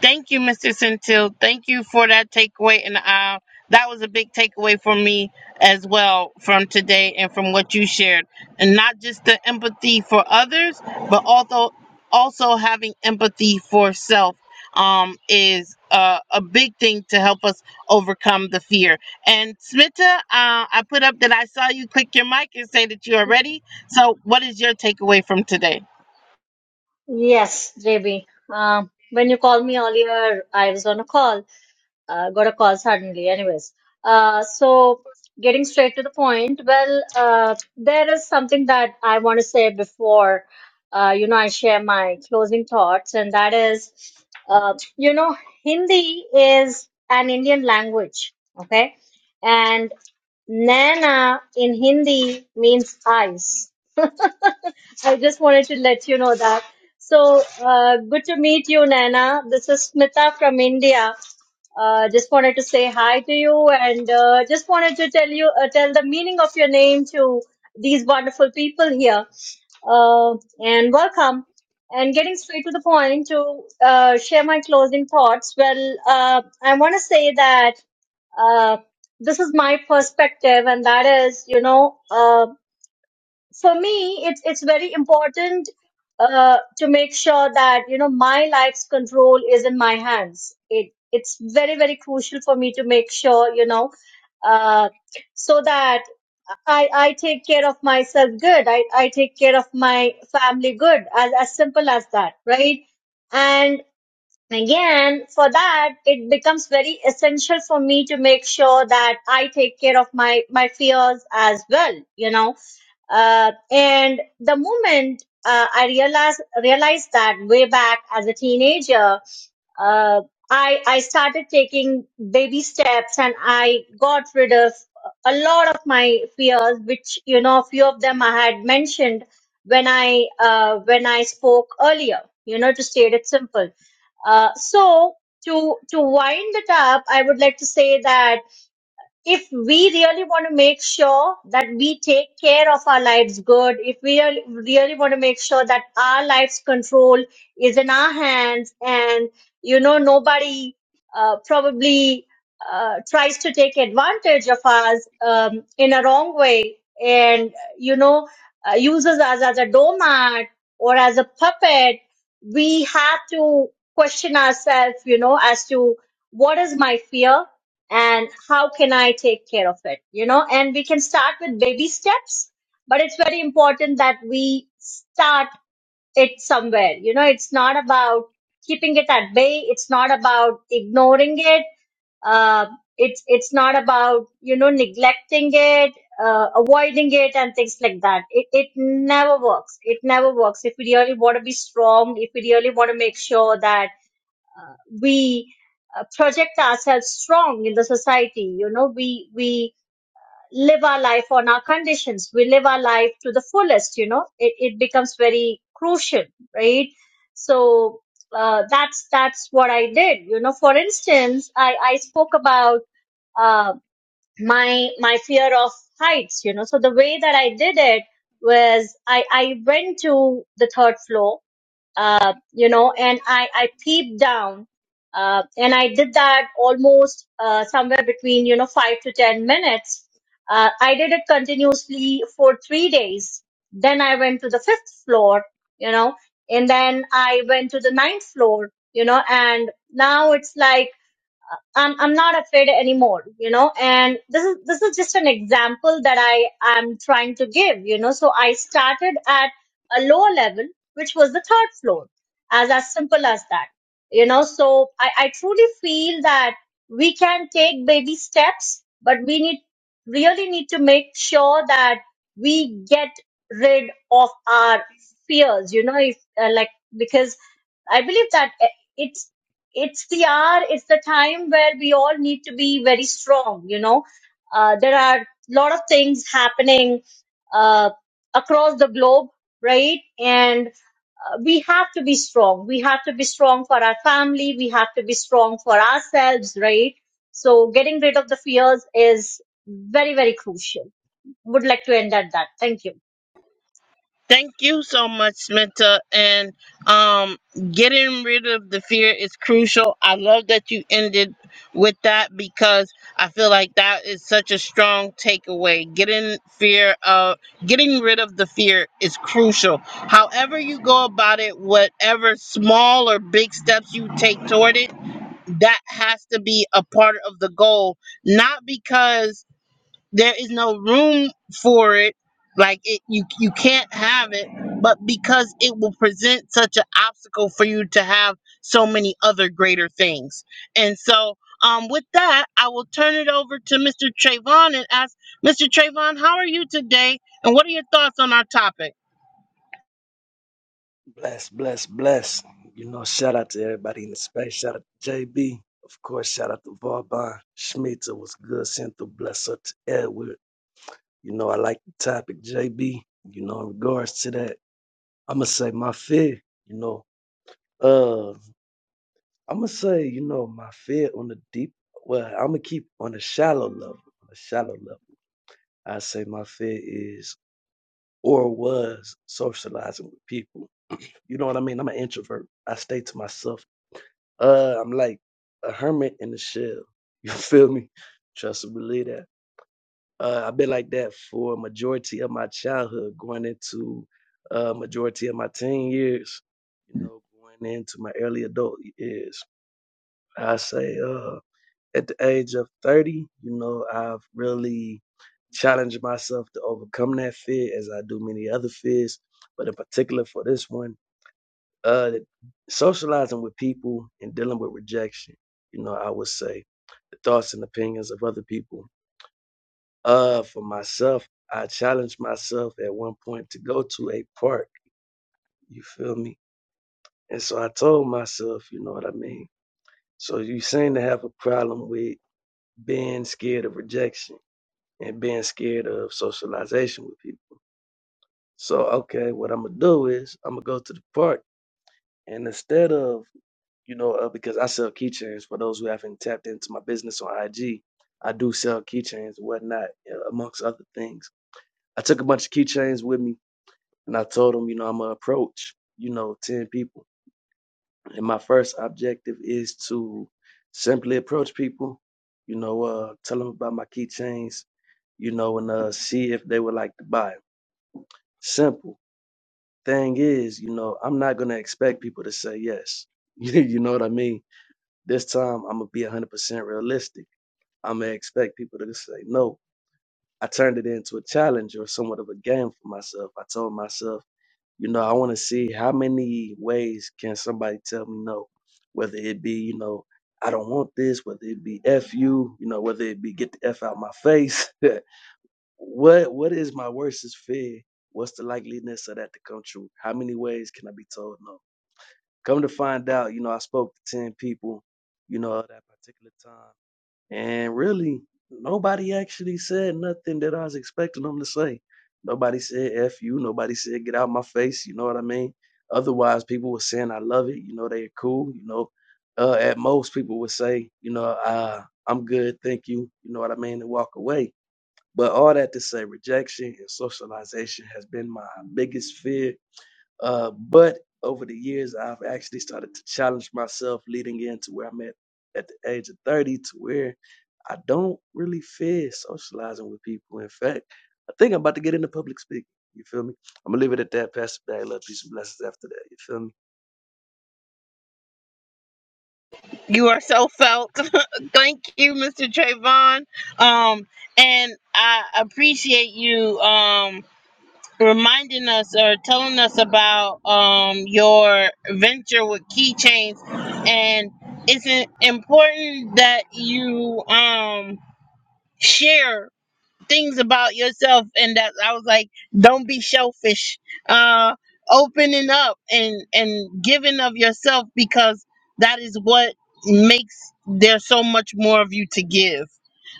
Speaker 1: Thank you, Mr. Centil. Thank you for that takeaway, and uh, that was a big takeaway for me as well from today and from what you shared, and not just the empathy for others, but also also having empathy for self um, is uh, a big thing to help us overcome the fear. And Smita, uh, I put up that I saw you click your mic and say that you are ready. So, what is your takeaway from today?
Speaker 4: Yes, JB. Uh, when you called me earlier, I was on a call uh, got a call suddenly. Anyways, uh, so getting straight to the point, well, uh, there is something that I want to say before, uh, you know, I share my closing thoughts, and that is, uh, you know, Hindi is an Indian language, okay, and Nana in Hindi means eyes. I just wanted to let you know that. So uh, good to meet you, Nana. This is Smita from India uh, just wanted to say hi to you and uh, just wanted to tell you uh, tell the meaning of your name to these wonderful people here uh, and welcome and getting straight to the point to uh, share my closing thoughts well uh, i want to say that uh, this is my perspective and that is you know um for me, it's it's very important uh, to make sure that you know my life's control is in my hands. It it's very very crucial for me to make sure you know uh, so that I I take care of myself good. I I take care of my family good. As as simple as that, right? And again, for that, it becomes very essential for me to make sure that I take care of my my fears as well. You know uh, and the moment uh, I realized realized that way back as a teenager, uh, I I started taking baby steps, and I got rid of a lot of my fears, which you know, a few of them I had mentioned when I uh, when I spoke earlier. You know, to state it simple. Uh, so to to wind it up, I would like to say that if we really want to make sure that we take care of our lives good, if we really, really want to make sure that our life's control is in our hands and, you know, nobody uh, probably uh, tries to take advantage of us um, in a wrong way and, you know, uh, uses us as a doormat or as a puppet, we have to question ourselves, you know, as to what is my fear? and how can I take care of it? You know, and we can start with baby steps, but it's very important that we start it somewhere. You know, it's not about keeping it at bay. It's not about ignoring it. Uh, it's it's not about you know neglecting it, uh, avoiding it, and things like that. It it never works. It never works. If we really want to be strong, if we really want to make sure that we uh, project ourselves strong in the society you know we we live our life on our conditions we live our life to the fullest you know it, it becomes very crucial right so uh, that's that's what i did you know for instance i i spoke about uh, my my fear of heights you know so the way that i did it was i i went to the third floor uh, you know, and I, I peeped down. Uh, and I did that almost uh, somewhere between, you know, five to 10 minutes. Uh, I did it continuously for three days. Then I went to the fifth floor, you know, and then I went to the ninth floor, you know, and now it's like, I'm I'm not afraid anymore, you know. And this is this is just an example that I am trying to give, you know. So I started at a lower level, which was the third floor, as as simple as that, you know. So I I truly feel that we can take baby steps, but we need really need to make sure that we get rid of our fears, you know. If uh, like because I believe that it's it's the hour it's the time where we all need to be very strong you know uh, there are a lot of things happening uh, across the globe right and uh, we have to be strong we have to be strong for our family we have to be strong for ourselves right so getting rid of the fears is very very crucial would like to end at that thank you
Speaker 1: Thank you so much, Smita. And um, getting rid of the fear is crucial. I love that you ended with that because I feel like that is such a strong takeaway. Getting fear of getting rid of the fear is crucial. However you go about it, whatever small or big steps you take toward it, that has to be a part of the goal. Not because there is no room for it like it you you can't have it but because it will present such an obstacle for you to have so many other greater things and so um with that i will turn it over to mr trayvon and ask mr trayvon how are you today and what are your thoughts on our topic
Speaker 8: Bless, bless, bless. You know, shout out to everybody in the space. Shout out to JB. Of course, shout out to Vauban. Schmitza was good. Sent the bless up to Edward. You know, I like the topic, JB. You know, in regards to that, I'ma say my fear, you know, uh, I'ma say, you know, my fear on the deep well, I'ma keep on the shallow level. On the shallow level. I say my fear is or was socializing with people. You know what I mean? I'm an introvert. I stay to myself Uh, I'm like a hermit in the shell. You feel me? Trust and believe that. Uh, I've been like that for a majority of my childhood, going into uh, majority of my teen years. You know, going into my early adult years. I say, uh, at the age of 30, you know, I've really challenged myself to overcome that fear, as I do many other fears. But in particular for this one. Uh, socializing with people and dealing with rejection. You know, I would say the thoughts and opinions of other people. Uh, for myself, I challenged myself at one point to go to a park. You feel me? And so I told myself, you know what I mean? So you seem to have a problem with being scared of rejection and being scared of socialization with people. So, okay, what I'm going to do is I'm going to go to the park. And instead of you know, uh, because I sell keychains. For those who haven't tapped into my business on IG, I do sell keychains and whatnot, you know, amongst other things. I took a bunch of keychains with me, and I told them, you know, I'm gonna approach, you know, ten people, and my first objective is to simply approach people, you know, uh, tell them about my keychains, you know, and uh, see if they would like to buy 'em. Simple. Thing is, you know, I'm not gonna expect people to say yes. you know what I mean? This time, I'm gonna be 100% realistic I'm gonna expect people to just say no. I turned it into a challenge or somewhat of a game for myself. I told myself, you know, I want to see how many ways can somebody tell me no, whether it be, you know, I don't want this, whether it be f you, you know, whether it be get the f out my face. what what is my worstest fear? What's the likeliness of that to come true? How many ways can I be told no? Come to find out, you know, I spoke to ten people, you know, at that particular time. And really, nobody actually said nothing that I was expecting them to say. Nobody said F you. Nobody said get out my face. You know what I mean? Otherwise, people were saying I love it. You know, they're cool. You know, uh, at most, people would say, you know, uh, I'm good. Thank you. You know what I mean? And walk away. But all that to say, rejection and socialization has been my biggest fear uh, but over the years, I've actually started to challenge myself leading into where I'm at at the age of 30 to where I don't really fear socializing with people. In fact, I think I'm about to get into public speaking. You feel me? I'm going to leave it at that. Pastor, it Love, peace, and blessings after that. You feel me?
Speaker 1: you are so felt thank you mr trayvon um and i appreciate you um reminding us or telling us about um, your venture with keychains and it's im- important that you um, share things about yourself and that i was like don't be selfish uh, opening up and and giving of yourself because that is what makes there so much more of you to give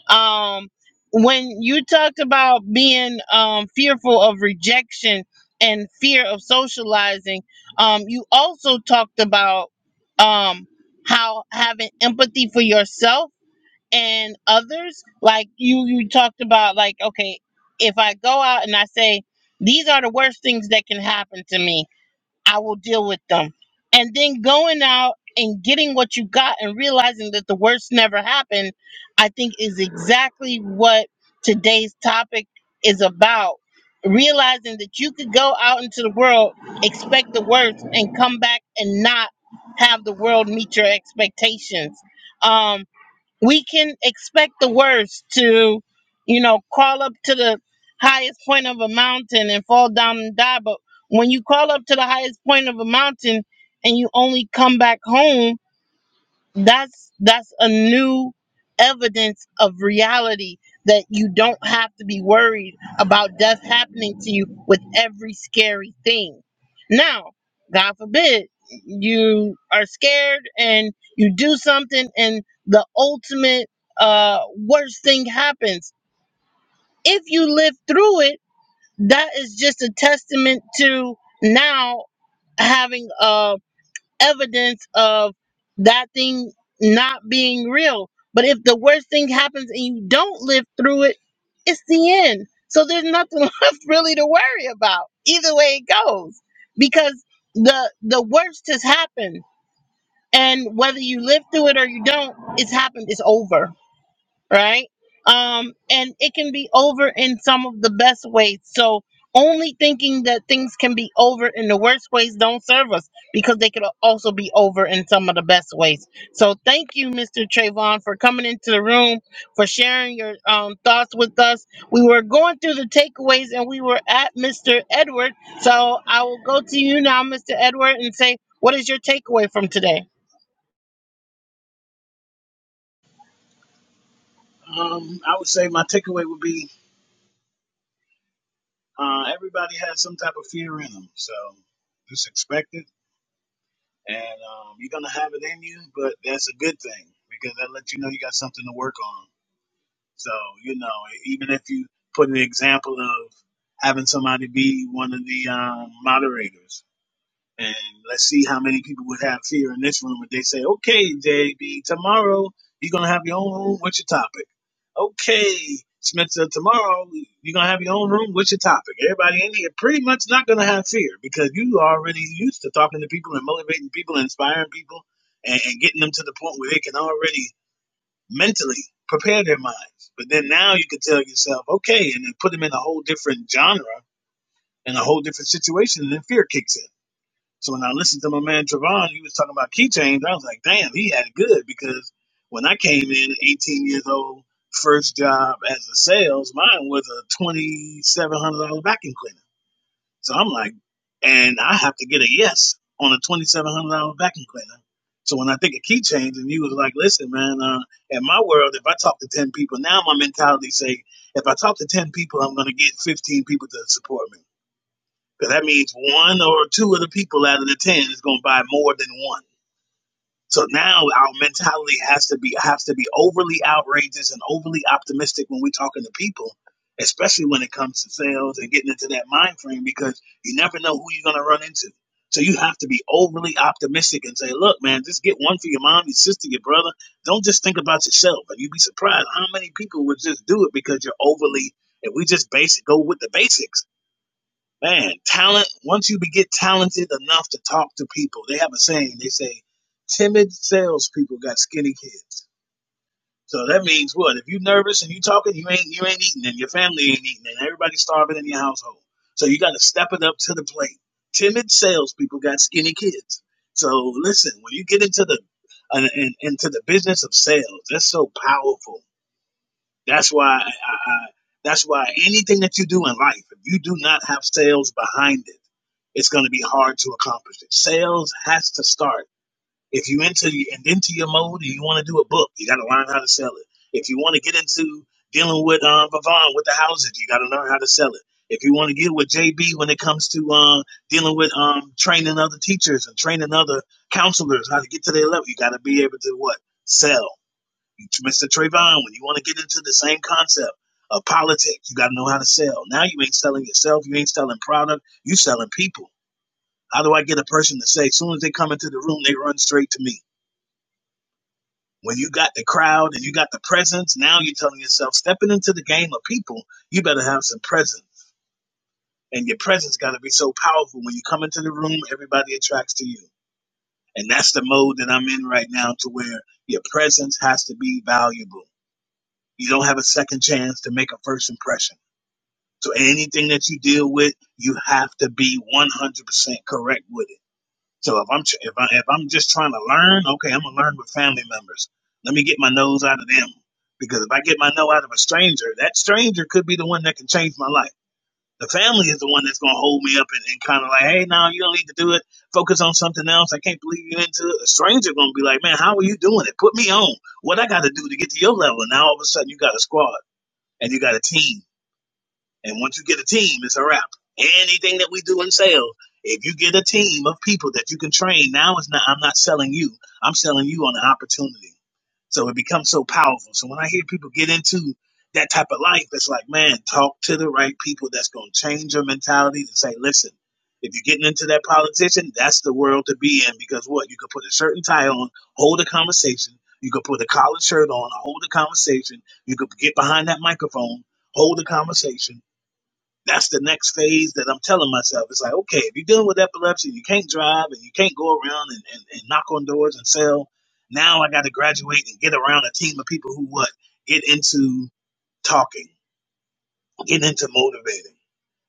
Speaker 1: um when you talked about being um fearful of rejection and fear of socializing um you also talked about um how having empathy for yourself and others like you you talked about like okay if i go out and i say these are the worst things that can happen to me I will deal with them. And then going out and getting what you got and realizing that the worst never happened, I think is exactly what today's topic is about. Realizing that you could go out into the world, expect the worst, and come back and not have the world meet your expectations. Um, we can expect the worst to, you know, crawl up to the highest point of a mountain and fall down and die. But when you crawl up to the highest point of a mountain and you only come back home, that's that's a new evidence of reality that you don't have to be worried about death happening to you with every scary thing now god forbid you are scared and you do something and the ultimate uh worst thing happens if you live through it that is just a testament to now having a evidence of that thing not being real. But if the worst thing happens and you don't live through it, it's the end. So there's nothing left really to worry about. Either way it goes. Because the the worst has happened. And whether you live through it or you don't, it's happened. It's over right? Um, and it can be over in some of the best ways. So only thinking that things can be over in the worst ways don't serve us because they could al- also be over in some of the best ways. So thank you, Mr. Trayvon, for coming into the room, for sharing your um, thoughts with us. We were going through the takeaways and we were at Mr. Edward. So I will go to you now, Mr. Edward, and say, what is your takeaway from today?
Speaker 7: Um, I would say my takeaway would be uh, everybody has some type of fear in them, so just expect it, and um, you're gonna have it in you. But that's a good thing because that lets you know you got something to work on. So you know, even if you put an example of having somebody be one of the um, moderators, And let's see how many people would have fear in this room if they say, okay, JB, tomorrow you're going to have your own room. What's your topic? Okay, Spencer, tomorrow you're going to have your own room. What's your topic? Everybody in here pretty much not going to have fear because you are already used to talking to people and motivating people, and inspiring people, and, and getting them to the point where they can already mentally prepare their minds. But then now you can tell yourself, okay, and then put them in a whole different genre and a whole different situation, and then fear kicks in so when I listened to my man Trevon, he was talking about keychains. I was like, damn, he had it good because when I came in, at 18 years old, first job as a sales, mine was a $2,700 vacuum cleaner. So I'm like, and I have to get a yes on a $2,700 vacuum cleaner. So when I think of keychains, and you was like, listen, man, uh, in my world, if I talk to 10 people, now my mentality say, if I talk to 10 people, I'm going to get 15 people to support me. Because that means one or two of the people out of the ten is going to buy more than one. So now our mentality has to be has to be overly outrageous and overly optimistic when we're talking to people, especially when it comes to sales and getting into that mind frame because you never know who you're going to run into. So you have to be overly optimistic and say, "Look, man, just get one for your mom, your sister, your brother. Don't just think about yourself." And you'd be surprised how many people would just do it because you're overly. and we just basic go with the basics man, talent, once you get talented enough to talk to people, they have a saying, they say, timid salespeople got skinny kids. So that means what? If you're nervous and you are talking, you ain't you ain't eating, and your family ain't eating, and everybody's starving in your household. So you got to step it up to the plate. Timid salespeople got skinny kids. So listen, when you get into the uh, in, into the business of sales, that's so powerful that's why I, I, that's why anything that you do in life, if you do not have sales behind it, it's going to be hard to accomplish it. Sales has to start. If you into and into your mode and you want to do a book, you got to learn how to sell it. If you want to get into dealing with um, Vavon with the houses, you got to learn how to sell it. If you want to get with JB when it comes to uh, dealing with um, training other teachers and training other counselors how to get to their level, you got to be able to what sell. Mr. Trayvon, when you want to get into the same concept of politics, you got to know how to sell. Now you ain't selling yourself. You ain't selling product. You selling people. How do I get a person to say, as soon as they come into the room, they run straight to me? When you got the crowd and you got the presence, now you're telling yourself, stepping into the game of people, you better have some presence. And your presence got to be so powerful. When you come into the room, everybody attracts to you. And that's the mode that I'm in right now to where your presence has to be valuable. You don't have a second chance to make a first impression So anything that you deal with, you have to be 100% correct with it. So if I'm tr- if I if I'm just trying to learn, okay, I'm gonna learn with family members. Let me get my nose out of them because if I get my nose out of a stranger, that stranger could be the one that can change my life. The family is the one that's gonna hold me up and, and kind of like, hey, no, you don't need to do it. Focus on something else. I can't believe you into it. A stranger gonna be like, man, how are you doing it? Put me on. What I got to do to get to your level? And now all of a sudden you got a squad and you got a team and once you get a team, it's a wrap. Anything that we do in sales, if you get a team of people that you can train, now it's not. I'm not selling you. I'm selling you on an opportunity. So it becomes so powerful. So when I hear people get into that type of life, it's like, man, talk to the right people that's going to change your mentality and say, listen, if you're getting into that politician, that's the world to be in because what? You could put a shirt and tie on, hold a conversation. You could put a collared shirt on, hold a conversation. You could get behind that microphone, hold a conversation that's the next phase that I'm telling myself. It's like, okay, if you're dealing with epilepsy, you can't drive and you can't go around and, and, and knock on doors and sell. Now I got to graduate and get around a team of people who what? Get into talking, get into motivating,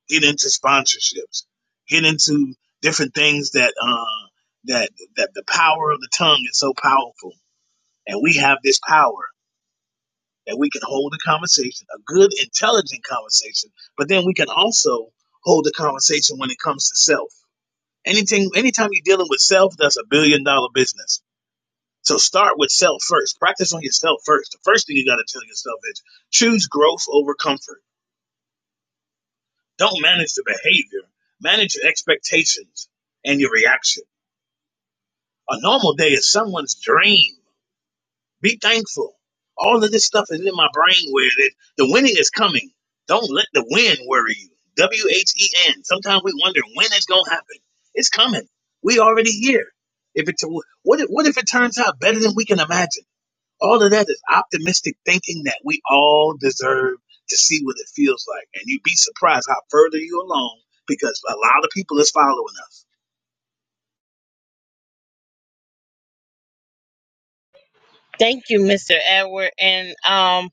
Speaker 7: get into sponsorships, get into different things that, uh, that, that the power of the tongue is so powerful. And we have this power that we can hold a conversation, a good, intelligent conversation, but then we can also hold a conversation when it comes to self. Anything, anytime you're dealing with self, that's a billion dollar business. So start with self first. Practice on yourself first. The first thing you got to tell yourself is choose growth over comfort. Don't manage the behavior. Manage your expectations and your reaction. A normal day is someone's dream. Be thankful. All of this stuff is in my brain where that the winning is coming. Don't let the win worry you. W H E N. Sometimes we wonder when it's gonna happen. It's coming. We already here. If it what if, what if it turns out better than we can imagine? All of that is optimistic thinking that we all deserve to see what it feels like, and you'd be surprised how further you along because a lot of people is following us.
Speaker 1: Thank you, Mr. Edward. And um,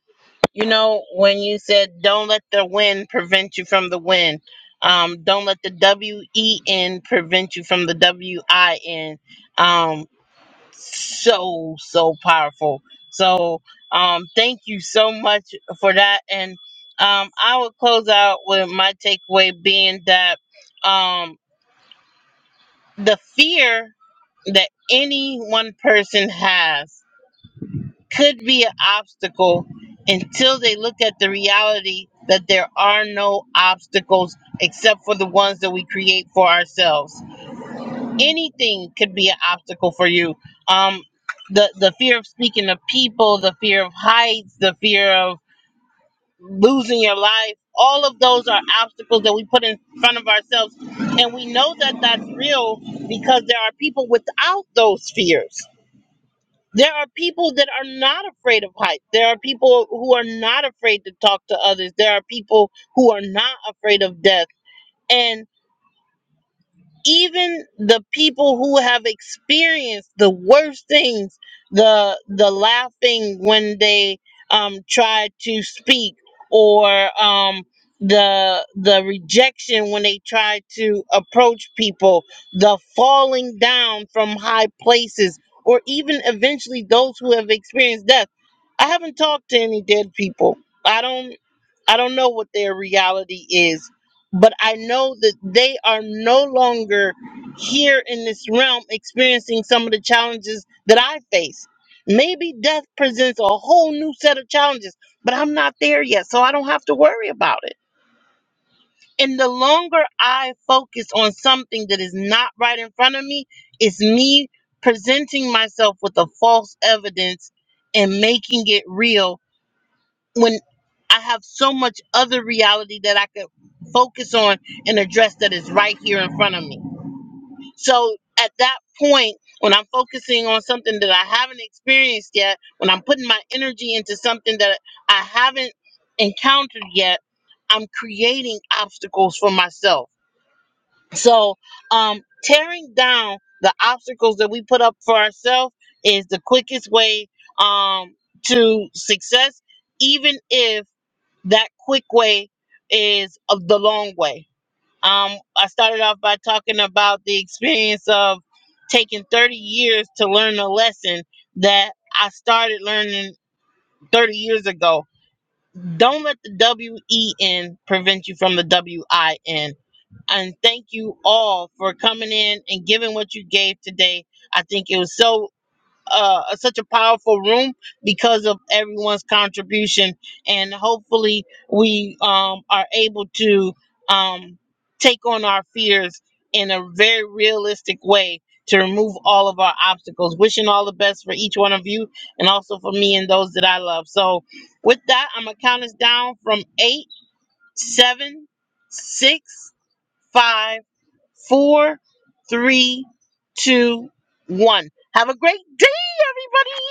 Speaker 1: you know when you said don't let the win prevent you from the win um don't let the w-e-n prevent you from the w-i-n um so so powerful so um thank you so much for that and um i will close out with my takeaway being that um the fear that any one person has could be an obstacle until they look at the reality that there are no obstacles except for the ones that we create for ourselves. Anything could be an obstacle for you. Um, the the fear of speaking to people, the fear of heights, the fear of losing your life. All of those are obstacles that we put in front of ourselves, and we know that that's real because there are people without those fears there are people that are not afraid of heights. There are people who are not afraid to talk to others. There are people who are not afraid of death. And even the people who have experienced the worst things the the laughing when they um try to speak or um the the rejection when they try to approach people the falling down from high places or even eventually those who have experienced death i haven't talked to any dead people i don't i don't know what their reality is but I know that they are no longer here in this realm experiencing some of the challenges that I face. Maybe death presents a whole new set of challenges, but I'm not there yet, so I don't have to worry about it. And the longer I focus on something that is not right in front of me, it's me presenting myself with a false evidence and making it real when I have so much other reality that I could focus on and address that is right here in front of me. So at that point, when I'm focusing on something that I haven't experienced yet, when I'm putting my energy into something that I haven't encountered yet, I'm creating obstacles for myself. So um, tearing down the obstacles that we put up for ourselves is the quickest way um, to success, even if that quick way is of the long way. Um, I started off by talking about the experience of taking 30 years to learn a lesson that I started learning 30 years ago. Don't let the W E N prevent you from the W I N. And thank you all for coming in and giving what you gave today. I think it was so uh, such a powerful room because of everyone's contribution, and hopefully we um, are able to um, take on our fears in a very realistic way to remove all of our obstacles. Wishing all the best for each one of you, and also for me and those that I love. So, with that, I'm gonna count us down from eight, seven, six, five Four, three, two, one. Have a great day, everybody.